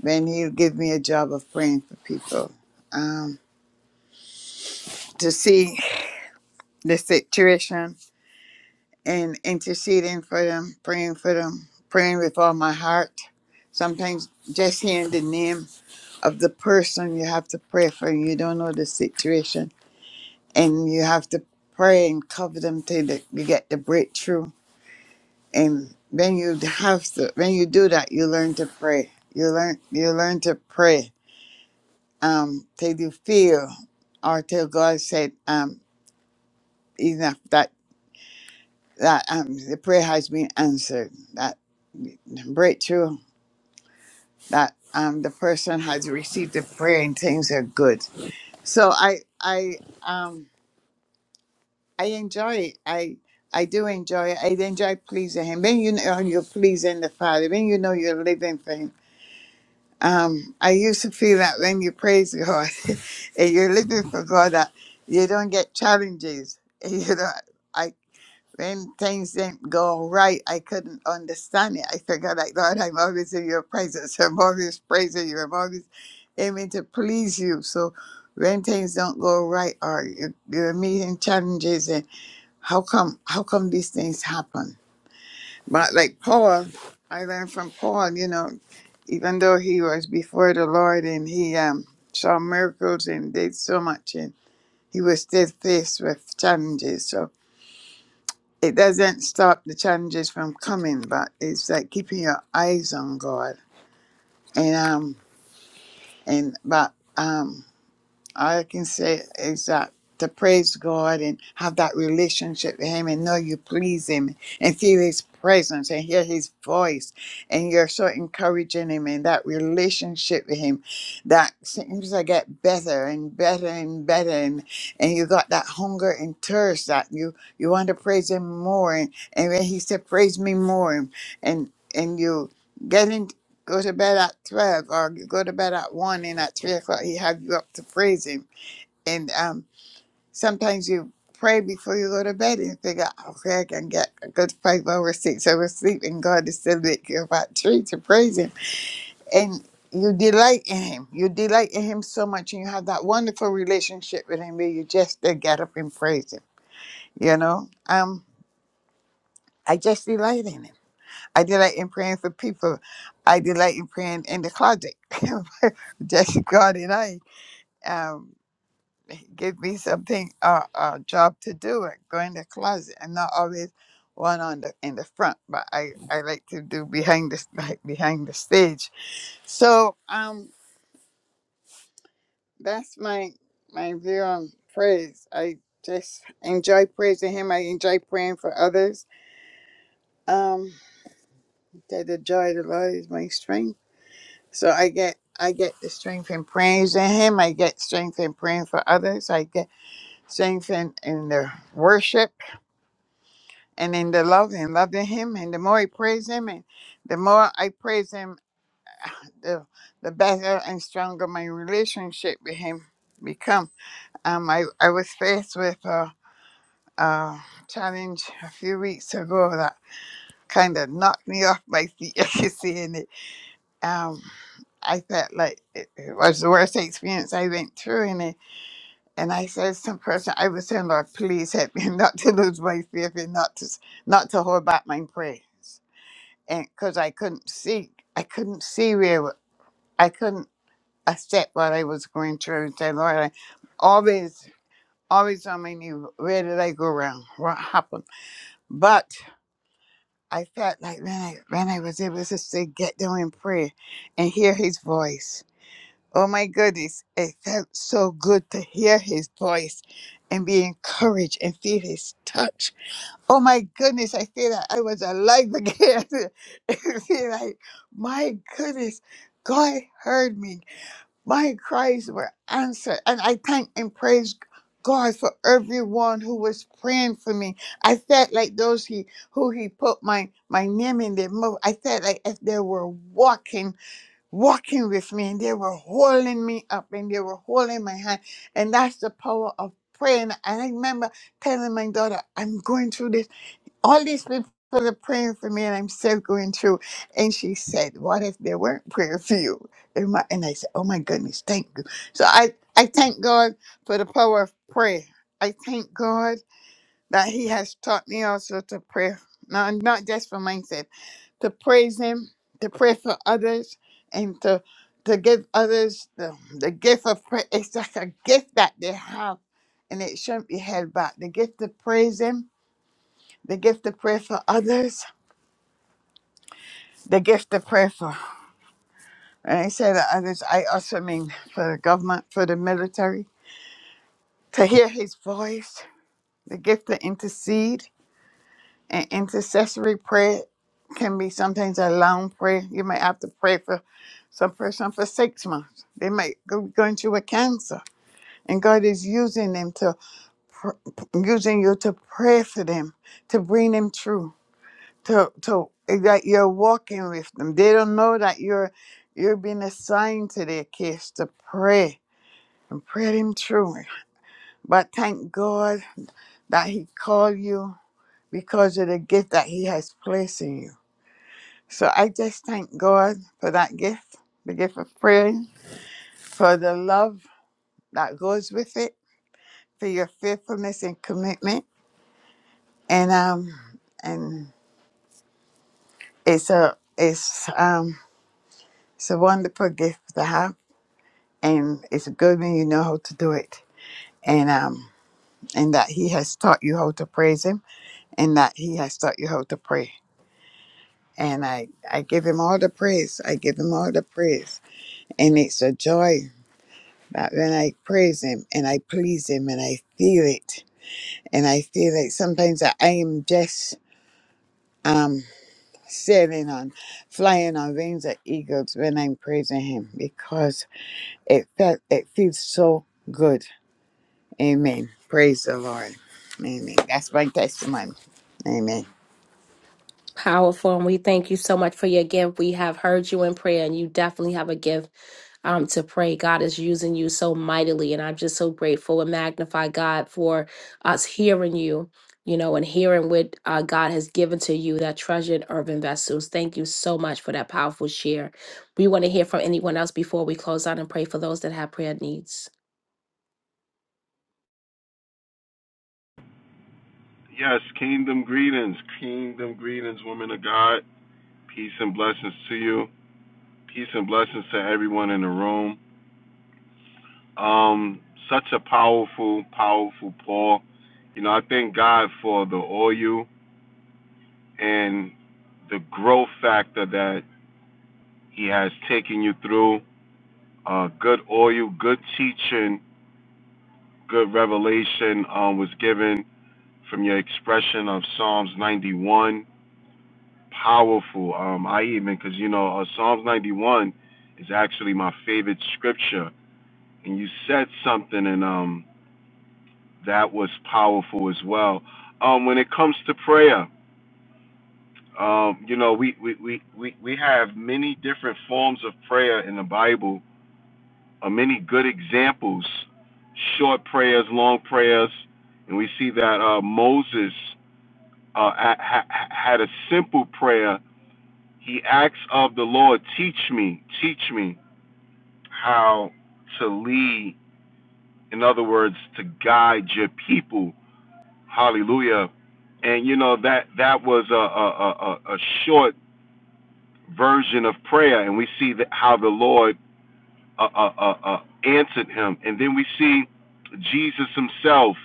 Then he'll give me a job of praying for people. Um to see the situation and interceding for them, praying for them, praying with all my heart. Sometimes just hearing the name of the person you have to pray for. You don't know the situation, and you have to pray and cover them till the, you get the breakthrough. And when you have to, when you do that, you learn to pray. You learn, you learn to pray um, till you feel, or till God said, um, enough that that um, the prayer has been answered. That breakthrough that um, the person has received the prayer and things are good. So I I um I enjoy it. I I do enjoy it. I enjoy pleasing him. When you know you're pleasing the Father, when you know you're living for him. Um, I used to feel that when you praise God and you're living for God that you don't get challenges. You know, I when things didn't go right, I couldn't understand it. I figured like Lord, I'm always in your presence. I'm always praising you. I'm always aiming to please you. So when things don't go right or you- you're meeting challenges how come how come these things happen? But like Paul, I learned from Paul, you know, even though he was before the Lord and he um, saw miracles and did so much, and he was still faced with challenges. So it doesn't stop the challenges from coming, but it's like keeping your eyes on God. And um and but um. All I can say is that to praise God and have that relationship with Him and know you please Him and feel His presence and hear His voice. And you're so encouraging Him in that relationship with Him that seems to get better and better and better. And, and you got that hunger and thirst that you, you want to praise Him more. And, and when He said, Praise me more, and, and you. get into Go to bed at 12 or you go to bed at 1 and at 3 o'clock he have you up to praise him. And um, sometimes you pray before you go to bed and figure, okay, I can get a good five hours, six hours sleep and God is still wake you up at 3 to praise him. And you delight in him. You delight in him so much and you have that wonderful relationship with him where you just uh, get up and praise him. You know, um, I just delight in him. I delight in praying for people. I delight in praying in the closet. Jesse God and I um, give me something a uh, uh, job to do and go in the closet and not always one on the in the front, but I, I like to do behind the like behind the stage. So um that's my my view on praise. I just enjoy praising him. I enjoy praying for others. Um that the joy of the Lord is my strength. So I get I get the strength in praising him. I get strength in praying for others. I get Strength in, in the worship and in the love and loving him and the more I praise him and the more I praise him the the better and stronger my relationship with him become. Um I, I was faced with a, a challenge a few weeks ago that kind of knocked me off my feet as you see in it. Um I felt like it, it was the worst experience I went through and And I said, "Some person, I was saying, Lord, please help me not to lose my faith and not to not to hold back my prayers." And because I couldn't see, I couldn't see where I couldn't accept what I was going through, and say, "Lord, I always, always on my knee. Where did I go wrong? What happened?" But I felt like when I when I was able to say, "Get down and pray," and hear His voice Oh my goodness, it felt so good to hear his voice and be encouraged and feel his touch. Oh my goodness, I feel that I was alive again. I feel like, my goodness, God heard me. My cries were answered. And I thank and praise God for everyone who was praying for me. I felt like those he who he put my my name in their mouth. I felt like if they were walking walking with me and they were holding me up and they were holding my hand. And that's the power of prayer. And I remember telling my daughter, I'm going through this. All these people are praying for me and I'm still going through. And she said, What if they weren't praying for you? And my- and I said, Oh my goodness, thank you. So I, I thank God for the power of prayer. I thank God that He has taught me also to pray. Now, not just for myself to praise Him, to pray for others, and to to give others the, the gift of praise. It's like a gift that they have, and it shouldn't be held back. The gift to praise Him, the gift to pray for others, the gift to pray for. And I say that others, I also mean for the government, for the military, to hear His voice, the gift to intercede And intercessory prayer can be sometimes a long prayer. You may have to pray for some person for six months. They might go going through a cancer, and God is using them to pr- using you to pray for them, to bring them through, to to that you're walking with them. They don't know that you're you're being assigned to their case to pray and pray them through. But thank God that He called you because of the gift that He has placed in you So I just thank God for that gift, the gift of prayer, for the love that goes with it, for your faithfulness and commitment. And um and it's a it's um it's a wonderful gift to have and it's good when you know how to do it. And um and that he has taught you how to praise him and that he has taught you how to pray. And I, I give him all the praise. I give him all the praise. And it's a joy But when I praise Him and I please Him and I feel it, and I feel like sometimes I I am just um, sailing on, flying on wings of eagles when I'm praising Him because it felt it feels so good. Amen. Praise the Lord. Amen. That's my testimony. Amen.
Powerful. And we thank you so much for your gift. We have heard you in prayer, and you definitely have a gift um, to pray. God is using you so mightily, and I'm just so grateful and magnify God for us hearing you, you know, and hearing what uh, God has given to you, that treasured urban vessels. Thank you so much for that powerful share. We want to hear from anyone else before we close out and pray for those that have prayer needs.
Yes, kingdom greetings, kingdom greetings, women of God. Peace and blessings to you. Peace and blessings to everyone in the room. Um, such a powerful, powerful Paul. You know, I thank God for the oil and the growth factor that He has taken you through. Uh, good oil, good teaching, good revelation um, was given from your expression of Psalms 91 powerful. Um, I even because you know uh, Psalms 91 is actually my favorite scripture, and you said something, and um, that was powerful as well. Um, when it comes to prayer, um, you know we we, we we we have many different forms of prayer in the Bible, uh, many good examples, short prayers, long prayers, and we see that uh, Moses uh, ha- ha- had a simple prayer he asks of the Lord, teach me, teach me. how to lead, in other words, to guide your people. Hallelujah. And you know that that was a a, a, a short version of prayer, and we see that how the Lord uh, uh, uh, uh, answered him, and then we see Jesus Himself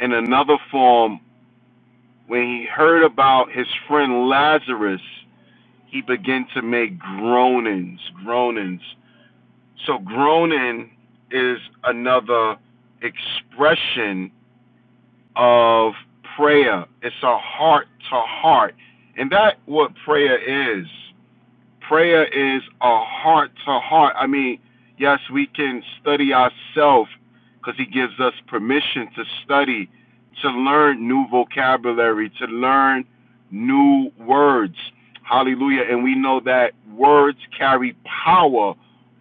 in another form when He heard about His friend Lazarus. He began to make groanings, groanings. So groaning is another expression of prayer. It's a heart to heart. And that's what prayer is prayer is a heart to heart. I mean, yes, we can study ourselves because He gives us permission to study, to learn new vocabulary, to learn new words. Hallelujah. And we know that words carry power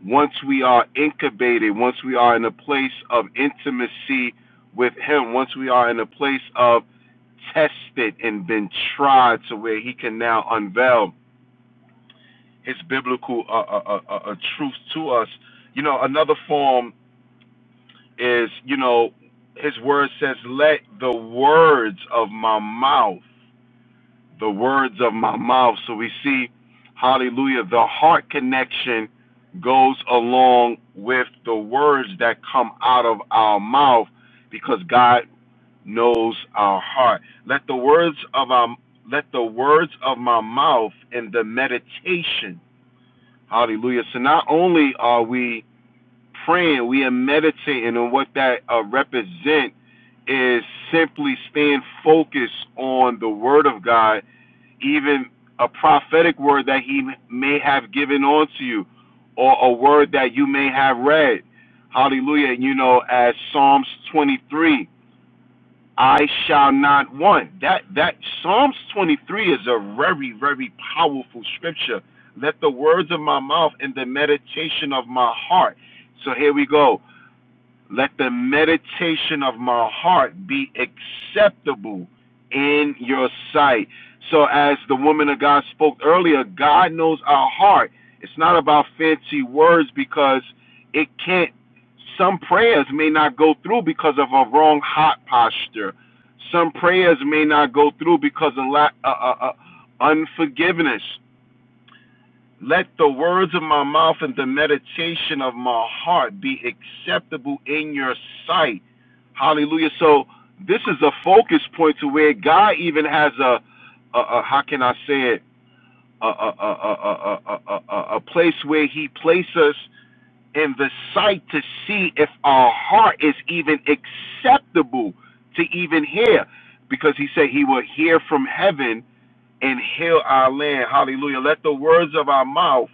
once we are incubated, once we are in a place of intimacy with Him, once we are in a place of tested and been tried to where He can now unveil his biblical uh, uh, uh, uh, uh, truth to us. You know, another form is, you know, his word says, let the words of my mouth, the words of my mouth. So we see, hallelujah, the heart connection goes along with the words that come out of our mouth because God knows our heart. Let the words of our let the words of my mouth and the meditation Hallelujah. So not only are we praying, we are meditating on what that uh, represent is simply staying focused on the word of God, even a prophetic word that he may have given onto you or a word that you may have read. Hallelujah. You know, as Psalms 23 I shall not want. That that Psalms 23 is a very very powerful scripture. Let the words of my mouth and the meditation of my heart. So here we go. Let the meditation of my heart be acceptable in your sight. So, as the woman of God spoke earlier, God knows our heart. It's not about fancy words because it can't, some prayers may not go through because of a wrong heart posture. Some prayers may not go through because of la- uh, uh, uh, unforgiveness. Let the words of my mouth and the meditation of my heart be acceptable in your sight. Hallelujah. So this is a focus point to where God even has a, a, a how can I say it, a, a, a, a, a, a, a place where He places us in the sight to see if our heart is even acceptable to even hear. Because He said He will hear from heaven and heal our land. Hallelujah. Let the words of our mouth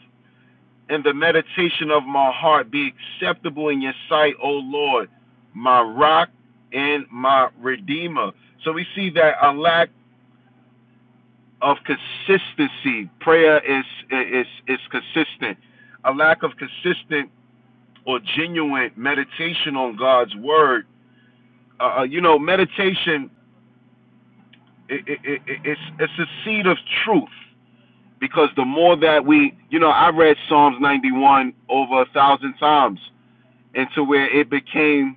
and the meditation of my heart be acceptable in your sight, O Lord, my rock and my redeemer. So we see that a lack of consistency, prayer is is is consistent. A lack of consistent or genuine meditation on God's word. Uh, uh, you know, meditation i i i it's it's a seed of truth because the more that we, you know, I read Psalms 91 over a thousand times into where it became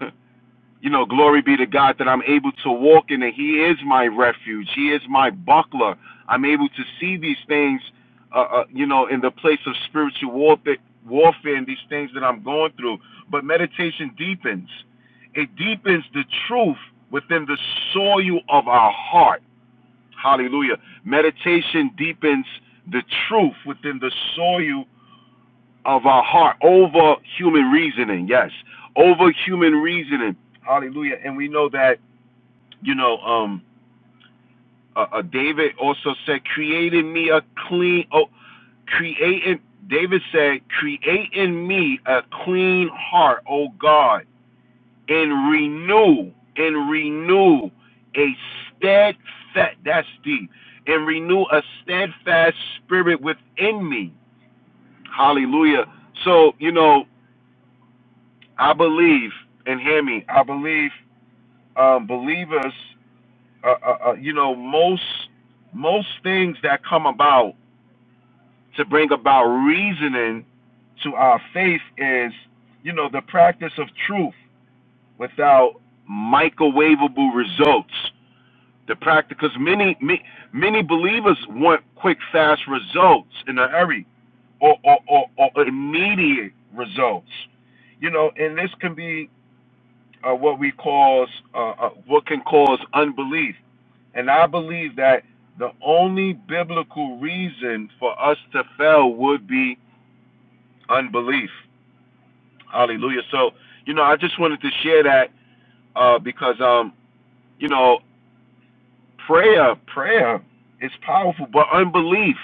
you know, glory be to God that I'm able to walk in it. He is my refuge. He is my buckler. I'm able to see these things, uh, uh, you know, in the place of spiritual warfare, warfare and these things that I'm going through. But meditation deepens. It deepens the truth within the soil of our heart. Hallelujah. Meditation deepens the truth within the soil of our heart over human reasoning. Yes, over human reasoning. Hallelujah. And we know that you know, um, uh, uh, David also said, "Create in me a clean." Oh, create in, David said, "Create in me a clean heart, O God, and renew and renew a steadfast that's deep and renew a steadfast spirit within me." Hallelujah. So you know, I believe, and hear me, I believe um, believers, uh, uh, uh, you know, most most things that come about to bring about reasoning to our faith is, you know, the practice of truth without microwavable results. The practice, because many, many many believers want quick, fast results in a hurry, or or, or, or immediate results you know, and this can be uh, what we cause uh, uh, what can cause unbelief. And I believe that the only biblical reason for us to fail would be unbelief. Hallelujah. So you know, I just wanted to share that uh, because um, you know prayer prayer is powerful but unbelief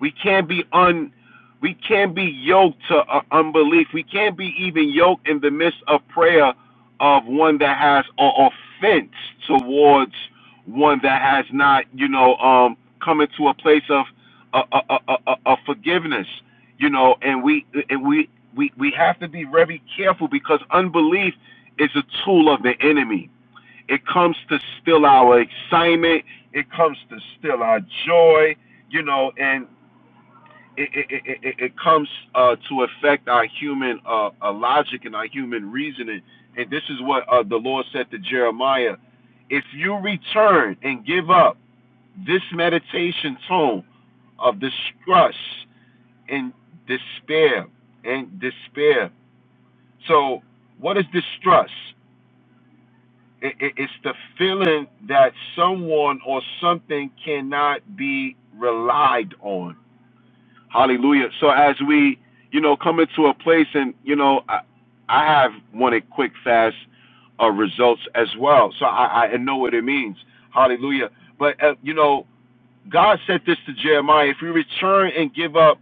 we can't be un we can't be yoked to uh, unbelief we can't be even yoked in the midst of prayer of one that has an offense towards one that has not you know um come into a place of uh, uh, uh, uh, uh, uh, forgiveness you know and we and we we we have to be very careful because unbelief is a tool of the enemy it comes to steal our excitement. It comes to steal our joy, you know, and it, it, it, it it comes uh, to affect our human uh, uh, logic and our human reasoning. And this is what uh, the Lord said to Jeremiah If you return and give up this meditation tone of distrust and despair, and despair. So, what is distrust? it, it, it's the feeling that someone or something cannot be relied on. Hallelujah. So as we, you know, come into a place and, you know, I, I have wanted quick, fast uh, results as well. So I, I know what it means. Hallelujah. But, uh, you know, God said this to Jeremiah if you return and give up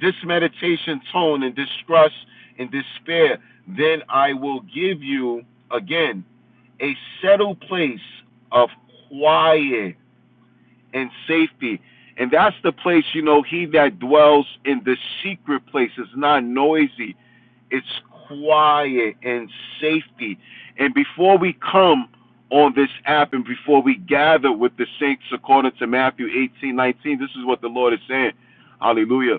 this meditation tone and distrust and despair, then I will give you again a settled place of quiet and safety. And that's the place, you know, he that dwells in the secret place is not noisy, it's quiet and safety. And before we come on this app and before we gather with the saints according to Matthew 18 19, this is what the Lord is saying. Hallelujah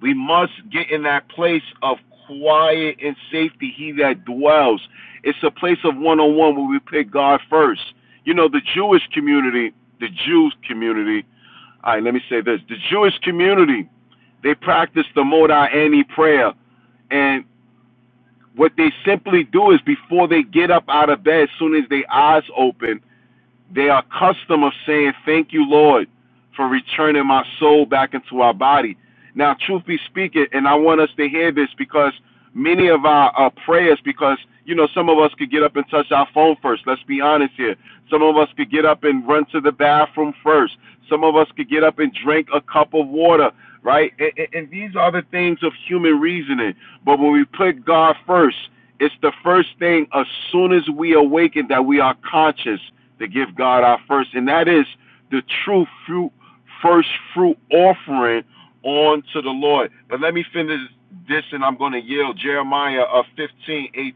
we must get in that place of quiet and safety, he that dwells. It's a place of one on one where we put God first. You know, the Jewish community, the Jews community, all right, let me say this the Jewish community, they practice the Modai Ani prayer. And what they simply do is before they get up out of bed, as soon as their eyes open, they are accustomed of saying, Thank you, Lord, for returning my soul back into our body. Now, truth be speaking, and I want us to hear this because many of our, our prayers, because you know, some of us could get up and touch our phone first. Let's be honest here. Some of us could get up and run to the bathroom first. Some of us could get up and drink a cup of water, right? And, and, and these are the things of human reasoning. But when we put God first, it's the first thing as soon as we awaken that we are conscious to give God our first, and that is the true fruit, first fruit offering unto the Lord. But let me finish this, and I'm going to yield Jeremiah of 15, eighteen.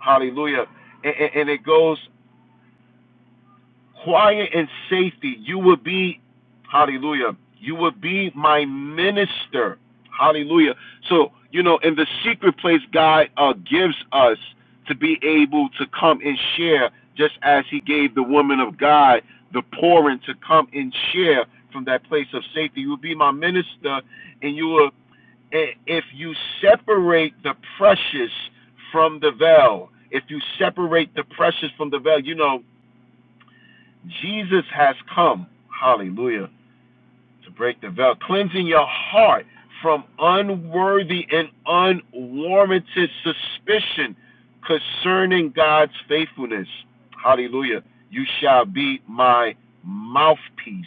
Hallelujah. And, and, and it goes quiet and safety. You will be, hallelujah, you will be my minister. Hallelujah. So, you know, in the secret place, God uh, gives us to be able to come and share, just as He gave the woman of God the pouring to come and share from that place of safety. You will be my minister, and you will, i- if you separate the precious from the veil, if you separate the precious from the veil, you know, Jesus has come, hallelujah, to break the veil, cleansing your heart from unworthy and unwarranted suspicion concerning God's faithfulness. Hallelujah. You shall be my mouthpiece,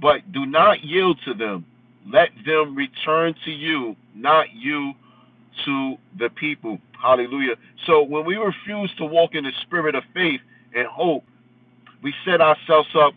but do not yield to them. Let them return to you, not you to the people. Hallelujah. So when we refuse to walk in the spirit of faith and hope, we set ourselves up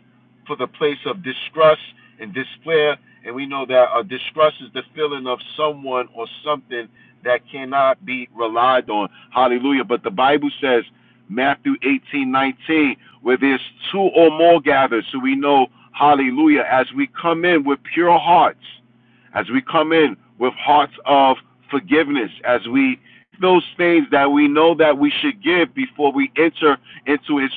for the place of distrust and despair, and we know that uh, distrust is the feeling of someone or something that cannot be relied on. Hallelujah. But the Bible says, Matthew 18 19, where there's two or more gathered, so we know, hallelujah, as we come in with pure hearts, as we come in with hearts of forgiveness, as we those things that we know that we should give before we enter into his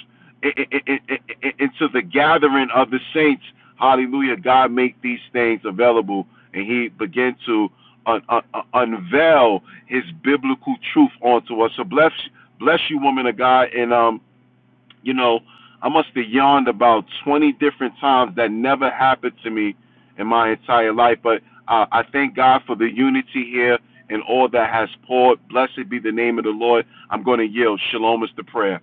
into the gathering of the saints. Hallelujah. God make these things available and he began to un- un- unveil his biblical truth onto us. So bless bless you woman of God and um you know I must have yawned about 20 different times that never happened to me in my entire life but uh, I thank God for the unity here and all that has poured. Blessed be the name of the Lord. I'm going to yield. Shalom is the prayer.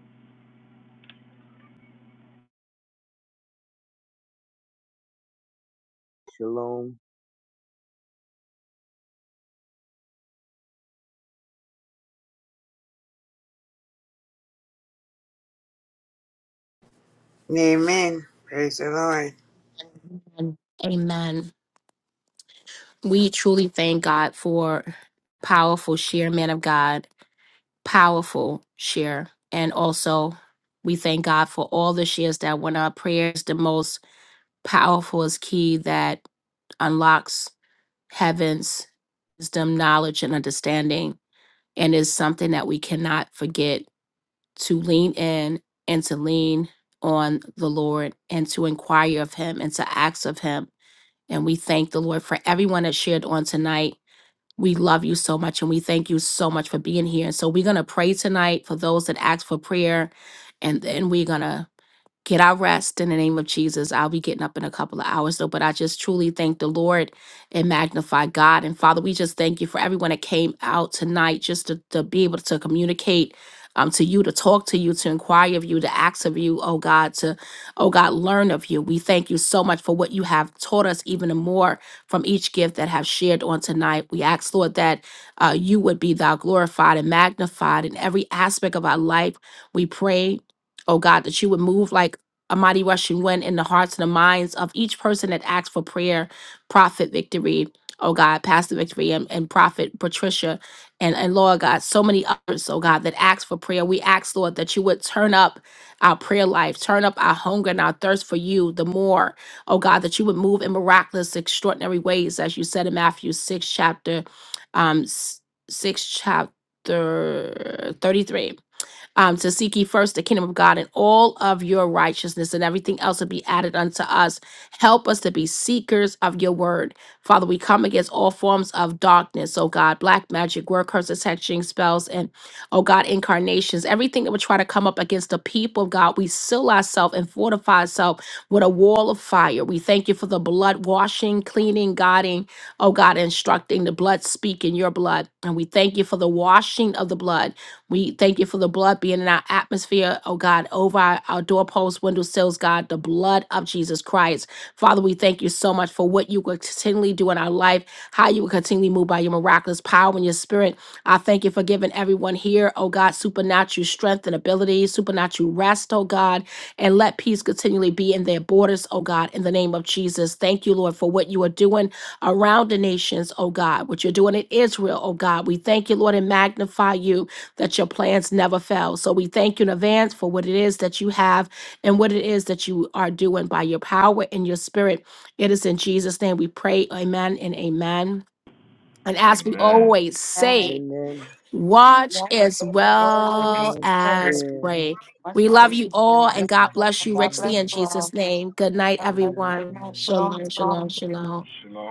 Shalom.
Amen. Praise the Lord.
Amen. Amen. We truly thank God for powerful share, man of God. powerful share. And also, we thank God for all the shares that went up. Prayer is the most powerful is key that unlocks heaven's wisdom, knowledge, and understanding, and is something that we cannot forget to lean in and to lean on the Lord and to inquire of Him and to ask of Him. And we thank the Lord for everyone that shared on tonight. We love you so much and we thank you so much for being here. And so we're going to pray tonight for those that asked for prayer. And then we're going to get our rest in the name of Jesus. I'll be getting up in a couple of hours though, but I just truly thank the Lord and magnify God. And Father, we just thank you for everyone that came out tonight just to, to be able to communicate um, to you, to talk to you, to inquire of you, to ask of you, oh God, to, oh God, learn of you. We thank you so much for what you have taught us even more from each gift that have shared on tonight. We ask, Lord, that uh, you would be thou glorified and magnified in every aspect of our life. We pray oh God, that you would move like a mighty rushing wind in the hearts and the minds of each person that asks for prayer, Prophet Victory, oh God, Pastor Victory, and, and Prophet Patricia, and, and Lord God, so many others, oh God, that ask for prayer. We ask, Lord, that you would turn up our prayer life, turn up our hunger and our thirst for you the more, oh God, that you would move in miraculous, extraordinary ways, as you said in Matthew 6, chapter um, s- 6, chapter 33 um, to seek ye first the kingdom of God and all of your righteousness, and everything else will be added unto us. Help us to be seekers of your word. Father, we come against all forms of darkness, oh God, black magic, word curses, hexing, spells, and oh God, incarnations, everything that would try to come up against the people of God, we seal ourselves and fortify ourselves with a wall of fire. We thank you for the blood washing, cleaning, guiding, oh God, instructing the blood speaking your blood. And we thank you for the washing of the blood. We thank you for the blood being in our atmosphere, oh God, over our, our doorposts, windowsills, God, the blood of Jesus Christ. Father, we thank you so much for what you will continually do in our life, how you will continually move by your miraculous power and your spirit. I thank you for giving everyone here, oh God, supernatural strength and ability, supernatural rest, oh God, and let peace continually be in their borders, oh God, in the name of Jesus. Thank you, Lord, for what you are doing around the nations, oh God, what you're doing in Israel, oh God. We thank you, Lord, and magnify you that your plans never fail. So we thank you in advance for what it is that you have and what it is that you are doing by your power and your spirit. It is in Jesus' name we pray. Amen and amen. And as we
Amen.
always
Amen.
say,
Amen.
watch
Yes,
as
Lord, word is
well
Yes.
as
prayer.
Prayer.
pray.
Much
We
is for
love
you,
you
prayer.
all
Yes,
and
Amen.
God
Lord.
bless you
God bless
richly in
Amen.
you all.
Jesus' name. Good night,
God
Good
bless
night.
you. Good
everyone.
Good
night.
night.
Shalom,
Shalom, shalom,
shalom.
shalom.
Shalom.